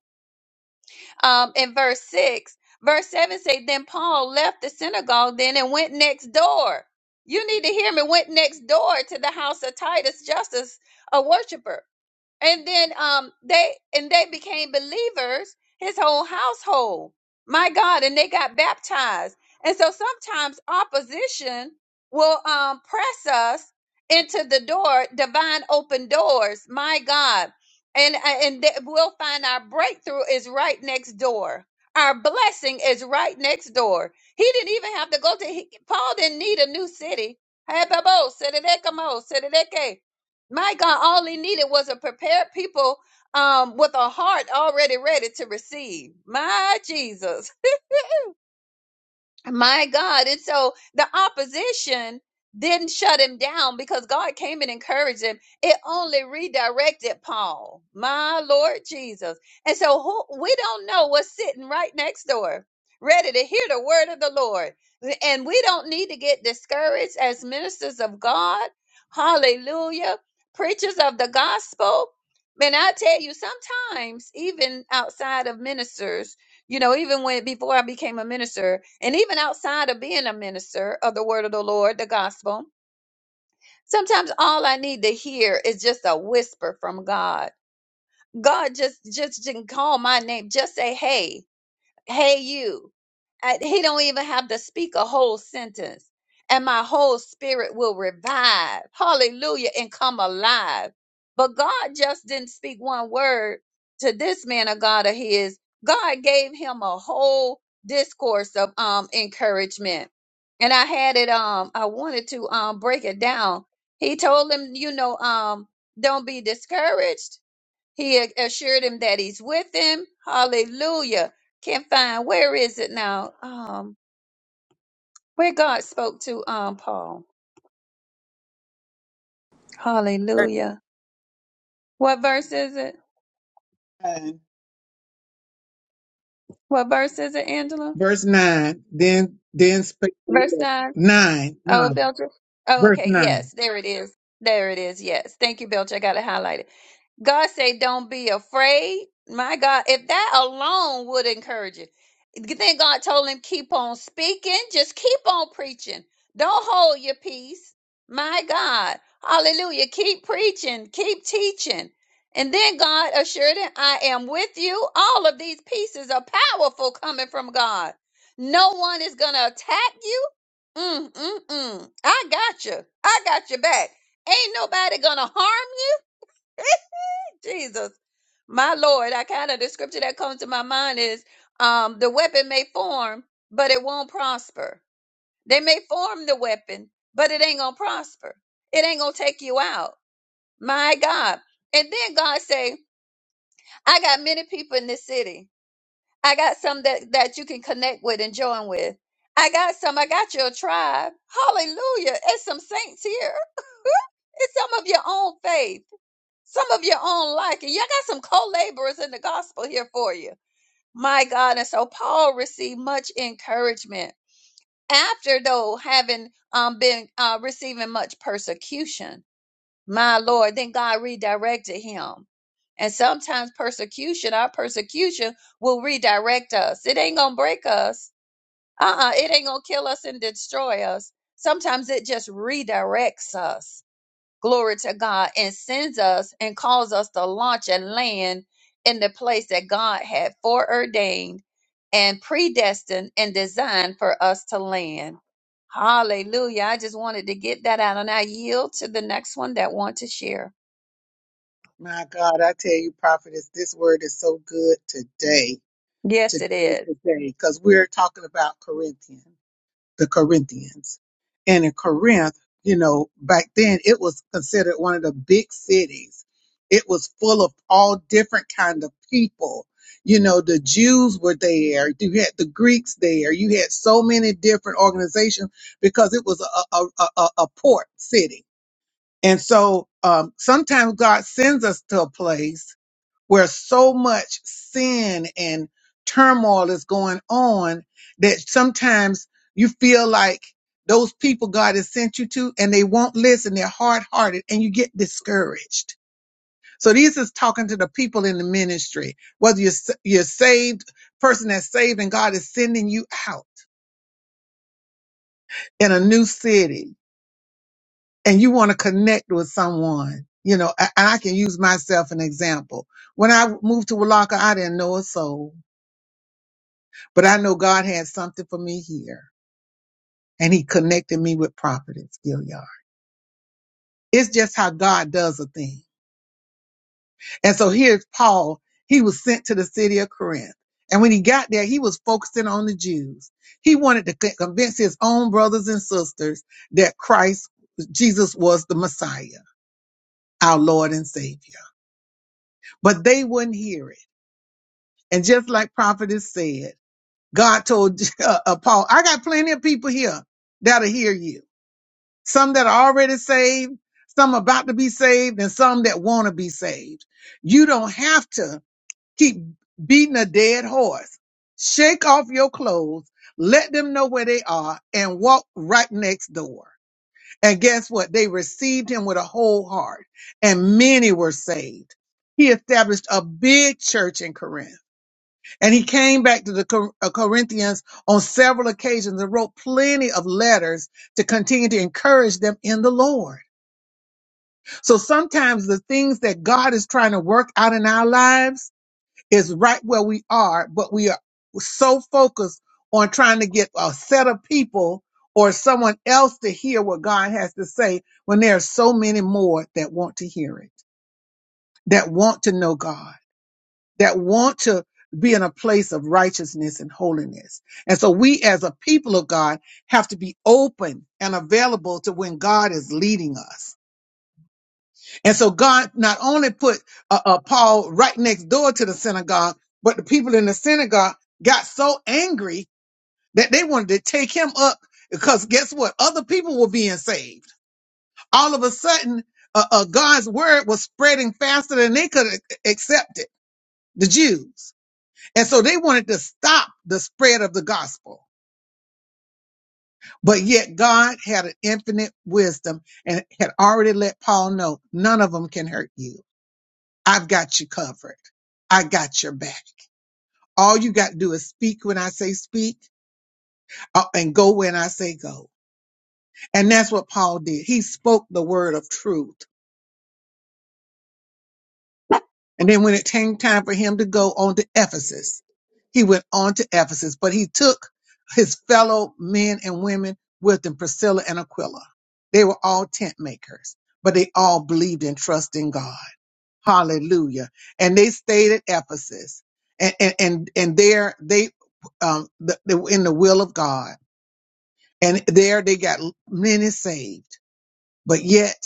Speaker 4: um, in verse 6, verse 7 say, Then Paul left the synagogue then and went next door. You need to hear me. Went next door to the house of Titus, just as a worshiper and then um they and they became believers his whole household my god and they got baptized and so sometimes opposition will um press us into the door divine open doors my god and uh, and that we'll find our breakthrough is right next door our blessing is right next door he didn't even have to go to he, paul didn't need a new city Hey, Babo, Sedeke, Mo, Sedeke. My God, all he needed was a prepared people um, with a heart already ready to receive. My Jesus. My God. And so the opposition didn't shut him down because God came and encouraged him. It only redirected Paul. My Lord Jesus. And so who, we don't know what's sitting right next door, ready to hear the word of the Lord. And we don't need to get discouraged as ministers of God. Hallelujah. Preachers of the gospel. And I tell you, sometimes, even outside of ministers, you know even when before i became a minister and even outside of being a minister of the word of the lord the gospel sometimes all i need to hear is just a whisper from god god just just didn't call my name just say hey hey you I, he don't even have to speak a whole sentence and my whole spirit will revive hallelujah and come alive but god just didn't speak one word to this man of god of his god gave him a whole discourse of um encouragement and i had it um i wanted to um break it down he told him you know um don't be discouraged he a- assured him that he's with him. Hallelujah. Can't find where is it now? Um, where God spoke to um Paul. Hallelujah. What verse is it?
Speaker 1: Nine.
Speaker 4: What verse is it, Angela?
Speaker 1: Verse 9. Then, then spake the
Speaker 4: Verse
Speaker 1: Lord.
Speaker 4: nine.
Speaker 1: 9.
Speaker 4: Oh,
Speaker 1: 9.
Speaker 4: Belcher. Oh,
Speaker 1: Verse
Speaker 4: okay.
Speaker 1: 9.
Speaker 4: Yes, there it is. There it is. Yes. Thank you, Belcher. I got it highlighted. God said, "Don't be afraid." My God, if that alone would encourage you. then God told him, "Keep on speaking, just keep on preaching. Don't hold your peace." My God, Hallelujah! Keep preaching, keep teaching, and then God assured him, "I am with you." All of these pieces are powerful coming from God. No one is gonna attack you. Mm, mm, mm. I got you. I got your back. Ain't nobody gonna harm you Jesus, my Lord, I kind of the scripture that comes to my mind is um the weapon may form, but it won't prosper. They may form the weapon, but it ain't gonna prosper. It ain't gonna take you out. My God. And then God say, I got many people in this city. I got some that, that you can connect with and join with. I got some, I got your tribe. Hallelujah. It's some saints here. it's some of your own faith some of your own liking. Y'all got some co laborers in the gospel here for you. My God. And so Paul received much encouragement after, though, having um, been uh, receiving much persecution. My Lord. Then God redirected him. And sometimes persecution, our persecution will redirect us. It ain't going to break us. Uh uh It ain't going to kill us and destroy us. Sometimes it just redirects us glory to God, and sends us and calls us to launch and land in the place that God had foreordained and predestined and designed for us to land. Hallelujah. I just wanted to get that out and I yield to the next one that want to share.
Speaker 1: My God, I tell you, prophetess, this word is so good today.
Speaker 4: Yes, it
Speaker 1: Today,
Speaker 4: is.
Speaker 1: today. Because we're talking about Corinthians. the Corinthians. And in Corinth, you know, back then it was considered one of the big cities. It was full of all different kind of people. You know, the Jews were there. You had the Greeks there. You had so many different organizations because it was a, a, a, a a port city. And so um, sometimes God sends us to a place where so much sin and turmoil is going on that sometimes you feel like those people God has sent you to and they won't listen. They're hard hearted and you get discouraged. So these is talking to the people in the ministry, whether you're, s- you're saved, person that's saved and God is sending you out in a new city and you want to connect with someone. You know, a- and I can use myself an example. When I moved to Walaka, I didn't know a soul But I know God had something for me here. And he connected me with Providence, Gilead. It's just how God does a thing. And so here's Paul. He was sent to the city of Corinth. And when he got there, he was focusing on the Jews. He wanted to con- convince his own brothers and sisters that Christ, Jesus was the Messiah, our Lord and Savior. But they wouldn't hear it. And just like Prophetess said, God told uh, uh, Paul, I got plenty of people here that'll hear you some that are already saved, some about to be saved, and some that want to be saved. You don't have to keep beating a dead horse. Shake off your clothes, let them know where they are, and walk right next door. And guess what? They received him with a whole heart, and many were saved. He established a big church in Corinth, and he came back to the Cor- uh, Corinthians on several occasions and wrote plenty of letters to continue to encourage them in the Lord. So sometimes the things that God is trying to work out in our lives is right where we are, but we are so focused on trying to get a set of people or someone else to hear what God has to say when there are so many more that want to hear it, that want to know God, that want to be in a place of righteousness and holiness. And so we as a people of God have to be open and available to when God is leading us And so God not only put uh, uh, Paul right next door to the synagogue, but the people in the synagogue got so angry that they wanted to take him up because guess what? Other people were being saved. All of a sudden, uh, uh, God's word was spreading faster than they could a- accept it, the Jews. And so they wanted to stop the spread of the gospel. But yet God had an infinite wisdom and had already let Paul know none of them can hurt you I've got you covered. I got your back. All you got to do is speak when I say speak uh, and go when I say go. And that's what Paul did. He spoke the word of truth. And then when it came time for him to go on to Ephesus, he went on to Ephesus, but he took his fellow men and women with him, Priscilla and Aquila. They were all tent makers, but they all believed and trust in God. Hallelujah. And they stayed at Ephesus and, and, and, and there they, um, th- they were in the will of God and there they got many saved. But yet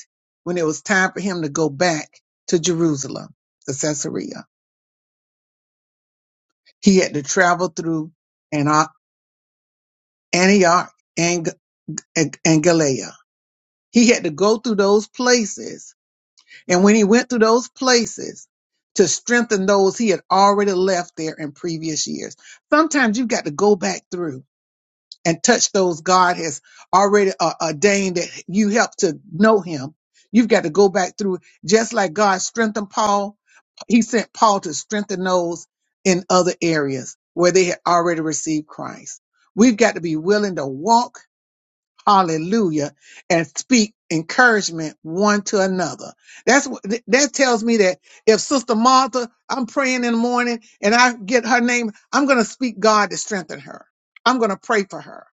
Speaker 1: when it was time for him to go back to Jerusalem, to Caesarea, he had to travel through Antio- Antioch and, and, and Galilea. He had to go through those places And when he went through those places to strengthen those he had already left there in previous years, sometimes you've got to go back through and touch those God has already uh, ordained that you help to know him. You've got to go back through, just like God strengthened Paul, he sent Paul to strengthen those in other areas where they had already received Christ. We've got to be willing to walk hallelujah, and speak encouragement one to another. That's what th- that tells me that if Sister Martha, I'm praying in the morning and I get her name, I'm going to speak God to strengthen her. I'm going to pray for her.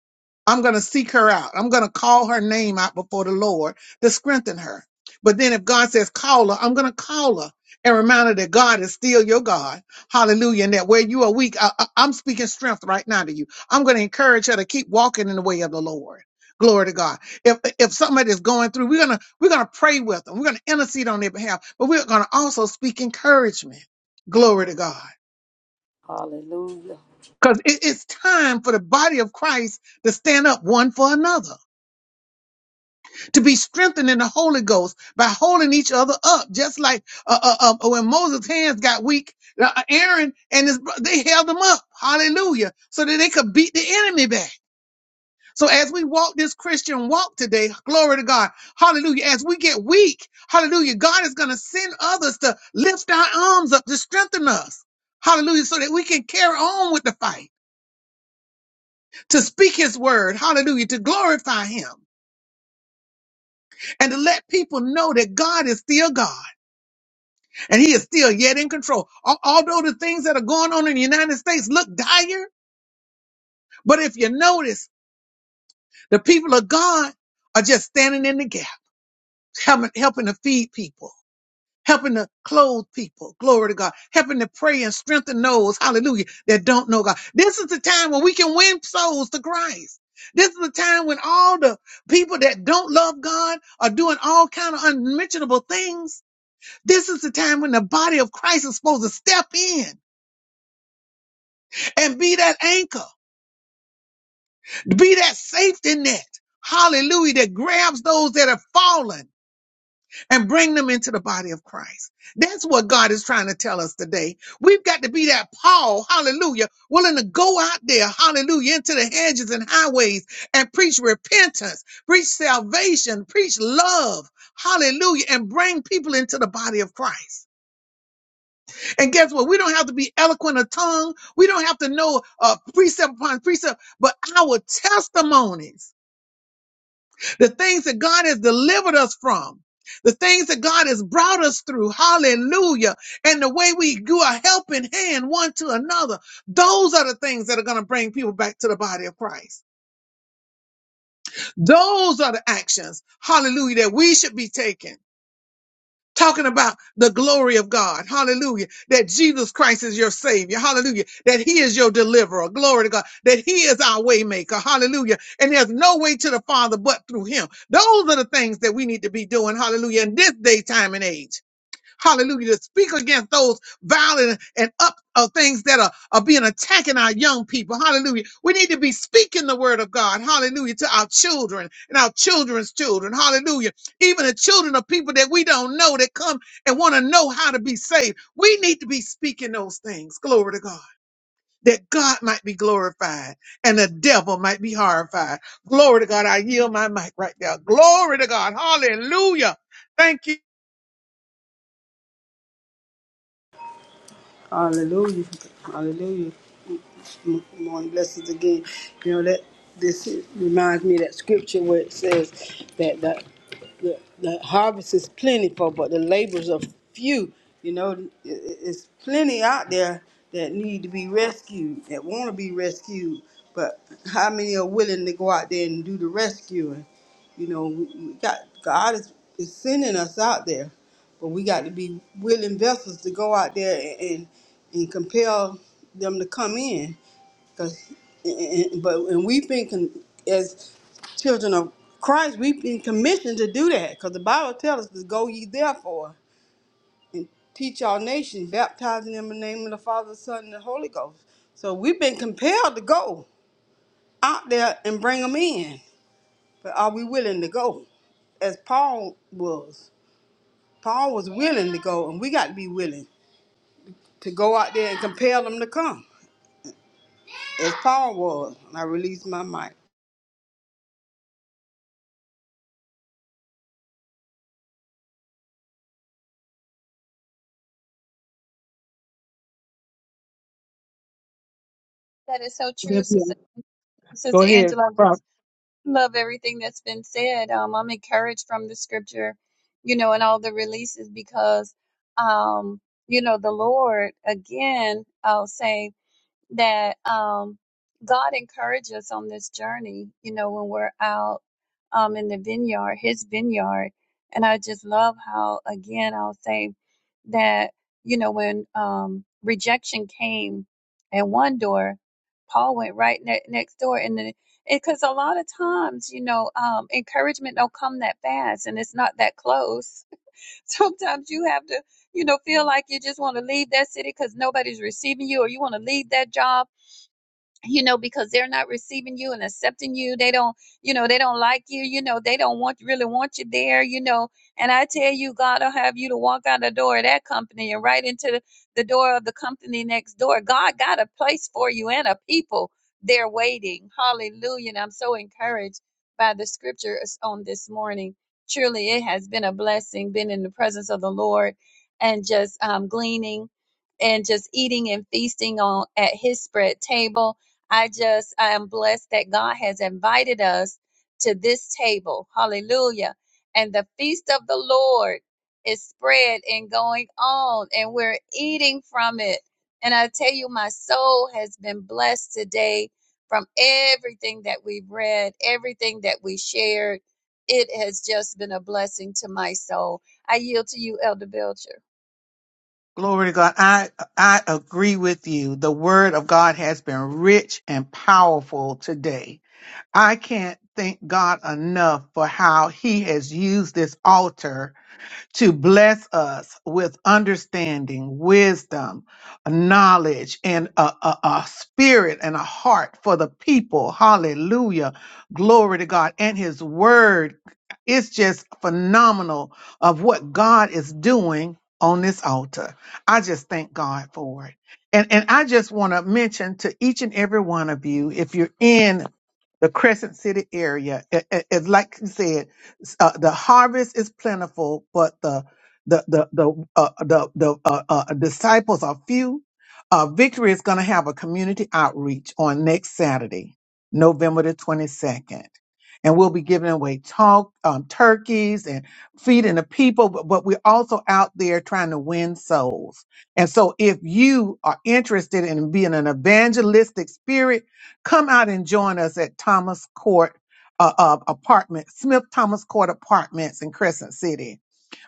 Speaker 1: I'm going to seek her out. I'm going to call her name out before the Lord to strengthen her. But then if God says call her, I'm going to call her and remind her that God is still your God. Hallelujah. And that where you are weak, I, I- I'm speaking strength right now to you. I'm going to encourage her to keep walking in the way of the Lord. Glory to God. If if somebody is going through, we're gonna we're gonna pray with them. We're gonna intercede on their behalf, but we're gonna also speak encouragement. Glory to God.
Speaker 2: Hallelujah.
Speaker 1: Because it's time for the body of Christ to stand up one for another, to be strengthened in the Holy Ghost by holding each other up. Just like uh, uh, uh, when Moses' hands got weak, uh, Aaron and his bro- they held them up. Hallelujah, so that they could beat the enemy back. So as we walk this Christian walk today, glory to God, hallelujah, as we get weak, hallelujah, God is going to send others to lift our arms up to strengthen us. Hallelujah, so that we can carry on with the fight, to speak his word, hallelujah, to glorify him and to let people know that God is still God and he is still yet in control. Al- Although the things that are going on in the United States look dire, but if you notice, the people of God are just standing in the gap, helping helping to feed people helping to clothe people. Glory to God. Helping to pray and strengthen those, hallelujah, that don't know God. This is the time when we can win souls to Christ. This is the time when all the people that don't love God are doing all kind of unmentionable things. This is the time when the body of Christ is supposed to step in and be that anchor, be that safety net. Hallelujah, that grabs those that have fallen. and bring them into the body of Christ. That's what God is trying to tell us today. We've got to be that Paul, hallelujah, willing to go out there, hallelujah, into the hedges and highways and preach repentance, preach salvation, preach love, hallelujah, and bring people into the body of Christ. And guess what? We don't have to be eloquent of tongue. We don't have to know uh, precept upon precept, but our testimonies the things that God has delivered us from, the things that God has brought us through. Hallelujah. And the way we do a helping hand one to another. Those are the things that are going to bring people back to the body of Christ. Those are the actions. Hallelujah. That we should be taking talking about the glory of God. Hallelujah. That Jesus Christ is your savior. Hallelujah. That he is your deliverer. Glory to God. That he is our way maker. Hallelujah. And there's no way to the Father but through him. Those are the things that we need to be doing. Hallelujah. In this day, time and age. Hallelujah. To speak against those violent and up of things that are, are being attacking our young people. Hallelujah. We need to be speaking the word of God. Hallelujah. To our children and our children's children. Hallelujah. Even the children of people that we don't know that come and want to know how to be saved. We need to be speaking those things. Glory to God. That God might be glorified and the devil might be horrified. Glory to God. I yield my mic right there. Glory to God. Hallelujah. Thank you.
Speaker 5: hallelujah. Hallelujah. Good morning, blessings again. You know that this reminds me of that scripture where it says that that the, the harvest is plentiful, but the laborers are few. You know, it, it- it's plenty out there that need to be rescued, that want to be rescued, but how many are willing to go out there and do the rescuing? You know, we, we got God is, is sending us out there, but we got to be willing vessels to go out there and and, and compel them to come in. Cause, but and we've been con- as children of Christ, we've been commissioned to do that. Cause the Bible tells us to go ye therefore and teach our nation, baptizing them in the name of the Father, the Son, and the Holy Ghost. So we've been compelled to go out there and bring them in. But are we willing to go? As Paul was. Paul was willing to go, and we got to be willing to go out there and compel them to come. As Paul was. And I released my mic.
Speaker 4: That is so true, Sister,
Speaker 1: Go
Speaker 4: Sister
Speaker 1: ahead,
Speaker 4: Angela. love everything that's been said. Um, I'm encouraged from the scripture, you know, and all the releases because, um, you know, the Lord again, I'll say that um, God encourages us on this journey, you know, when we're out um, in the vineyard, his vineyard. And I just love how, again, I'll say that, you know, when um, rejection came at one door, Paul went right ne- next door. And then, because a lot of times, you know, um, encouragement don't come that fast and it's not that close. Sometimes you have to, you know, feel like you just want to leave that city because nobody's receiving you or you want to leave that job you know because they're not receiving you and accepting you they don't you know they don't like you you know they don't want really want you there you know and i tell you god will have you to walk out the door of that company and right into the the door of the company next door god got a place for you and a people there waiting hallelujah and i'm so encouraged by the scriptures on this morning truly it has been a blessing been in the presence of the lord and just um, gleaning and just eating and feasting on at his spread table I just, I am blessed that God has invited us to this table. Hallelujah. And the feast of the Lord is spread and going on, and we're eating from it. And I tell you, my soul has been blessed today from everything that we've read, everything that we shared. It has just been a blessing to my soul. I yield to you, Elder Belcher.
Speaker 1: Glory to God. I I agree with you. The word of God has been rich and powerful today. I can't thank God enough for how he has used this altar to bless us with understanding, wisdom, knowledge, and a, a, a spirit and a heart for the people. Hallelujah. Glory to God. And his word It's just phenomenal of what God is doing on this altar. I just thank God for it. And, and I just want to mention to each and every one of you, if you're in the Crescent City area. It, it- it- like you said, s- uh, the harvest is plentiful, but the the the the uh, the, the uh, uh, disciples are few. Uh, Victory is going to have a community outreach on next Saturday, November the twenty second and we'll be giving away talk, um, turkeys and feeding the people. But, but we're also out there trying to win souls. And so, if you are interested in being an evangelistic spirit, come out and join us at Thomas Court uh, uh, Apartment, Smith Thomas Court Apartments in Crescent City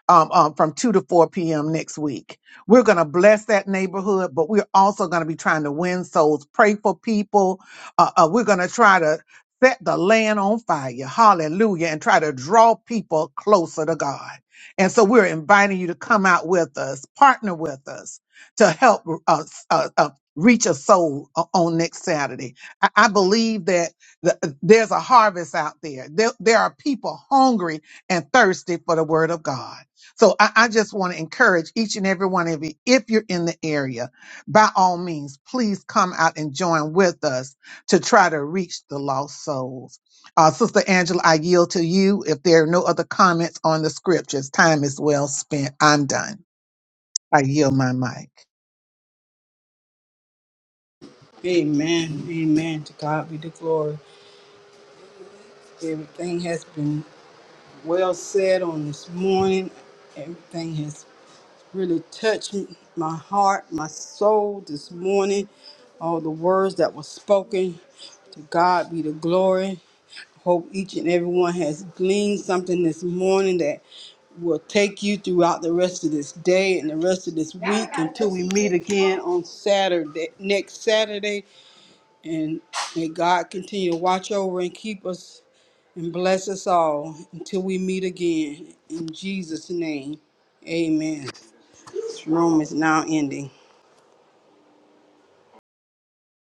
Speaker 1: um, um, from 2 to 4 p.m. next week. We're going to bless that neighborhood, but we're also going to be trying to win souls, pray for people. Uh, uh, we're going to try to set the land on fire. Hallelujah. And try to draw people closer to God. And so we're inviting you to come out with us, partner with us to help uh, uh, uh, reach a soul o- on next Saturday. I, I believe that the, uh, there's a harvest out there. there. There are people hungry and thirsty for the word of God. So I, I just want to encourage each and every one of you, if you're in the area, by all means, please come out and join with us to try to reach the lost souls. Uh, Sister Angela, I yield to you. If there are no other comments on the scriptures, time is well spent. I'm done. I yield my mic.
Speaker 5: Amen. Amen. To God be the glory. Everything has been well said on this morning. Everything has really touched my heart, my soul this morning. All the words that were spoken. To God be the glory. Hope each and everyone has gleaned something this morning that will take you throughout the rest of this day and the rest of this week until we meet again on Saturday, next Saturday And may God continue to watch over and keep us and bless us all until we meet again. In Jesus' name, amen. This room is now ending.